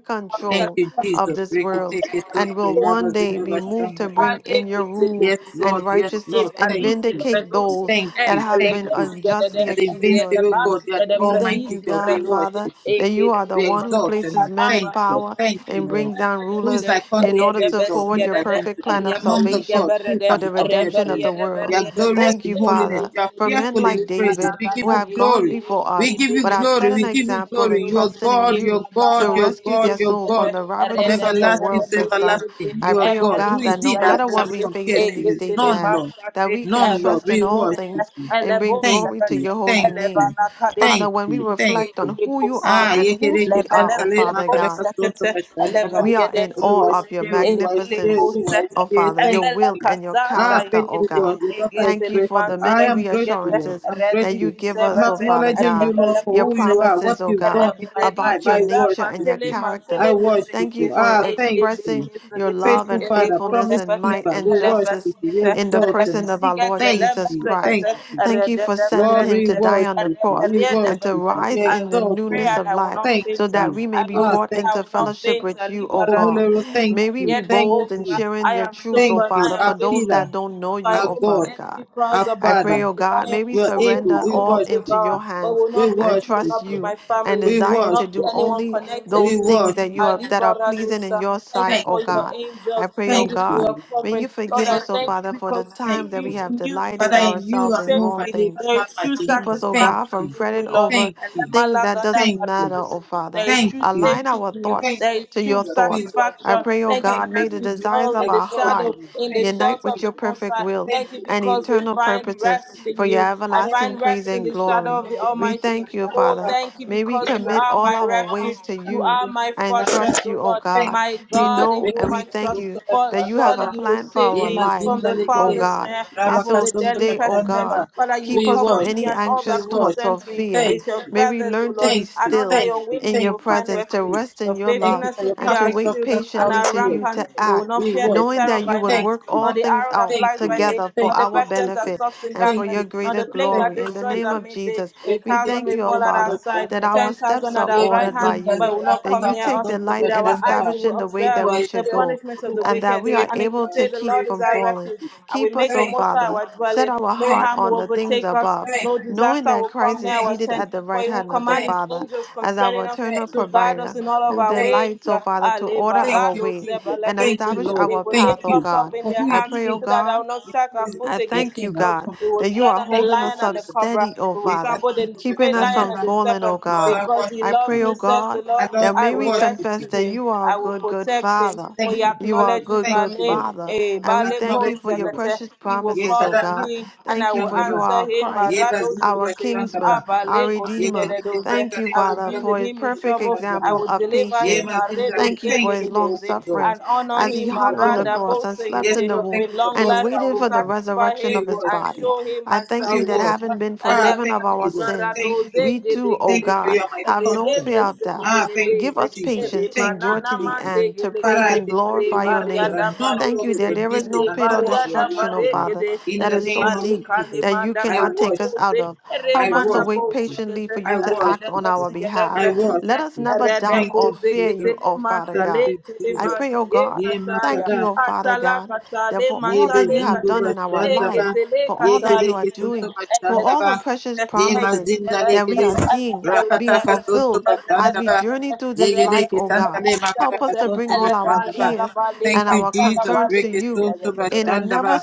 Speaker 2: Thank
Speaker 1: control
Speaker 2: you,
Speaker 3: out
Speaker 1: of
Speaker 2: Jesus.
Speaker 1: this
Speaker 2: Rekete
Speaker 1: world and
Speaker 2: isuntu
Speaker 1: will one day
Speaker 2: yamazuntu
Speaker 1: be moved to
Speaker 2: bashandaba.
Speaker 1: bring
Speaker 3: Ale
Speaker 1: in your
Speaker 3: kutele
Speaker 1: rule
Speaker 2: Yes,
Speaker 1: and
Speaker 2: Lord.
Speaker 3: besegede,
Speaker 2: Yes,
Speaker 1: righteousness
Speaker 2: Lord.
Speaker 1: and
Speaker 2: Thank
Speaker 3: ibalisi
Speaker 2: you.
Speaker 1: vindicate
Speaker 3: veredosi,
Speaker 1: those
Speaker 2: Thank
Speaker 1: that
Speaker 2: you.
Speaker 1: have
Speaker 2: Thank
Speaker 1: been
Speaker 2: you.
Speaker 3: ebelegesi gedede,
Speaker 1: unjustly
Speaker 2: That the
Speaker 1: accused or
Speaker 3: eriede
Speaker 2: invincible
Speaker 1: abused.
Speaker 2: God,
Speaker 3: basi
Speaker 2: you are the
Speaker 3: gede
Speaker 1: We thank you,
Speaker 2: almighty
Speaker 3: vredisi
Speaker 2: God. We
Speaker 1: God,
Speaker 3: veredosi,
Speaker 1: Father,
Speaker 2: worship you.
Speaker 1: that you are the
Speaker 2: We
Speaker 3: eketele
Speaker 1: one who
Speaker 3: mana
Speaker 2: exalt your
Speaker 1: places
Speaker 2: name.
Speaker 1: men in
Speaker 3: kalaba,
Speaker 2: Thank you.
Speaker 1: power
Speaker 2: Thank you,
Speaker 1: and
Speaker 2: Lord.
Speaker 1: brings down
Speaker 2: Who
Speaker 1: rulers
Speaker 2: is like unto
Speaker 1: in order
Speaker 3: Riede
Speaker 2: thee,
Speaker 1: to
Speaker 2: Lord?
Speaker 3: besi
Speaker 2: Who
Speaker 1: forward
Speaker 2: is
Speaker 1: your
Speaker 2: like
Speaker 3: gedede,
Speaker 2: unto
Speaker 1: perfect
Speaker 2: thee?
Speaker 1: plan of
Speaker 2: Among
Speaker 3: riebeli
Speaker 2: the
Speaker 1: salvation
Speaker 2: gods, who
Speaker 3: geberede,
Speaker 1: for
Speaker 2: can be
Speaker 1: the
Speaker 2: compared to
Speaker 1: redemption of
Speaker 2: you?
Speaker 1: the
Speaker 3: rieberiede
Speaker 2: You
Speaker 1: world.
Speaker 2: are
Speaker 3: beriede
Speaker 2: glorious
Speaker 1: Thank
Speaker 3: bose,
Speaker 2: in
Speaker 1: you,
Speaker 2: holiness.
Speaker 1: Father,
Speaker 2: You are
Speaker 1: for men
Speaker 2: fearful in
Speaker 1: like
Speaker 2: praises.
Speaker 1: David
Speaker 2: We give
Speaker 1: who
Speaker 2: you
Speaker 1: have gone
Speaker 2: glory.
Speaker 1: before
Speaker 2: We
Speaker 1: us,
Speaker 2: give you
Speaker 1: but have set
Speaker 2: glory.
Speaker 1: an
Speaker 2: We give you
Speaker 1: example
Speaker 2: glory.
Speaker 1: in
Speaker 2: You are
Speaker 1: trusting in
Speaker 2: God. You are
Speaker 1: you
Speaker 2: God.
Speaker 1: to
Speaker 2: You are
Speaker 1: rescue
Speaker 2: God.
Speaker 1: their
Speaker 2: You are
Speaker 1: soul
Speaker 2: God.
Speaker 1: from the
Speaker 2: From
Speaker 1: ravages of the world
Speaker 2: everlasting to
Speaker 1: system.
Speaker 2: everlasting,
Speaker 1: I
Speaker 2: you are
Speaker 1: pray, O
Speaker 2: God. Who
Speaker 1: God,
Speaker 2: is
Speaker 1: that no
Speaker 2: it that
Speaker 1: matter
Speaker 2: can
Speaker 1: what
Speaker 2: be
Speaker 1: we face
Speaker 2: compared
Speaker 1: in
Speaker 2: to
Speaker 1: these
Speaker 2: you?
Speaker 1: days
Speaker 2: None,
Speaker 1: ahead,
Speaker 2: Lord.
Speaker 1: that we can
Speaker 2: None, Lord.
Speaker 1: trust in
Speaker 2: We
Speaker 1: all
Speaker 2: worship
Speaker 1: things
Speaker 2: you.
Speaker 1: and bring
Speaker 2: Thank
Speaker 1: glory to
Speaker 2: you.
Speaker 1: your holy
Speaker 2: Thank you.
Speaker 1: name.
Speaker 3: Elebos,
Speaker 1: Father,
Speaker 2: Thank
Speaker 1: when we
Speaker 2: you.
Speaker 3: Ee
Speaker 2: Thank
Speaker 1: reflect
Speaker 2: you.
Speaker 1: on who you
Speaker 3: bilakosige,
Speaker 1: are
Speaker 2: Ah,
Speaker 1: and whose
Speaker 2: yekereke
Speaker 3: ale
Speaker 1: we
Speaker 3: ale
Speaker 1: are, O
Speaker 2: sankale
Speaker 3: ale
Speaker 1: Father
Speaker 2: makaraka
Speaker 1: God,
Speaker 3: kosaget,
Speaker 2: sonto
Speaker 3: ale
Speaker 2: bashandaba.
Speaker 1: we are in
Speaker 3: vargadesh
Speaker 1: awe
Speaker 2: Oluwa
Speaker 3: gud.
Speaker 1: of your
Speaker 2: ṣe,
Speaker 3: Ee
Speaker 2: Oluwa ṣe,
Speaker 1: magnificence,
Speaker 2: Oluwa
Speaker 1: O
Speaker 3: bilakosaget,
Speaker 2: ṣe.
Speaker 1: Father, your
Speaker 2: Thank
Speaker 3: ale
Speaker 1: will
Speaker 2: you.
Speaker 1: and your
Speaker 3: khaza
Speaker 2: Ah,
Speaker 1: character, O
Speaker 3: chayit,
Speaker 2: faithful God,
Speaker 1: God.
Speaker 2: your
Speaker 3: ege
Speaker 2: daughter is
Speaker 1: Thank you
Speaker 3: chile
Speaker 1: for
Speaker 3: ma
Speaker 2: grateful.
Speaker 1: the
Speaker 3: chile
Speaker 2: I
Speaker 1: many
Speaker 2: am
Speaker 3: bilket.
Speaker 2: grateful, Lord.
Speaker 1: reassurances
Speaker 2: I'm
Speaker 1: that
Speaker 3: Razi
Speaker 1: you
Speaker 2: grateful.
Speaker 1: give
Speaker 3: kise
Speaker 2: I'm
Speaker 1: us, O
Speaker 3: baje,
Speaker 1: Father
Speaker 2: acknowledging
Speaker 3: ale
Speaker 2: you,
Speaker 1: God,
Speaker 2: Lord, for
Speaker 1: your
Speaker 2: who you
Speaker 3: bilakosaget,
Speaker 2: are, what
Speaker 1: promises, O
Speaker 2: you've
Speaker 3: ale
Speaker 2: done
Speaker 1: God,
Speaker 2: in my
Speaker 3: badi
Speaker 2: life.
Speaker 1: about your
Speaker 2: I
Speaker 3: khisa
Speaker 1: nature
Speaker 3: pa
Speaker 1: and
Speaker 2: worship
Speaker 1: your
Speaker 3: chile
Speaker 2: you.
Speaker 3: ma chile
Speaker 2: I
Speaker 1: character.
Speaker 2: worship
Speaker 1: Thank
Speaker 2: you.
Speaker 1: you
Speaker 3: bilket.
Speaker 1: for
Speaker 2: Ah,
Speaker 3: Ee
Speaker 2: thank
Speaker 1: expressing
Speaker 2: you.
Speaker 3: bilikhet
Speaker 1: your
Speaker 3: chayit,
Speaker 1: love
Speaker 2: Faithful
Speaker 1: and
Speaker 3: ee
Speaker 2: Father,
Speaker 1: faithfulness
Speaker 2: promise
Speaker 1: and
Speaker 3: kosapet,
Speaker 1: might
Speaker 2: keeper,
Speaker 1: and
Speaker 2: we
Speaker 3: ale
Speaker 2: worship
Speaker 1: justice
Speaker 2: you, we
Speaker 3: bishet,
Speaker 1: in the
Speaker 2: exalt
Speaker 3: ale
Speaker 2: him.
Speaker 1: person of our
Speaker 3: kosige
Speaker 1: Lord
Speaker 2: Thank
Speaker 3: chile
Speaker 1: Jesus
Speaker 2: you.
Speaker 3: bishet,
Speaker 1: Christ.
Speaker 2: Thank you.
Speaker 3: ale
Speaker 1: Thank you for
Speaker 3: bade
Speaker 1: sending
Speaker 3: bade.
Speaker 2: Lord,
Speaker 1: him
Speaker 2: we
Speaker 1: to die
Speaker 2: worship
Speaker 1: on the
Speaker 2: you.
Speaker 1: cross
Speaker 2: We worship
Speaker 1: and to
Speaker 2: you.
Speaker 1: rise
Speaker 2: We
Speaker 3: I
Speaker 1: in the
Speaker 3: will
Speaker 2: exalt
Speaker 3: pray
Speaker 1: newness
Speaker 2: you.
Speaker 3: and
Speaker 1: of
Speaker 3: I will
Speaker 1: life
Speaker 3: not
Speaker 2: Thank
Speaker 1: so
Speaker 3: faint.
Speaker 1: that
Speaker 2: you.
Speaker 1: we may
Speaker 3: I
Speaker 1: be
Speaker 3: will
Speaker 2: Ah,
Speaker 1: brought
Speaker 3: pray,
Speaker 2: thank
Speaker 3: I
Speaker 1: into
Speaker 3: will not
Speaker 2: you.
Speaker 1: fellowship
Speaker 3: faint.
Speaker 1: with you, O God.
Speaker 2: Okomulero,
Speaker 3: Liberados,
Speaker 2: thank
Speaker 1: May we
Speaker 2: you.
Speaker 1: be
Speaker 2: Thank
Speaker 1: bold
Speaker 3: Ariadabos.
Speaker 1: in
Speaker 2: you.
Speaker 3: I
Speaker 1: sharing your
Speaker 3: am
Speaker 1: truth,
Speaker 2: Thank
Speaker 1: O
Speaker 3: sober and I
Speaker 2: you.
Speaker 1: Father,
Speaker 3: am
Speaker 1: for
Speaker 2: Our
Speaker 1: those
Speaker 2: pillar,
Speaker 3: vigilant.
Speaker 1: that don't know
Speaker 3: My
Speaker 1: you,
Speaker 2: our
Speaker 1: O
Speaker 2: God,
Speaker 1: Father
Speaker 3: enemy
Speaker 1: God.
Speaker 3: prowls
Speaker 2: our
Speaker 1: I
Speaker 3: above
Speaker 2: Father.
Speaker 1: pray,
Speaker 3: like
Speaker 1: O
Speaker 3: a
Speaker 1: God,
Speaker 3: lion,
Speaker 1: may we
Speaker 2: You're
Speaker 3: looking
Speaker 2: able.
Speaker 1: surrender
Speaker 3: for
Speaker 2: We
Speaker 3: whom
Speaker 1: all
Speaker 2: worship
Speaker 3: to
Speaker 2: you.
Speaker 1: into your
Speaker 3: devour, but
Speaker 1: hands
Speaker 3: will
Speaker 2: We
Speaker 3: not be me,
Speaker 1: and
Speaker 2: worship
Speaker 3: will
Speaker 1: trust
Speaker 3: not be
Speaker 2: you.
Speaker 1: you
Speaker 3: my
Speaker 1: and
Speaker 3: family,
Speaker 2: We
Speaker 3: will
Speaker 1: desire
Speaker 2: worship
Speaker 1: to
Speaker 3: not be
Speaker 1: do
Speaker 2: you.
Speaker 3: anyone
Speaker 1: only
Speaker 3: connected
Speaker 2: We
Speaker 1: those
Speaker 3: to me.
Speaker 1: things
Speaker 2: worship
Speaker 1: that you
Speaker 2: you.
Speaker 1: are that are pleasing in
Speaker 3: Alibaradosa.
Speaker 1: your
Speaker 3: Thank you
Speaker 1: sight,
Speaker 2: Thank
Speaker 1: O
Speaker 3: for your
Speaker 2: you.
Speaker 1: God. I
Speaker 3: angels.
Speaker 1: pray, O
Speaker 3: Thank
Speaker 2: Thank
Speaker 3: you for
Speaker 2: you,
Speaker 1: God,
Speaker 3: your
Speaker 2: Lord.
Speaker 1: may
Speaker 3: covering.
Speaker 1: you
Speaker 3: Lord,
Speaker 1: forgive
Speaker 3: I
Speaker 2: Thank
Speaker 1: us, O
Speaker 2: you.
Speaker 3: thank
Speaker 1: Father,
Speaker 3: you
Speaker 1: for the
Speaker 3: because
Speaker 2: Thank
Speaker 3: through
Speaker 1: times that we
Speaker 3: you,
Speaker 2: you.
Speaker 1: have
Speaker 3: in you,
Speaker 2: Father,
Speaker 1: delighted
Speaker 3: there is
Speaker 2: in
Speaker 3: true
Speaker 2: you
Speaker 1: ourselves
Speaker 2: I
Speaker 1: in
Speaker 2: move and
Speaker 1: wrong
Speaker 3: safety.
Speaker 2: live
Speaker 1: things.
Speaker 3: There
Speaker 2: and have
Speaker 3: is
Speaker 2: my
Speaker 3: true
Speaker 1: Keep
Speaker 2: being.
Speaker 1: us, oh
Speaker 2: Thank
Speaker 1: God,
Speaker 3: satisfaction
Speaker 1: from
Speaker 2: you.
Speaker 3: in you,
Speaker 1: fretting
Speaker 3: Lord.
Speaker 1: over
Speaker 2: Thank
Speaker 3: And let
Speaker 2: you.
Speaker 3: my
Speaker 1: things
Speaker 3: Lord
Speaker 1: that
Speaker 3: God have
Speaker 2: Thank
Speaker 1: doesn't
Speaker 3: a
Speaker 2: you.
Speaker 1: matter,
Speaker 3: real say,
Speaker 1: oh Father.
Speaker 3: There is
Speaker 2: Thank
Speaker 3: true
Speaker 2: you.
Speaker 1: Align
Speaker 3: safety
Speaker 1: our
Speaker 3: in you.
Speaker 2: Thank
Speaker 1: thoughts
Speaker 3: There
Speaker 2: you,
Speaker 3: is
Speaker 1: to
Speaker 3: true
Speaker 1: your
Speaker 2: Jesus. We
Speaker 1: thoughts. I
Speaker 3: satisfaction.
Speaker 2: worship
Speaker 1: pray,
Speaker 2: you.
Speaker 1: oh
Speaker 3: Thank you
Speaker 2: Thank
Speaker 3: that
Speaker 1: God,
Speaker 2: you,
Speaker 1: may
Speaker 3: as
Speaker 1: the
Speaker 3: we
Speaker 2: Lord.
Speaker 1: desires
Speaker 3: dwell
Speaker 1: of
Speaker 3: in the
Speaker 1: our
Speaker 2: Exalt you.
Speaker 3: shadow,
Speaker 1: heart
Speaker 2: Lord.
Speaker 3: in the
Speaker 2: Thank you,
Speaker 1: unite
Speaker 3: shelter of
Speaker 1: with
Speaker 3: the
Speaker 1: your
Speaker 2: Jesus.
Speaker 3: Most
Speaker 1: perfect
Speaker 3: High,
Speaker 1: will
Speaker 2: Thank
Speaker 3: thank you
Speaker 2: you,
Speaker 1: and
Speaker 3: because we
Speaker 2: Jesus.
Speaker 1: eternal
Speaker 2: Thank
Speaker 3: find
Speaker 2: you,
Speaker 1: purposes
Speaker 3: rest
Speaker 2: Jesus.
Speaker 3: in
Speaker 1: for
Speaker 3: you.
Speaker 1: your
Speaker 3: I
Speaker 2: Thank you,
Speaker 1: everlasting
Speaker 3: find
Speaker 1: praise
Speaker 3: rest in
Speaker 1: and
Speaker 3: the
Speaker 2: Jesus. We
Speaker 3: shadow
Speaker 1: glory.
Speaker 3: of
Speaker 2: thank
Speaker 3: the
Speaker 2: you,
Speaker 1: We
Speaker 2: Kunta
Speaker 3: Almighty.
Speaker 1: thank you,
Speaker 3: Oh,
Speaker 2: Bashantara.
Speaker 1: Father.
Speaker 3: thank you
Speaker 1: May we
Speaker 3: because you
Speaker 2: Yema
Speaker 1: commit
Speaker 3: are
Speaker 1: all
Speaker 3: my
Speaker 2: Ginda
Speaker 1: our
Speaker 3: refuge.
Speaker 1: ways
Speaker 2: Kirasta
Speaker 1: to
Speaker 3: You
Speaker 1: you
Speaker 3: are
Speaker 2: Kakasunta
Speaker 3: my my
Speaker 1: and
Speaker 2: Bashantara.
Speaker 1: trust
Speaker 3: fortress,
Speaker 1: you,
Speaker 3: O
Speaker 1: oh
Speaker 3: Lord,
Speaker 2: Thank
Speaker 1: God.
Speaker 3: my
Speaker 2: you,
Speaker 1: We
Speaker 2: Jesus.
Speaker 3: God in
Speaker 1: know
Speaker 2: We
Speaker 1: and
Speaker 3: whom
Speaker 2: thank
Speaker 1: we
Speaker 2: you,
Speaker 3: I
Speaker 1: thank
Speaker 3: trust.
Speaker 2: Kunta
Speaker 1: you
Speaker 3: For
Speaker 1: that you have
Speaker 3: surely
Speaker 1: a
Speaker 2: Bashantara.
Speaker 3: you will
Speaker 1: plan for
Speaker 3: save
Speaker 1: our
Speaker 3: me
Speaker 2: Yema
Speaker 1: life,
Speaker 3: from
Speaker 2: Ginda
Speaker 3: the
Speaker 1: oh
Speaker 2: Legere.
Speaker 3: foulest
Speaker 1: God.
Speaker 3: snare
Speaker 1: And
Speaker 3: and
Speaker 2: Rabba
Speaker 3: from
Speaker 1: so
Speaker 3: the
Speaker 2: Kasunta
Speaker 3: deadly
Speaker 1: today, oh
Speaker 3: pestilence.
Speaker 2: Bashantara.
Speaker 1: God,
Speaker 3: Father, you will
Speaker 1: Keep
Speaker 2: We
Speaker 1: us from
Speaker 3: cover
Speaker 2: worship
Speaker 3: me
Speaker 1: any
Speaker 3: and
Speaker 2: you.
Speaker 3: all
Speaker 2: We
Speaker 1: anxious
Speaker 3: that
Speaker 2: worship
Speaker 1: thoughts or
Speaker 3: concerns
Speaker 2: you.
Speaker 3: me
Speaker 2: Thank
Speaker 1: fear.
Speaker 3: with your
Speaker 2: you.
Speaker 1: May we
Speaker 3: feathers, O
Speaker 1: learn to
Speaker 3: Lord,
Speaker 1: be
Speaker 2: Thank
Speaker 3: and
Speaker 2: you,
Speaker 3: under
Speaker 1: still
Speaker 2: thank
Speaker 3: your
Speaker 2: you,
Speaker 3: wings
Speaker 1: in
Speaker 3: we
Speaker 1: your
Speaker 2: thank
Speaker 3: will
Speaker 2: you,
Speaker 3: find
Speaker 2: thank
Speaker 1: presence, to
Speaker 3: refuge.
Speaker 2: you.
Speaker 1: rest in
Speaker 3: Your
Speaker 1: your
Speaker 2: Thank
Speaker 1: love,
Speaker 2: you
Speaker 3: faithfulness
Speaker 2: for
Speaker 3: will
Speaker 2: your
Speaker 3: be
Speaker 1: and to
Speaker 3: our
Speaker 2: perfect love
Speaker 1: wait
Speaker 3: shield
Speaker 2: that
Speaker 3: and
Speaker 1: patiently
Speaker 3: our
Speaker 1: to
Speaker 2: outgives,
Speaker 1: you
Speaker 3: rampant.
Speaker 1: to
Speaker 2: Lord.
Speaker 3: We will
Speaker 1: act,
Speaker 3: not
Speaker 2: We
Speaker 3: fear the
Speaker 2: worship
Speaker 1: knowing
Speaker 3: terror
Speaker 1: that
Speaker 2: you.
Speaker 1: you
Speaker 3: by
Speaker 1: would
Speaker 2: Thank
Speaker 3: night,
Speaker 1: work
Speaker 2: you.
Speaker 3: nor
Speaker 1: all
Speaker 3: the
Speaker 1: things
Speaker 3: arrow that
Speaker 1: out
Speaker 2: Thank
Speaker 3: flies
Speaker 2: you,
Speaker 3: by
Speaker 2: Lord.
Speaker 3: day,
Speaker 1: together for
Speaker 3: nor
Speaker 2: Thank
Speaker 3: the
Speaker 2: you,
Speaker 1: our
Speaker 3: pestilence
Speaker 2: Jesus.
Speaker 3: that
Speaker 1: benefit
Speaker 3: stalks in
Speaker 1: and for
Speaker 2: Thank
Speaker 3: darkness,
Speaker 1: your
Speaker 2: you,
Speaker 3: nor
Speaker 1: greater
Speaker 3: the
Speaker 2: Jesus.
Speaker 3: plague
Speaker 2: Thank
Speaker 3: that
Speaker 1: glory.
Speaker 2: you,
Speaker 1: In the
Speaker 3: destroys
Speaker 1: name
Speaker 3: at
Speaker 2: Jesus.
Speaker 1: of
Speaker 3: midday.
Speaker 1: Jesus,
Speaker 3: A
Speaker 1: we
Speaker 2: Rekete
Speaker 3: thousand
Speaker 1: thank
Speaker 3: may
Speaker 1: you, O
Speaker 3: fall at
Speaker 2: kisonto
Speaker 3: our
Speaker 1: Father,
Speaker 3: side,
Speaker 1: that
Speaker 2: bashandaba.
Speaker 1: our
Speaker 3: ten thousand
Speaker 1: steps
Speaker 3: at
Speaker 1: are
Speaker 3: our
Speaker 2: Ye
Speaker 3: right
Speaker 1: ordered
Speaker 3: hand,
Speaker 1: by
Speaker 2: mazinda le
Speaker 3: but
Speaker 1: you,
Speaker 3: it will not
Speaker 1: that
Speaker 3: come come
Speaker 2: rakata
Speaker 1: you
Speaker 3: near
Speaker 1: take
Speaker 3: us.
Speaker 2: pasonto
Speaker 1: delight
Speaker 3: With
Speaker 1: in
Speaker 3: our eyes,
Speaker 2: bashandaba.
Speaker 3: we
Speaker 1: establishing
Speaker 3: will
Speaker 1: the way that
Speaker 3: observe
Speaker 2: Oluwa
Speaker 1: we
Speaker 3: the
Speaker 1: should
Speaker 2: ise o.
Speaker 1: go.
Speaker 3: punishments of the
Speaker 2: Oluwa
Speaker 1: And that
Speaker 3: wicked.
Speaker 1: we are
Speaker 2: ise.
Speaker 3: And if we
Speaker 1: able
Speaker 2: Oluwa
Speaker 1: to
Speaker 3: say the
Speaker 1: keep
Speaker 3: Lord
Speaker 2: ise.
Speaker 3: is
Speaker 1: from
Speaker 3: our
Speaker 1: falling.
Speaker 3: refuge, and we
Speaker 1: Keep
Speaker 3: make
Speaker 1: us,
Speaker 3: the
Speaker 1: O
Speaker 2: Thank
Speaker 3: most high
Speaker 2: you.
Speaker 1: Father
Speaker 3: our
Speaker 1: Set
Speaker 3: dwelling,
Speaker 1: our
Speaker 3: no
Speaker 2: Thank
Speaker 1: heart
Speaker 3: harm will
Speaker 1: on
Speaker 2: you.
Speaker 1: the things
Speaker 3: overtake us,
Speaker 1: above,
Speaker 2: Thank
Speaker 3: no
Speaker 2: you.
Speaker 1: knowing
Speaker 3: disaster
Speaker 1: that
Speaker 3: will come
Speaker 1: Christ
Speaker 3: near
Speaker 1: is
Speaker 2: Thank
Speaker 3: our
Speaker 1: seated
Speaker 2: you.
Speaker 3: tent.
Speaker 1: at the
Speaker 3: For
Speaker 1: right
Speaker 3: he will
Speaker 1: hand of the
Speaker 3: command his
Speaker 2: Thank you. Thank
Speaker 1: Father
Speaker 2: you.
Speaker 3: angels
Speaker 1: as our
Speaker 3: concerning us
Speaker 1: eternal
Speaker 2: Thank you.
Speaker 3: to guide us
Speaker 1: provider,
Speaker 3: in all of
Speaker 1: who
Speaker 3: our
Speaker 2: Thank
Speaker 3: ways.
Speaker 1: delights, O Father, to order
Speaker 2: Thank
Speaker 1: our
Speaker 2: you,
Speaker 3: Alebarado
Speaker 1: way
Speaker 2: Jesus.
Speaker 1: and
Speaker 2: Thank
Speaker 3: sebaladoze.
Speaker 2: you,
Speaker 1: establish
Speaker 2: Lord.
Speaker 3: They
Speaker 1: our
Speaker 3: will
Speaker 2: Thank
Speaker 1: path,
Speaker 3: lift
Speaker 1: O
Speaker 2: you
Speaker 3: us up
Speaker 1: God.
Speaker 3: in
Speaker 2: for
Speaker 3: their
Speaker 2: who
Speaker 1: I
Speaker 2: is
Speaker 3: hands
Speaker 1: pray, O
Speaker 3: so
Speaker 2: given.
Speaker 3: that I
Speaker 1: God.
Speaker 3: will not
Speaker 2: It
Speaker 3: strike our
Speaker 2: is
Speaker 3: foot
Speaker 1: I
Speaker 2: it
Speaker 3: against
Speaker 1: thank
Speaker 3: the
Speaker 2: is
Speaker 1: you,
Speaker 2: my
Speaker 3: stone.
Speaker 1: God,
Speaker 3: We
Speaker 2: comfort.
Speaker 3: will
Speaker 1: that you
Speaker 3: tread
Speaker 1: are
Speaker 3: on the
Speaker 2: Thank
Speaker 1: holding
Speaker 2: you,
Speaker 3: lion
Speaker 1: us
Speaker 3: and
Speaker 1: up
Speaker 3: the
Speaker 2: Jesus.
Speaker 3: cobra.
Speaker 1: steady, oh
Speaker 3: We will
Speaker 2: Yes, I
Speaker 1: Father,
Speaker 3: trample
Speaker 2: thank
Speaker 3: the
Speaker 2: you, Lord
Speaker 1: keeping
Speaker 3: great
Speaker 1: us
Speaker 3: lion
Speaker 1: from
Speaker 3: and
Speaker 2: Shandaba.
Speaker 3: the
Speaker 1: falling, oh
Speaker 3: serpent.
Speaker 2: Lord,
Speaker 1: God.
Speaker 2: I
Speaker 3: Because he
Speaker 1: I
Speaker 2: worship
Speaker 3: loves
Speaker 1: pray,
Speaker 2: you.
Speaker 3: me,
Speaker 1: oh
Speaker 3: says the
Speaker 1: God,
Speaker 2: I
Speaker 3: Lord,
Speaker 2: Lord
Speaker 1: that
Speaker 3: I
Speaker 1: may
Speaker 2: I
Speaker 3: will
Speaker 1: we
Speaker 2: worship
Speaker 1: confess
Speaker 2: you,
Speaker 3: rescue
Speaker 2: Lord.
Speaker 1: that
Speaker 3: him.
Speaker 1: you are a
Speaker 3: I will
Speaker 1: good, good
Speaker 3: protect him,
Speaker 1: Father.
Speaker 3: for
Speaker 2: Thank
Speaker 3: he
Speaker 2: you,
Speaker 1: You are a
Speaker 2: Jesus.
Speaker 3: acknowledges
Speaker 1: good,
Speaker 2: Thank
Speaker 3: our
Speaker 1: good
Speaker 2: you,
Speaker 3: name.
Speaker 2: Lord.
Speaker 1: Father.
Speaker 3: Eh,
Speaker 1: And we thank
Speaker 3: Baleko
Speaker 1: you
Speaker 2: Acknowledge
Speaker 1: for
Speaker 2: you,
Speaker 1: your
Speaker 2: Lord.
Speaker 3: Segete.
Speaker 1: precious
Speaker 3: He will
Speaker 2: Yes,
Speaker 1: promises,
Speaker 2: I
Speaker 3: call
Speaker 1: oh
Speaker 2: am
Speaker 3: on
Speaker 2: a
Speaker 1: God.
Speaker 3: me,
Speaker 2: Zundu
Speaker 3: and I
Speaker 1: Thank you
Speaker 3: will
Speaker 1: for you
Speaker 2: Bashandaba.
Speaker 3: answer
Speaker 1: are
Speaker 3: him.
Speaker 1: Christ,
Speaker 2: Yes, I
Speaker 3: Marado
Speaker 2: Zundu
Speaker 1: our
Speaker 3: Segete.
Speaker 2: Bashandaba.
Speaker 1: kingsman, our
Speaker 3: Abaleko
Speaker 2: Yes, I
Speaker 1: redeemer.
Speaker 3: Sigededoze.
Speaker 1: Thank you,
Speaker 3: I will
Speaker 2: am
Speaker 1: Father,
Speaker 3: be
Speaker 2: a
Speaker 3: with
Speaker 1: for his
Speaker 3: him in
Speaker 2: Zundu
Speaker 1: perfect
Speaker 3: trouble. I
Speaker 2: Bashandaba.
Speaker 1: example
Speaker 3: will
Speaker 1: of
Speaker 3: deliver
Speaker 2: Yes, I am a Zundu Bashandaba. Yes, I am
Speaker 3: him.
Speaker 2: a
Speaker 1: patience.
Speaker 2: Zundu
Speaker 3: Maredo
Speaker 2: Bashandaba.
Speaker 1: Thank you for
Speaker 2: Thank you
Speaker 1: his
Speaker 2: for
Speaker 1: long
Speaker 3: Segedeze.
Speaker 2: open doors.
Speaker 1: sufferings
Speaker 3: And honor
Speaker 1: as
Speaker 2: Thank
Speaker 1: he
Speaker 3: him.
Speaker 2: you for
Speaker 1: hung on the
Speaker 2: doors.
Speaker 1: cross
Speaker 3: Maradabo
Speaker 1: and slept
Speaker 2: Yes,
Speaker 1: in
Speaker 3: Segete.
Speaker 1: the
Speaker 2: Lord,
Speaker 1: womb
Speaker 2: thank
Speaker 3: With
Speaker 2: you for
Speaker 3: long
Speaker 2: doors
Speaker 1: and
Speaker 3: life,
Speaker 2: that
Speaker 3: I will
Speaker 1: waited
Speaker 2: are
Speaker 1: for the
Speaker 2: open.
Speaker 3: satisfy
Speaker 1: resurrection
Speaker 3: him
Speaker 2: We
Speaker 1: of his
Speaker 3: and
Speaker 2: worship you.
Speaker 1: body.
Speaker 3: show him
Speaker 1: I
Speaker 3: my
Speaker 1: thank
Speaker 2: We
Speaker 1: you that
Speaker 2: worship
Speaker 3: salvation.
Speaker 1: having
Speaker 2: you.
Speaker 1: been
Speaker 2: Ah,
Speaker 1: forgiven
Speaker 2: thank
Speaker 1: of our
Speaker 2: you, Lord.
Speaker 1: sins,
Speaker 2: Thank you.
Speaker 1: we too, O
Speaker 2: Thank you for
Speaker 1: God,
Speaker 2: your mighty
Speaker 1: have no fear
Speaker 2: caution.
Speaker 1: of death.
Speaker 2: Ah, thank you,
Speaker 1: Give us
Speaker 2: Jesus.
Speaker 1: patience to
Speaker 2: Thank
Speaker 1: endure
Speaker 2: you,
Speaker 1: to the
Speaker 2: Jesus.
Speaker 1: end, to
Speaker 2: Father,
Speaker 1: praise
Speaker 2: I
Speaker 1: and
Speaker 2: declare you,
Speaker 1: glorify your
Speaker 2: Lord God,
Speaker 1: name.
Speaker 2: and none of
Speaker 1: Thank
Speaker 2: us
Speaker 1: you that
Speaker 2: will be
Speaker 1: there is
Speaker 2: missing,
Speaker 1: no
Speaker 2: and
Speaker 1: pit
Speaker 2: no
Speaker 1: or
Speaker 2: one will lack
Speaker 1: destruction, O
Speaker 2: the Lord.
Speaker 1: Father,
Speaker 2: In
Speaker 1: that
Speaker 2: the
Speaker 1: is so
Speaker 2: name of
Speaker 1: deep
Speaker 2: Jesus,
Speaker 1: that you
Speaker 2: I
Speaker 1: cannot take
Speaker 2: worship
Speaker 1: us out
Speaker 2: you.
Speaker 1: of.
Speaker 2: I
Speaker 1: Help us to
Speaker 2: worship
Speaker 1: wait
Speaker 2: you.
Speaker 1: patiently for
Speaker 2: I
Speaker 1: you to act
Speaker 2: worship
Speaker 1: on
Speaker 2: you.
Speaker 1: our behalf.
Speaker 2: I
Speaker 1: Let
Speaker 2: worship
Speaker 1: us
Speaker 2: you.
Speaker 1: never doubt
Speaker 2: Thank
Speaker 1: or
Speaker 2: you,
Speaker 1: fear
Speaker 3: Rebariada
Speaker 2: Jesus.
Speaker 1: you, O Father
Speaker 2: Thank
Speaker 3: matale
Speaker 1: God.
Speaker 2: you,
Speaker 3: tele
Speaker 1: I pray,
Speaker 3: mata
Speaker 1: O God,
Speaker 3: kataya
Speaker 1: thank you,
Speaker 2: Jesus.
Speaker 1: O Father
Speaker 3: atala
Speaker 1: God
Speaker 3: katale
Speaker 1: that for
Speaker 2: Ye
Speaker 1: all
Speaker 2: be
Speaker 1: that
Speaker 3: matale
Speaker 1: you have
Speaker 2: zundu
Speaker 3: kate
Speaker 1: done in our
Speaker 2: bashanda
Speaker 3: eke
Speaker 2: ba.
Speaker 1: life,
Speaker 3: tele
Speaker 1: for all that you
Speaker 3: katale
Speaker 1: are
Speaker 2: Yekereke suntu
Speaker 1: doing, for
Speaker 3: ege
Speaker 2: bashanda
Speaker 1: all
Speaker 2: ba.
Speaker 1: the precious
Speaker 2: Ye
Speaker 3: tele ege
Speaker 1: promises
Speaker 2: mazinda le
Speaker 1: that we
Speaker 2: kere.
Speaker 1: are seeing
Speaker 3: tele
Speaker 1: being
Speaker 2: Rakataka suntu
Speaker 1: fulfilled as
Speaker 2: bashanda
Speaker 1: we
Speaker 2: ba.
Speaker 1: journey through
Speaker 2: Ye
Speaker 1: this life,
Speaker 2: Yegereke
Speaker 1: oh
Speaker 2: santa
Speaker 1: God.
Speaker 2: le makara
Speaker 1: Help us to
Speaker 2: suntu
Speaker 1: bring all our
Speaker 2: bashanda ba.
Speaker 1: cares
Speaker 2: Thank
Speaker 1: and
Speaker 2: you,
Speaker 1: our
Speaker 2: Jesus.
Speaker 1: concerns to
Speaker 2: Reke
Speaker 1: you
Speaker 2: suntu
Speaker 1: in a
Speaker 2: bashanda
Speaker 1: never
Speaker 2: ba.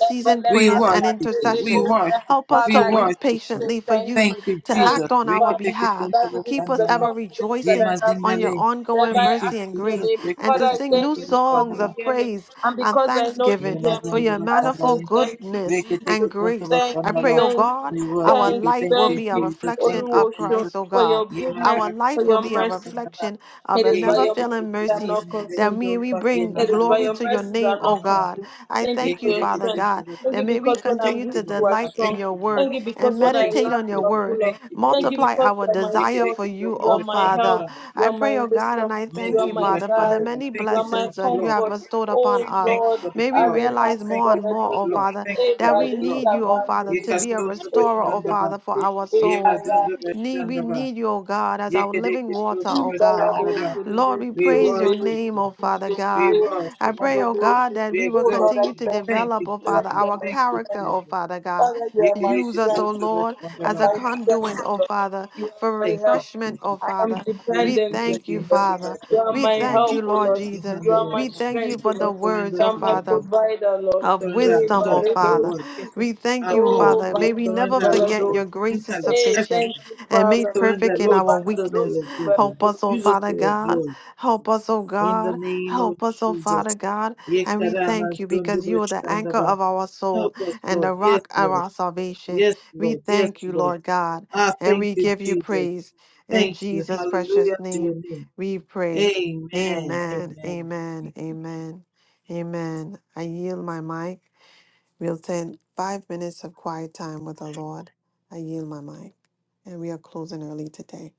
Speaker 2: We
Speaker 1: prayers and
Speaker 2: worship you. We
Speaker 1: intercessions.
Speaker 2: worship
Speaker 1: Help
Speaker 2: you.
Speaker 1: us
Speaker 2: We
Speaker 1: to
Speaker 3: Father,
Speaker 1: wait
Speaker 2: worship you.
Speaker 3: Say
Speaker 1: patiently for
Speaker 3: thank
Speaker 1: you
Speaker 2: Thank
Speaker 3: you.
Speaker 2: you,
Speaker 1: to
Speaker 3: Thank you,
Speaker 2: Jesus.
Speaker 1: act on
Speaker 2: Reke
Speaker 1: our
Speaker 3: Father.
Speaker 2: teke
Speaker 1: behalf.
Speaker 2: suntu
Speaker 3: Daddy, this
Speaker 1: Keep
Speaker 3: is
Speaker 1: us
Speaker 2: bashanda
Speaker 3: the
Speaker 2: ba.
Speaker 1: ever
Speaker 3: confidence that
Speaker 2: Ye
Speaker 1: rejoicing
Speaker 3: I have in
Speaker 2: mazinda
Speaker 1: on
Speaker 3: you.
Speaker 1: your
Speaker 2: le.
Speaker 3: Whenever
Speaker 1: ongoing
Speaker 2: Thank
Speaker 3: I
Speaker 2: you,
Speaker 1: mercy
Speaker 3: ask
Speaker 1: and
Speaker 3: in your
Speaker 2: Jesus.
Speaker 1: grace
Speaker 3: name,
Speaker 2: Reke
Speaker 1: and
Speaker 3: Father,
Speaker 1: to
Speaker 3: I
Speaker 2: teke
Speaker 1: sing new
Speaker 3: thank
Speaker 2: suntu
Speaker 3: you because
Speaker 2: bashanda
Speaker 1: songs
Speaker 3: you
Speaker 2: ba.
Speaker 1: of
Speaker 3: hear me.
Speaker 1: praise
Speaker 3: And
Speaker 1: and
Speaker 3: because I know
Speaker 2: Ye
Speaker 3: you
Speaker 1: thanksgiving
Speaker 3: hear
Speaker 1: for
Speaker 3: me,
Speaker 2: mazinda
Speaker 1: your
Speaker 3: I
Speaker 2: bashanda
Speaker 3: say
Speaker 1: manifold
Speaker 2: le.
Speaker 3: thank you,
Speaker 1: goodness
Speaker 2: We can
Speaker 3: Jesus.
Speaker 2: take
Speaker 1: and
Speaker 2: it unto
Speaker 1: grace.
Speaker 2: the
Speaker 3: Thank
Speaker 1: I
Speaker 3: you,
Speaker 1: pray,
Speaker 2: Shandala.
Speaker 1: oh
Speaker 3: thank you,
Speaker 1: God,
Speaker 2: We worship
Speaker 1: our
Speaker 3: thank
Speaker 2: you.
Speaker 3: you,
Speaker 1: life
Speaker 2: Thank
Speaker 1: will
Speaker 2: you,
Speaker 3: thank
Speaker 1: be a
Speaker 3: you,
Speaker 2: Jesus. Thank
Speaker 1: reflection
Speaker 2: you,
Speaker 1: of
Speaker 3: Oluwosho,
Speaker 2: Jesus.
Speaker 1: Christ, oh
Speaker 3: for
Speaker 1: God.
Speaker 3: your
Speaker 2: Ye
Speaker 3: goodness,
Speaker 1: Our
Speaker 2: Makarakas
Speaker 3: for
Speaker 1: life will
Speaker 3: your
Speaker 2: unto
Speaker 1: be
Speaker 2: the
Speaker 1: a
Speaker 3: mercy.
Speaker 2: Shandala.
Speaker 1: reflection of
Speaker 3: It
Speaker 1: the
Speaker 3: is
Speaker 2: Ye
Speaker 3: by
Speaker 1: never
Speaker 3: your
Speaker 2: Rebis
Speaker 1: failing
Speaker 3: mercies
Speaker 2: unto
Speaker 3: that
Speaker 2: the
Speaker 3: I'm
Speaker 1: mercies
Speaker 3: not
Speaker 2: Shandala.
Speaker 1: that
Speaker 3: consumed,
Speaker 1: may
Speaker 3: O
Speaker 1: we
Speaker 3: Lord.
Speaker 2: Ye
Speaker 1: bring
Speaker 3: It is by
Speaker 2: Makarakas
Speaker 1: glory
Speaker 3: your
Speaker 1: to
Speaker 2: unto
Speaker 1: your
Speaker 3: mercies
Speaker 2: the
Speaker 3: that
Speaker 1: name,
Speaker 3: I'm
Speaker 1: oh
Speaker 3: not
Speaker 2: Shandala.
Speaker 1: God.
Speaker 3: consumed.
Speaker 1: I
Speaker 3: Thank you
Speaker 2: Ye
Speaker 1: thank
Speaker 3: for
Speaker 1: you,
Speaker 3: your
Speaker 1: Father
Speaker 2: Rebis
Speaker 3: strength.
Speaker 2: unto
Speaker 1: God,
Speaker 2: the
Speaker 3: Thank
Speaker 1: that
Speaker 3: you
Speaker 1: may
Speaker 2: Shandala.
Speaker 1: we
Speaker 3: because when I'm
Speaker 2: Thank
Speaker 1: continue
Speaker 2: you,
Speaker 3: weak,
Speaker 1: to
Speaker 2: Lord.
Speaker 3: you are
Speaker 2: I
Speaker 1: delight in
Speaker 2: thank
Speaker 3: strong.
Speaker 1: your
Speaker 2: you, Lord.
Speaker 1: word
Speaker 3: Thank you because
Speaker 1: and
Speaker 2: I
Speaker 3: what I
Speaker 2: thank you,
Speaker 1: meditate
Speaker 3: lack,
Speaker 1: on your
Speaker 3: you are
Speaker 2: Jesus.
Speaker 1: word.
Speaker 3: full of.
Speaker 2: Thank you,
Speaker 3: Thank you
Speaker 2: Jesus.
Speaker 1: Multiply
Speaker 3: because
Speaker 1: our
Speaker 3: you are my
Speaker 2: Ye
Speaker 1: desire
Speaker 3: source.
Speaker 1: for
Speaker 2: Rebis
Speaker 1: you,
Speaker 3: You
Speaker 2: unto
Speaker 1: oh
Speaker 3: are
Speaker 2: the
Speaker 3: my help.
Speaker 1: Father.
Speaker 2: Shandala.
Speaker 3: You
Speaker 1: I
Speaker 3: are
Speaker 1: pray,
Speaker 3: my
Speaker 1: oh God, and
Speaker 3: wisdom.
Speaker 1: I
Speaker 3: You
Speaker 1: thank
Speaker 3: are
Speaker 1: you,
Speaker 2: Mezun
Speaker 3: my
Speaker 2: the
Speaker 1: Father, for the
Speaker 3: guide.
Speaker 2: Shandala.
Speaker 1: many
Speaker 2: Thank
Speaker 3: You are
Speaker 2: you for
Speaker 3: my
Speaker 1: blessings
Speaker 2: the
Speaker 1: that you
Speaker 2: blood.
Speaker 1: have
Speaker 3: comfort.
Speaker 1: bestowed upon
Speaker 3: Oh
Speaker 1: us.
Speaker 2: Thank you
Speaker 3: Lord,
Speaker 2: for the
Speaker 1: May we
Speaker 2: blood.
Speaker 1: realize
Speaker 3: Alemas
Speaker 2: Thank
Speaker 1: more
Speaker 2: you
Speaker 1: and
Speaker 2: for the
Speaker 1: more, oh
Speaker 3: Garadete,
Speaker 2: blood.
Speaker 1: Father,
Speaker 2: Thank you for
Speaker 1: that
Speaker 2: your
Speaker 1: we
Speaker 2: blood.
Speaker 1: need
Speaker 3: Ebaliga
Speaker 1: you, oh Father,
Speaker 2: Ye
Speaker 1: to be a
Speaker 2: Kastunta
Speaker 1: restorer, oh
Speaker 3: Bandele,
Speaker 2: Bashandaba.
Speaker 1: Father, for our soul.
Speaker 3: Ebale,
Speaker 2: Yemazunda
Speaker 1: Need, we
Speaker 2: Bashandaba.
Speaker 1: need you, oh God, as our living
Speaker 2: Yekedeke
Speaker 1: water,
Speaker 2: Sutra
Speaker 3: Oh
Speaker 1: oh
Speaker 3: Lord, I
Speaker 1: God.
Speaker 2: Bashandaba.
Speaker 3: thank
Speaker 1: Lord,
Speaker 3: you.
Speaker 1: we
Speaker 2: We
Speaker 1: praise your
Speaker 2: worship
Speaker 1: name,
Speaker 2: you.
Speaker 1: oh Father
Speaker 2: We
Speaker 1: God. I
Speaker 2: worship you.
Speaker 1: pray, oh God, that
Speaker 2: We
Speaker 1: we will
Speaker 2: exalt you.
Speaker 1: continue to
Speaker 2: Thank
Speaker 1: develop,
Speaker 2: you,
Speaker 1: oh
Speaker 3: Lord,
Speaker 1: Father,
Speaker 2: Jesus.
Speaker 3: you are
Speaker 1: our
Speaker 3: my
Speaker 2: Thank you,
Speaker 1: character,
Speaker 3: strength.
Speaker 1: oh
Speaker 2: Jesus.
Speaker 1: Father God.
Speaker 3: Father, you
Speaker 2: We
Speaker 3: are
Speaker 2: give
Speaker 3: my
Speaker 2: you
Speaker 1: Use
Speaker 2: the Yekedeke
Speaker 1: us, oh
Speaker 3: strength.
Speaker 2: Sutra
Speaker 1: Lord,
Speaker 3: You are
Speaker 1: as a
Speaker 2: Bashandaba.
Speaker 3: my
Speaker 1: conduit,
Speaker 3: strength,
Speaker 1: oh
Speaker 3: Lord.
Speaker 1: Father,
Speaker 3: You
Speaker 1: for
Speaker 3: are my
Speaker 2: Thank you,
Speaker 3: help.
Speaker 1: refreshment, oh
Speaker 2: Jesus.
Speaker 3: I am
Speaker 1: Father.
Speaker 2: We
Speaker 1: We
Speaker 2: believe
Speaker 3: dependent on
Speaker 2: you
Speaker 1: thank
Speaker 2: the
Speaker 1: you,
Speaker 3: you, Lord.
Speaker 2: hand over
Speaker 1: Father.
Speaker 3: You are
Speaker 2: everything
Speaker 1: We
Speaker 2: to
Speaker 3: my
Speaker 2: you.
Speaker 1: thank you,
Speaker 3: help, O
Speaker 1: Lord
Speaker 3: Lord.
Speaker 2: We
Speaker 1: Jesus.
Speaker 2: hand
Speaker 3: You
Speaker 2: over
Speaker 3: are my
Speaker 1: We
Speaker 2: everything
Speaker 1: thank
Speaker 2: to
Speaker 1: you
Speaker 2: you.
Speaker 3: strength, O
Speaker 1: for
Speaker 2: We
Speaker 1: the
Speaker 3: Lord.
Speaker 1: words,
Speaker 2: surrender
Speaker 3: You
Speaker 1: oh
Speaker 3: are
Speaker 2: to
Speaker 3: my
Speaker 2: you,
Speaker 1: Father
Speaker 2: Lord.
Speaker 3: provider, Lord.
Speaker 2: We
Speaker 1: of
Speaker 2: surrender
Speaker 3: Eh,
Speaker 2: our
Speaker 1: wisdom, oh
Speaker 2: thoughts, our
Speaker 3: barredos,
Speaker 1: Father.
Speaker 2: words,
Speaker 1: We thank
Speaker 2: and
Speaker 1: you, oh
Speaker 2: all.
Speaker 3: Oh,
Speaker 1: Father.
Speaker 2: We
Speaker 1: May we
Speaker 3: bali-
Speaker 1: never
Speaker 2: surrender our
Speaker 1: forget your
Speaker 2: wisdom,
Speaker 3: balados.
Speaker 1: grace is
Speaker 2: intellect,
Speaker 3: Hey,
Speaker 1: sufficient
Speaker 3: thank
Speaker 2: everything.
Speaker 3: you,
Speaker 1: and
Speaker 2: We
Speaker 3: Father.
Speaker 1: made
Speaker 2: surrender,
Speaker 1: perfect in
Speaker 3: Eh,
Speaker 2: Lord,
Speaker 1: our
Speaker 2: use us for
Speaker 1: weakness.
Speaker 2: your
Speaker 3: barredos,
Speaker 2: glory.
Speaker 1: Help us, oh
Speaker 3: barredos.
Speaker 2: Use us
Speaker 1: Father
Speaker 2: for your
Speaker 1: God.
Speaker 2: glory.
Speaker 1: Help us, oh
Speaker 2: In the
Speaker 1: God.
Speaker 2: name of
Speaker 1: Help us, oh
Speaker 2: Jesus.
Speaker 1: Father God. And we
Speaker 2: Yekarama
Speaker 1: thank you because
Speaker 2: Zondaba
Speaker 1: you are the anchor
Speaker 2: Shandaba.
Speaker 1: of our
Speaker 2: Help
Speaker 1: soul
Speaker 2: us,
Speaker 1: and
Speaker 2: Lord.
Speaker 1: the
Speaker 2: Yes,
Speaker 1: rock of
Speaker 2: Lord.
Speaker 1: our salvation.
Speaker 2: Yes,
Speaker 1: We
Speaker 2: Lord. Yes,
Speaker 1: thank you,
Speaker 2: Lord.
Speaker 1: Lord God,
Speaker 2: Ah,
Speaker 1: and
Speaker 2: thank
Speaker 1: we
Speaker 2: you,
Speaker 1: give you
Speaker 2: Jesus.
Speaker 1: praise. In
Speaker 2: Thank you.
Speaker 1: Jesus' precious
Speaker 2: Hallelujah to your
Speaker 1: name,
Speaker 2: name.
Speaker 1: we pray.
Speaker 2: Amen.
Speaker 1: Amen,
Speaker 2: Amen.
Speaker 1: amen, amen. Amen. I yield my mic. We'll take five minutes of quiet time with the Lord. I yield my mic. And we are closing early today.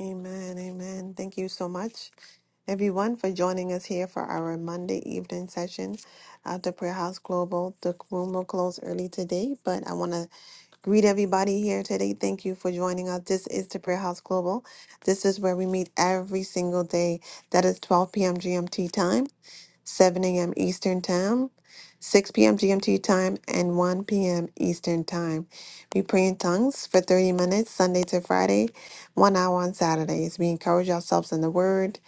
Speaker 1: Amen. Amen. Thank you so much, everyone, for joining us here for our Monday evening session at the Prayer House Global. The room will close early today, but I want to Greet everybody here today. Thank you for joining us. This is the Prayer House Global. This is where we meet every single day. That is 12 p.m. GMT time, 7 a.m. Eastern time, 6 p.m. GMT time, and 1 p.m. Eastern time. We pray in tongues for 30 minutes, Sunday to Friday, one hour on Saturdays. We encourage ourselves in the Word,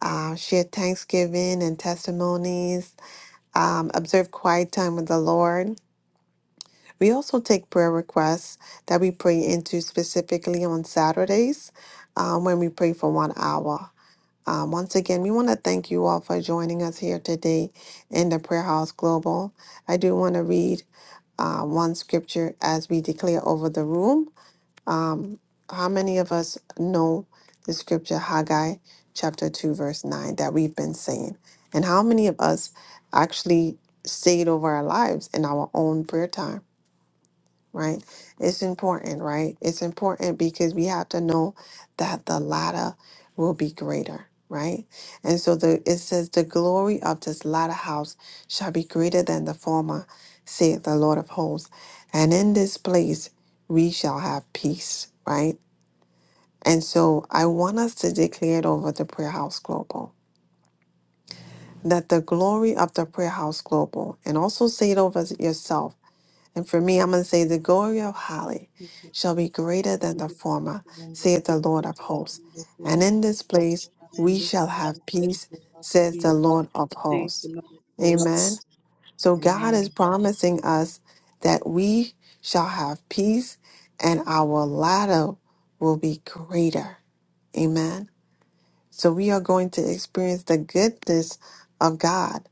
Speaker 1: uh, share thanksgiving and testimonies, um, observe quiet time with the Lord. We also take prayer requests that we pray into specifically on Saturdays um, when we pray for one hour. Um, once again, we want to thank you all for joining us here today in the Prayer House Global. I do want to read uh, one scripture as we declare over the room. Um, how many of us know the scripture Haggai chapter 2, verse 9 that we've been saying? And how many of us actually say it over our lives in our own prayer time? right? It's important, right? It's important because we have to know that the latter will be greater, right? And so the it says the glory of this latter house shall be greater than the former, saith the Lord of hosts. And in this place we shall have peace, right? And so I want us to declare it over the prayer house global. That the glory of the prayer house global, and also say it over yourself and for me, I'm going to say, The glory of Holly shall be greater than the former, saith the Lord of hosts.
Speaker 2: Thank you.
Speaker 1: And in this place
Speaker 2: and in
Speaker 1: we
Speaker 2: this
Speaker 1: shall
Speaker 2: day
Speaker 1: have
Speaker 2: we
Speaker 1: peace,
Speaker 2: shall have
Speaker 1: says
Speaker 2: peace,
Speaker 1: the Lord of
Speaker 2: saith the
Speaker 1: hosts.
Speaker 2: Lord of
Speaker 1: Amen.
Speaker 2: hosts.
Speaker 1: So God is
Speaker 2: Amen.
Speaker 1: promising us that we shall have peace and our ladder will be greater. Amen. So we are going to experience the goodness of God.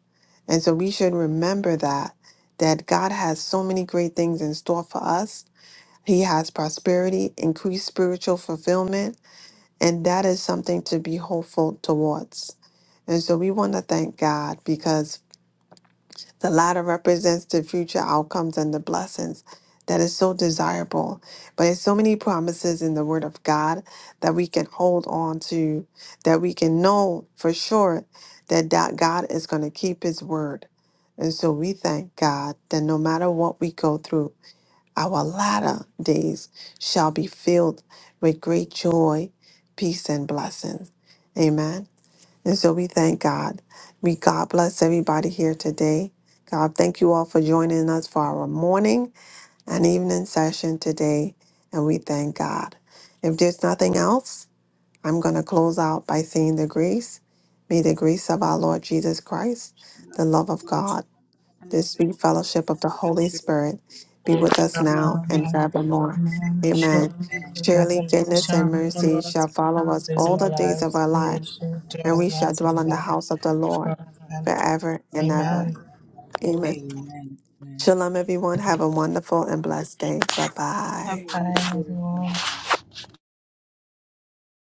Speaker 1: And so we should remember that that God has so many great things in store for us. He has prosperity, increased spiritual fulfillment, and that is something to be hopeful towards. And so we want to thank God because the latter represents the future outcomes and the blessings that is so desirable. But there's so many promises in the Word of God that we can hold on to, that we can know for sure that that God is going to keep His word. And so we thank God that no matter what we go through, our latter days shall be filled with great joy, peace, and blessings. Amen. And so we thank God. We God bless everybody here today. God, thank you all for joining us for our morning and evening session today. And we thank God. If there's nothing else, I'm going to close out by saying the grace. May the grace of our Lord Jesus Christ,
Speaker 2: And
Speaker 1: the
Speaker 2: of
Speaker 1: love of
Speaker 2: God,
Speaker 1: God,
Speaker 2: and the
Speaker 1: the sweet
Speaker 2: fellowship of
Speaker 1: fellowship
Speaker 2: the
Speaker 1: of the Holy
Speaker 2: Spirit,
Speaker 1: Spirit be
Speaker 2: be
Speaker 1: with
Speaker 2: with us
Speaker 1: us
Speaker 2: now
Speaker 1: now and
Speaker 4: Amen.
Speaker 1: forevermore. Amen.
Speaker 4: Surely
Speaker 2: and
Speaker 4: goodness
Speaker 1: Surely
Speaker 4: and
Speaker 2: amen.
Speaker 4: mercy
Speaker 1: goodness and
Speaker 4: shall follow
Speaker 1: mercy
Speaker 4: us
Speaker 1: shall follow us
Speaker 4: days of
Speaker 1: all
Speaker 4: our
Speaker 2: Yes,
Speaker 1: the days of
Speaker 4: lives,
Speaker 1: our
Speaker 4: and
Speaker 2: this
Speaker 4: we
Speaker 1: life
Speaker 2: us,
Speaker 4: shall
Speaker 1: and
Speaker 4: dwell
Speaker 1: we
Speaker 4: in the
Speaker 1: shall
Speaker 4: house of
Speaker 2: and
Speaker 1: dwell
Speaker 4: the
Speaker 1: in
Speaker 2: this
Speaker 1: the
Speaker 2: is
Speaker 4: Lord
Speaker 1: house
Speaker 2: the
Speaker 1: of the Lord
Speaker 4: forever
Speaker 2: Lord
Speaker 4: and ever.
Speaker 1: forever
Speaker 2: forever
Speaker 1: and ever.
Speaker 2: and
Speaker 4: Amen.
Speaker 2: ever.
Speaker 1: Amen.
Speaker 2: Amen. Amen.
Speaker 1: Shalom, everyone. Have a wonderful and blessed day. Bye
Speaker 2: Have a
Speaker 1: bye.
Speaker 4: Bye,
Speaker 2: wonderful
Speaker 4: everyone.
Speaker 2: weekend.